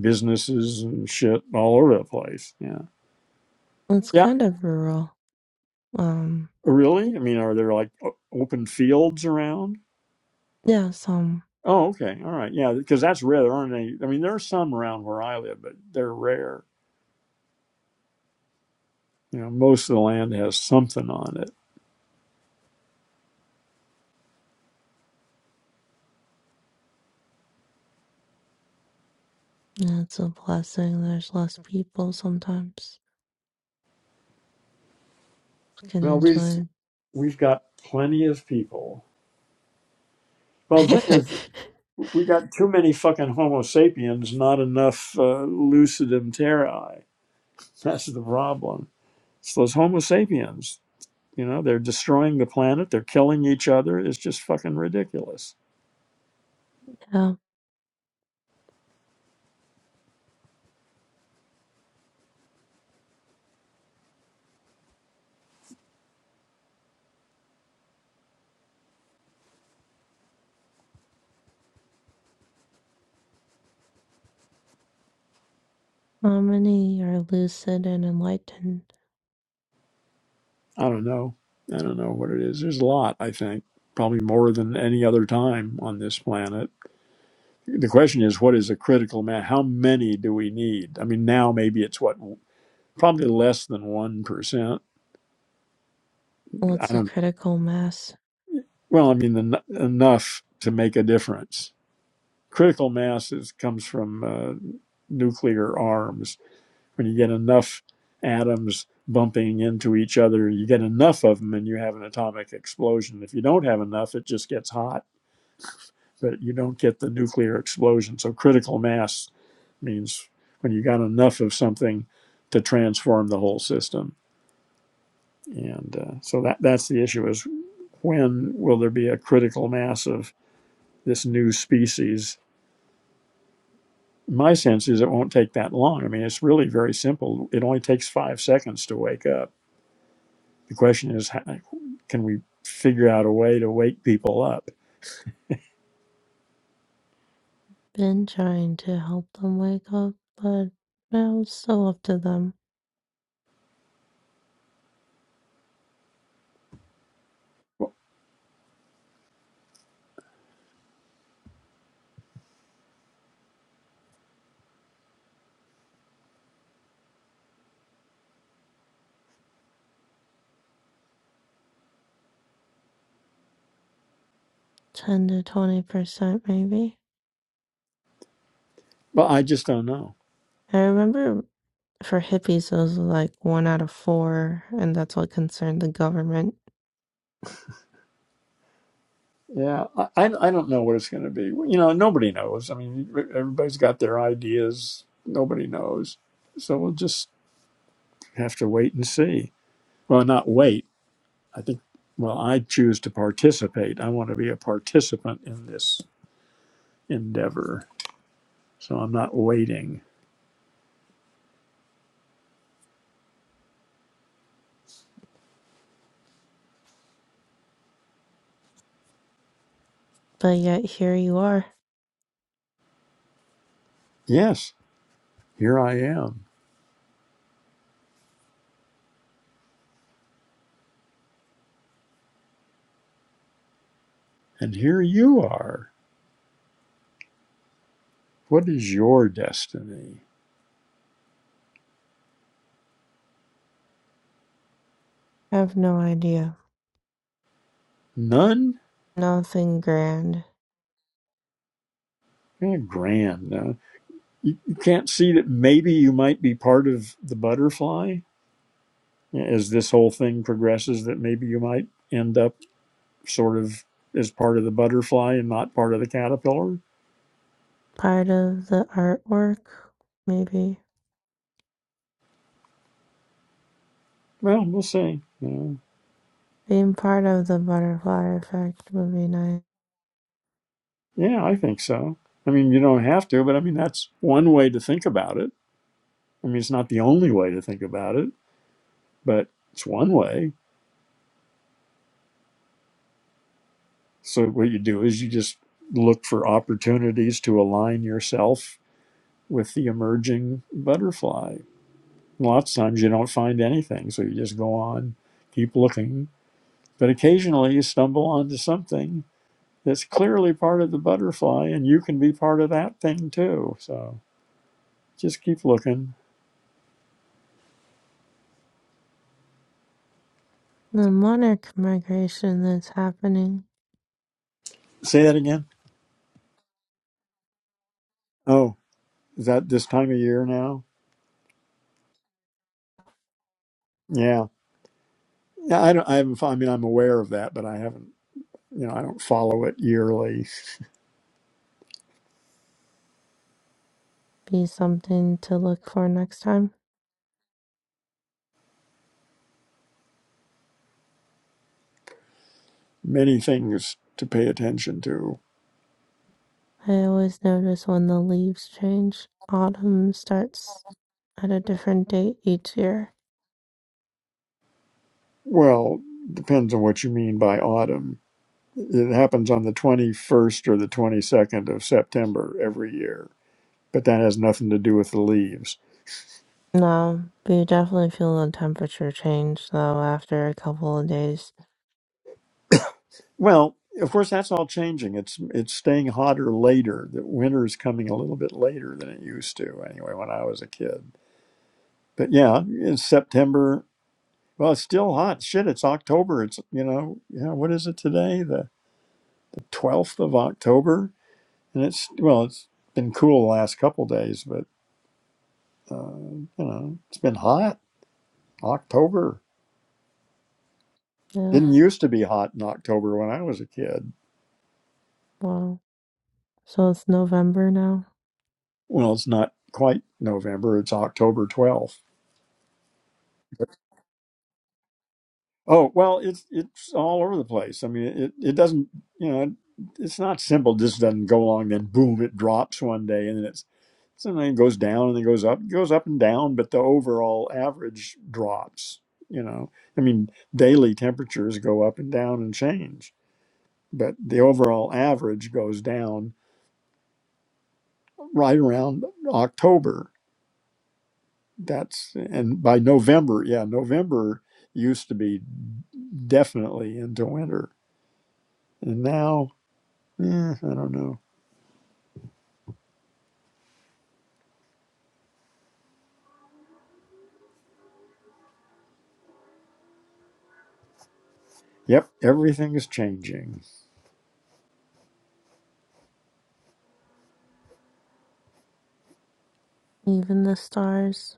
Speaker 1: businesses and shit all over the place. Yeah.
Speaker 4: It's
Speaker 1: Yeah,
Speaker 4: kind of rural. Um,
Speaker 1: Really? I mean, are there like o- open fields around?
Speaker 4: yeah, some.
Speaker 1: Oh, okay. All right. Yeah, because that's rare. There aren't any. I mean, there are some around where I live, but they're rare. You know, most of the land has something on it.
Speaker 4: Yeah, it's a blessing. There's less people sometimes. can
Speaker 1: Well, we've
Speaker 4: enjoy.
Speaker 1: we've got plenty of people. Well, the thing is, we got too many fucking Homo sapiens, not enough uh, lucidum terrae. That's the problem. It's those Homo sapiens. You know, they're destroying the planet. They're killing each other. It's just fucking ridiculous.
Speaker 4: yeah, how many are lucid and enlightened.
Speaker 1: I don't know. I don't know what it is. There's a lot, I think, probably more than any other time on this planet. The question is, what is a critical mass? How many do we need? I mean, now maybe it's what, probably less than 1%. I
Speaker 4: What's the
Speaker 1: don't know.
Speaker 4: critical mass?
Speaker 1: Well, I mean, en- enough to make a difference. Critical mass is, comes from uh, nuclear arms. When you get enough atoms bumping into each other, you get enough of them and you have an atomic explosion. If you don't have enough, it just gets hot But you don't get the nuclear explosion. So critical mass means when you got enough of something to transform the whole system. And uh, so that that's the issue is when will there be a critical mass of this new species? My sense is it won't take that long. I mean, it's really very simple. It only takes five seconds to wake up. The question is, how, can we figure out a way to wake people up?
Speaker 4: Been trying to help them wake up, but well, it's still up to them. 10 to 20%, maybe.
Speaker 1: Well, I just don't know.
Speaker 4: I remember for hippies, it was like one out of four, and that's what concerned the government.
Speaker 1: Yeah, I, I don't know what it's going to be. Well, You know, nobody knows. I mean, e, everybody's got their ideas. Nobody knows. So we'll just have to wait and see. Well, not wait. I think, well, I choose to participate. I want to be a participant in this endeavor. So I'm not waiting.
Speaker 4: But yet, here you are.
Speaker 1: Yes, here I am. And here you are. What is your destiny?
Speaker 4: I have no idea.
Speaker 1: None?
Speaker 4: Nothing grand.
Speaker 1: Eh, grand. no. You, you can't see that maybe you might be part of the butterfly? as this whole thing progresses that maybe you might end up sort of as part of the butterfly and not part of the caterpillar?
Speaker 4: Part of the artwork, maybe.
Speaker 1: Well, we'll see. Yeah,
Speaker 4: Being part of the butterfly effect would be nice.
Speaker 1: yeah I think so. I mean, you don't have to, but I mean, that's one way to think about it. I mean, it's not the only way to think about it, but it's one way. So, what you do is you just look for opportunities to align yourself with the emerging butterfly. Lots of times you don't find anything, so you just go on, keep looking, But occasionally you stumble onto something that's clearly part of the butterfly, and you can be part of that thing too. So just keep looking.
Speaker 4: The monarch migration that's happening
Speaker 1: Say that again. Oh, is that this time of year now? Yeah. Yeah, I don't. I haven't. I mean, I'm aware of that, but I haven't. You know, I don't follow it yearly.
Speaker 4: be something to look for next time.
Speaker 1: Many things to pay attention to.
Speaker 4: I always notice when the leaves change. Autumn starts at a different date each year.
Speaker 1: Well, depends on what you mean by autumn. It happens on the 21st or the 22nd of September every year, but that has nothing to do with the leaves.
Speaker 4: No, but you definitely feel the temperature change though after a couple of days.
Speaker 1: Well, of course, that's all changing. It's it's staying hotter later. That winter is coming a little bit later than it used to. Anyway, when I was a kid, but yeah, it's September. Well, it's still hot. Shit, it's October. It's you know, yeah. What is it today? The the twelfth of October, and it's well, it's been cool the last couple days, but uh, you know, it's been hot. October
Speaker 4: Yeah,
Speaker 1: didn't used to be hot in October when I was a kid.
Speaker 4: wow. So it's November now.
Speaker 1: Well, it's not quite November. It's October twelfth. Oh well, it's it's all over the place. I mean, it it doesn't you know it, it's not simple. This doesn't go along, then boom, it drops one day, and then it's sometimes it goes down and then goes up, it goes up and down, but the overall average drops. You know, I mean, daily temperatures go up and down and change, but the overall average goes down right around October. That's and by November, yeah, November used to be definitely into winter, and now Eh, I don't know. Yep, everything is changing.
Speaker 4: Even the stars.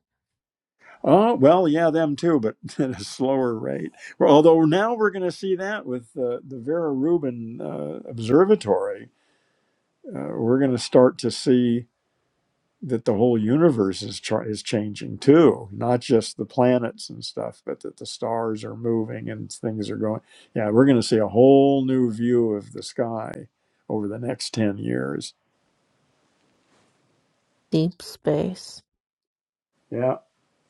Speaker 1: Oh, well, yeah, them too, but at a slower rate. Well, although now we're going to see that with uh, the Vera Rubin uh, Observatory. Uh, we're going to start to see that the whole universe is, try is changing too, not just the planets and stuff, but that the stars are moving and things are going. Yeah, we're going to see a whole new view of the sky over the next 10 years
Speaker 4: Deep space.
Speaker 1: Yeah.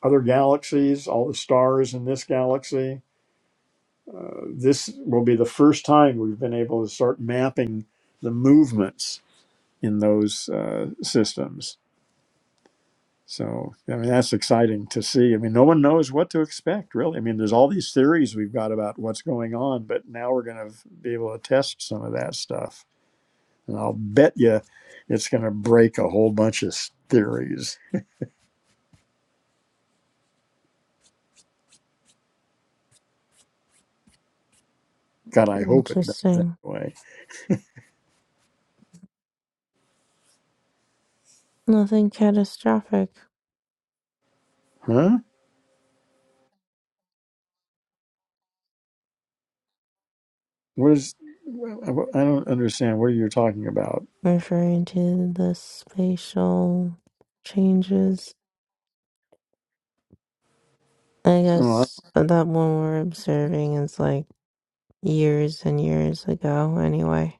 Speaker 1: Other galaxies, all the stars in this galaxy. Uh, this will be the first time we've been able to start mapping the movements in those uh, systems. So, I mean, that's exciting to see. I mean, no one knows what to expect, really. I mean, there's all these theories we've got about what's going on, but now we're going to be able to test some of that stuff. And I'll bet you it's going to break a whole bunch of s- theories. God, I hope it does
Speaker 4: Interesting.
Speaker 1: anyway.
Speaker 4: Nothing catastrophic.
Speaker 1: Huh? Where's I don't understand what you're talking about.
Speaker 4: referring to the spatial changes. I
Speaker 1: Oh, I-
Speaker 4: guess uh, that one we're observing is like years and years ago, anyway.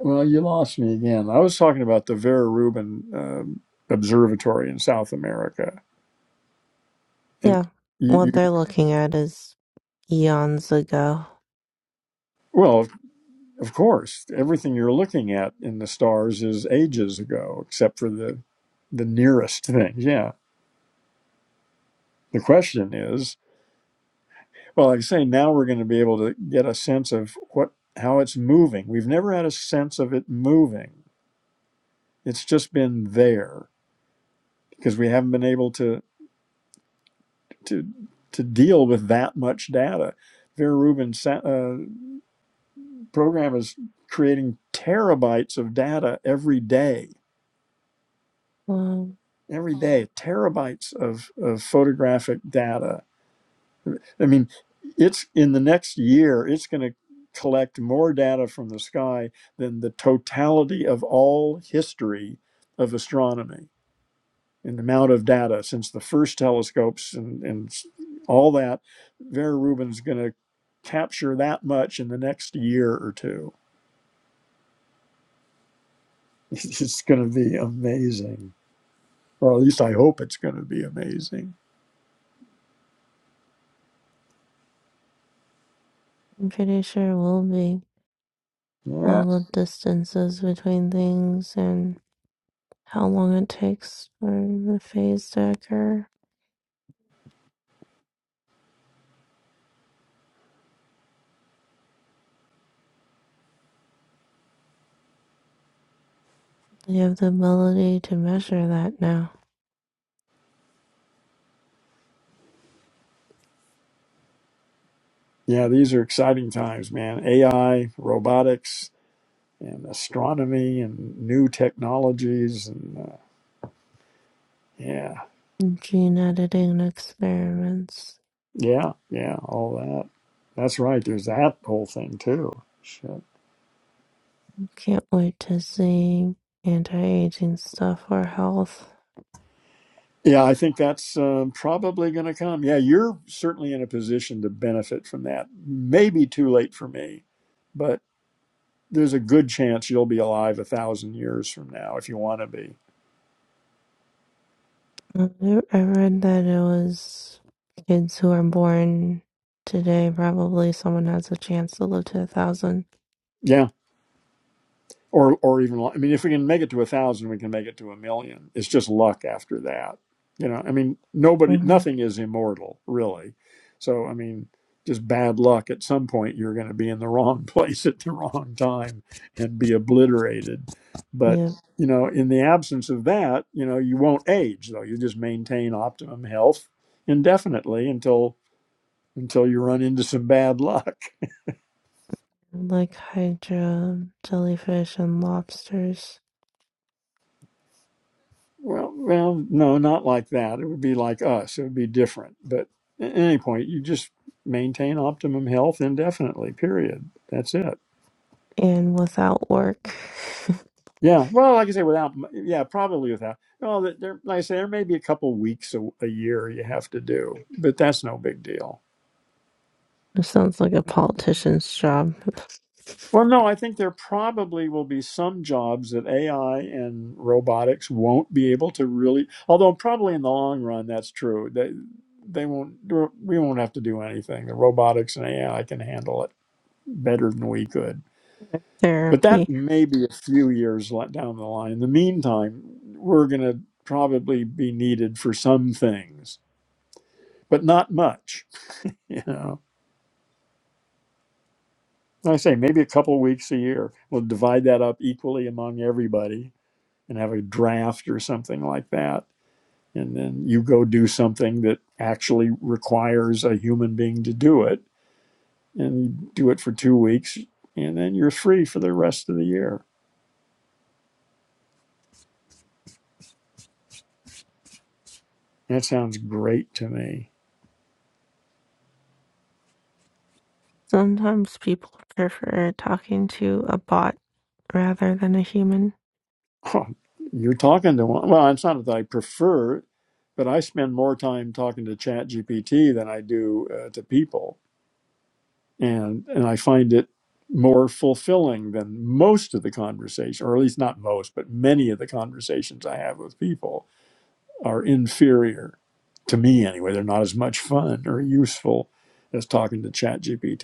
Speaker 1: well, you lost me again. I was talking about the Vera Rubin um, Observatory in South America, and
Speaker 4: Yeah,
Speaker 1: you,
Speaker 4: what
Speaker 1: you
Speaker 4: they're looking at is eons ago.
Speaker 1: well, of of course, everything you're looking at in the stars is ages ago, except for the the nearest thing. Yeah. The question is, well, like I say, now we're going to be able to get a sense of what how it's moving. We've never had a sense of it moving. It's just been there because we haven't been able to. to to deal with that much data. Vera Rubin's uh, program is creating terabytes of data every day.
Speaker 4: Well,
Speaker 1: Every day, terabytes of, of photographic data. I mean, it's in the next year, it's going to collect more data from the sky than the totality of all history of astronomy In the amount of data since the first telescopes and, and all that, Vera Rubin's going to capture that much in the next year or two. It's going to be amazing, or at least I hope it's going to be amazing.
Speaker 4: I'm pretty sure it will be all
Speaker 1: Yeah,
Speaker 4: the distances between things and how long it takes for the phase to occur. They have the ability to measure that now.
Speaker 1: yeah, these are exciting times, man. AI, robotics, and astronomy, and new technologies, and uh, yeah,
Speaker 4: Gene editing experiments
Speaker 1: yeah, yeah, all that. That's right. There's that whole thing too. Shit.
Speaker 4: Can't wait to see anti-aging stuff or health.
Speaker 1: Yeah, I think that's um, probably going to come. Yeah, you're certainly in a position to benefit from that. Maybe too late for me, but there's a good chance you'll be alive a thousand years from now if you want to be.
Speaker 4: I I read that it was kids who are born today, probably someone has a chance to live to a 1000
Speaker 1: Yeah. or or even I mean, if we can make it to a thousand, we can make it to a million. It's just luck after that, you know. I mean, nobody,
Speaker 4: Mm-hmm.
Speaker 1: nothing is immortal, really. So I mean, just bad luck. At some point, you're going to be in the wrong place at the wrong time and be obliterated. But
Speaker 4: Yeah,
Speaker 1: you know, in the absence of that, you know, you won't age though. You just maintain optimum health indefinitely until until you run into some bad luck.
Speaker 4: like hydra, jellyfish, and lobsters,
Speaker 1: Well, well, no, not like that. It would be like us. It would be different. But at any point, you just maintain optimum health indefinitely. Period. That's it.
Speaker 4: and without work.
Speaker 1: Yeah. Well, like I say, without yeah, probably without. Well, there, like I say, there may be a couple weeks a, a year you have to do, but that's no big deal.
Speaker 4: This sounds like a politician's job.
Speaker 1: Well, no, I think there probably will be some jobs that AI and robotics won't be able to really. Although probably in the long run, that's true. They they won't. We won't have to do anything. The robotics and AI can handle it better than we could. But that
Speaker 4: Therapy.
Speaker 1: may be a few years le- down the line. In the meantime, we're going to probably be needed for some things, but not much. You know, Like I say maybe a couple weeks a year. We'll divide that up equally among everybody and have a draft or something like that. And then you go do something that actually requires a human being to do it, and you do it for two weeks, and then you're free for the rest of the year. That sounds great to me.
Speaker 4: Sometimes people prefer talking to a bot rather than a human.
Speaker 1: Oh, you're talking to one. Well, it's not that I prefer, but I spend more time talking to ChatGPT than I do uh, to people and and I find it more fulfilling than most of the conversation, or at least not most, but many of the conversations I have with people are inferior to me anyway. They're not as much fun or useful as talking to ChatGPT.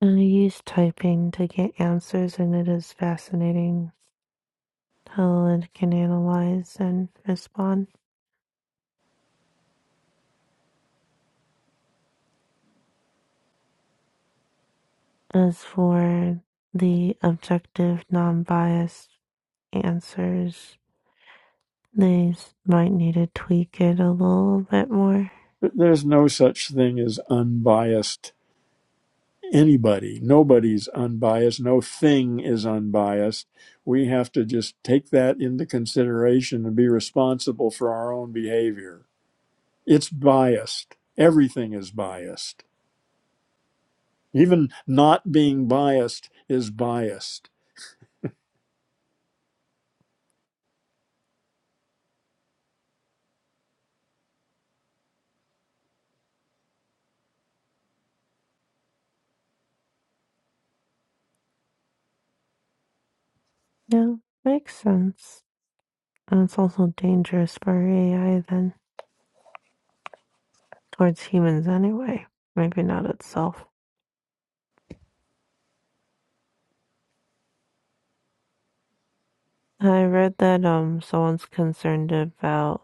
Speaker 4: I use typing to get answers, and it is fascinating. how the can analyze and respond. As for the objective, non biased answers, they might need to tweak it a little bit more.
Speaker 1: There's no such thing as unbiased anybody. Nobody's unbiased. No thing is unbiased. We have to just take that into consideration and be responsible for our own behavior It's biased. Everything is biased. Even not being biased is biased.
Speaker 4: Yeah, makes sense. And it's also dangerous for AI then, towards humans anyway. Maybe not itself. I read that um someone's concerned about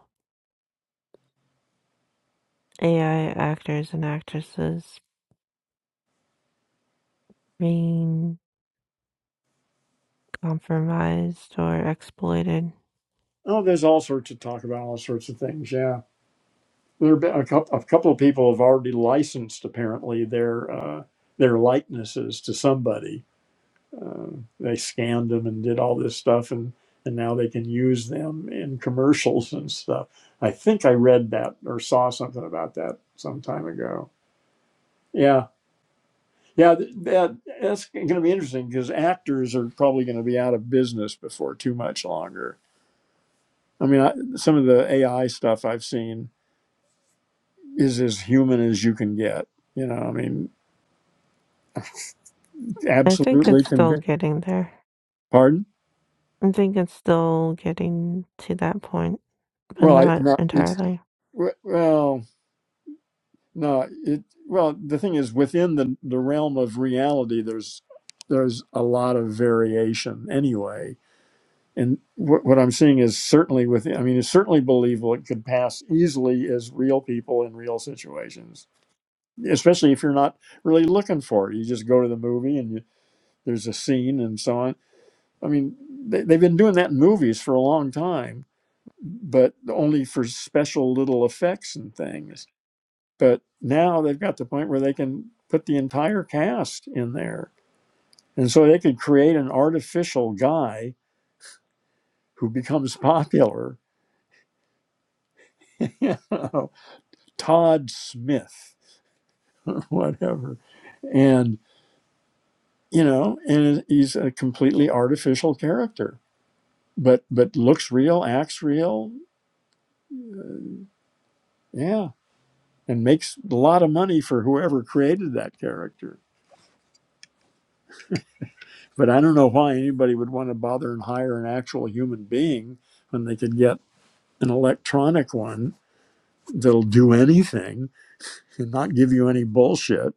Speaker 4: AI actors and actresses being compromised or exploited
Speaker 1: Oh, there's all sorts of talk about all sorts of things. Yeah, there have been a couple. A couple of people have already licensed apparently their uh, their likenesses to somebody. Uh, they scanned them and did all this stuff, and and now they can use them in commercials and stuff. I think I read that or saw something about that some time ago. Yeah. Yeah, th- that that's going to be interesting because actors are probably going to be out of business before too much longer. I mean, I, some of the AI stuff I've seen is as human as you can get. You know, I mean,
Speaker 4: I think
Speaker 1: absolutely
Speaker 4: it's still
Speaker 1: convinced.
Speaker 4: getting there.
Speaker 1: Pardon?
Speaker 4: I think it's still getting to that point, but
Speaker 1: Well, I
Speaker 4: not
Speaker 1: no, it's
Speaker 4: entirely.
Speaker 1: we- well, no, it well. The thing is, within the the realm of reality, there's there's a lot of variation anyway and what, what I'm seeing is certainly with I mean it's certainly believable it could pass easily as real people in real situations, especially if you're not really looking for it. You just go to the movie and you, there's a scene and so on. I mean they, they've been doing that in movies for a long time, but only for special little effects and things. But now they've got the point where they can put the entire cast in there, and so they could create an artificial guy who becomes popular. You know? Todd Smith, or whatever. And, you know, and he's a completely artificial character, but, but looks real, acts real. Yeah. And makes a lot of money for whoever created that character. But I don't know why anybody would want to bother and hire an actual human being when they could get an electronic one that'll do anything and not give you any bullshit.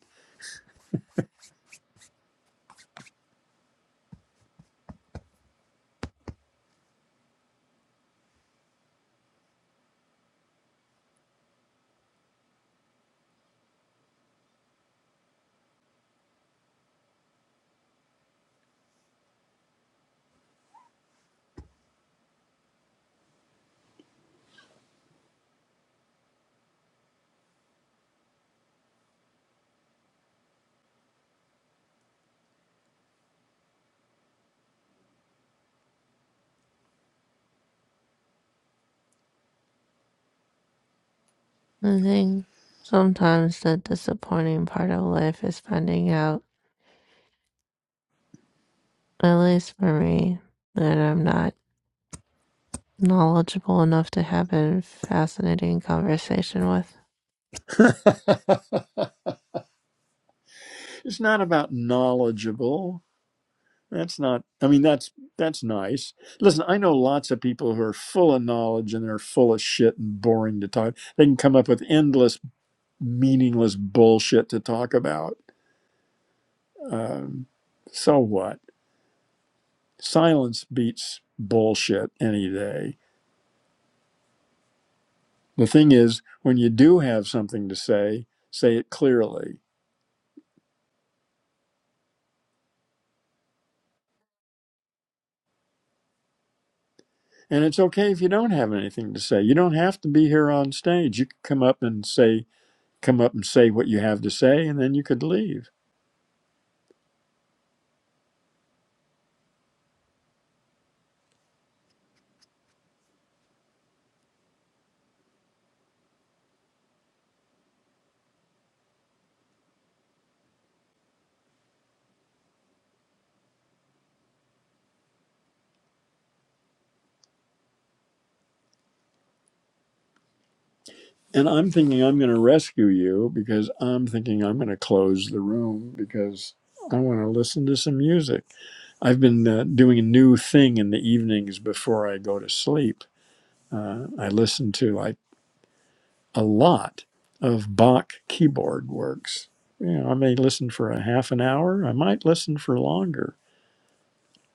Speaker 4: I think sometimes the disappointing part of life is finding out, at least for me, that I'm not knowledgeable enough to have a fascinating conversation with.
Speaker 1: it's not about knowledgeable. That's not. I mean, that's that's nice. Listen, I know lots of people who are full of knowledge and they're full of shit and boring to talk. They can come up with endless, meaningless bullshit to talk about. Um, so what? Silence beats bullshit any day. The thing is, when you do have something to say, say it clearly. And it's okay if you don't have anything to say. You don't have to be here on stage. You can come up and say, come up and say what you have to say, and then you could leave and I'm thinking I'm going to rescue you because I'm thinking I'm going to close the room because I want to listen to some music. I've been uh, doing a new thing in the evenings before I go to sleep. Uh, I listen to like a lot of Bach keyboard works. You know, I may listen for a half an hour. I might listen for longer,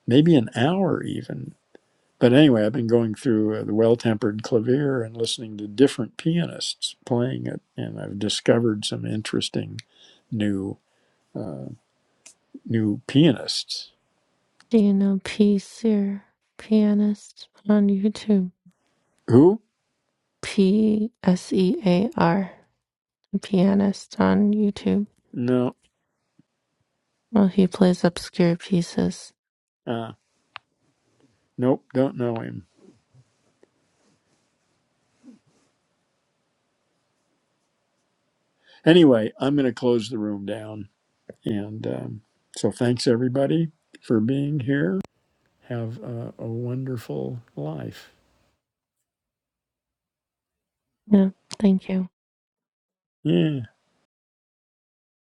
Speaker 1: maybe an hour even but anyway, I've been going through uh, the Well Tempered Clavier and listening to different pianists playing it, and I've discovered some interesting new uh, new pianists.
Speaker 4: Do you know P. Sear, pianist on YouTube?
Speaker 1: Who?
Speaker 4: P S E A R, pianist on YouTube.
Speaker 1: No,
Speaker 4: Well, he plays obscure pieces
Speaker 1: uh, nope, don't know him. Anyway, I'm going to close the room down, and um, so thanks everybody for being here. Have a, a wonderful life.
Speaker 4: Yeah, thank you.
Speaker 1: Yeah.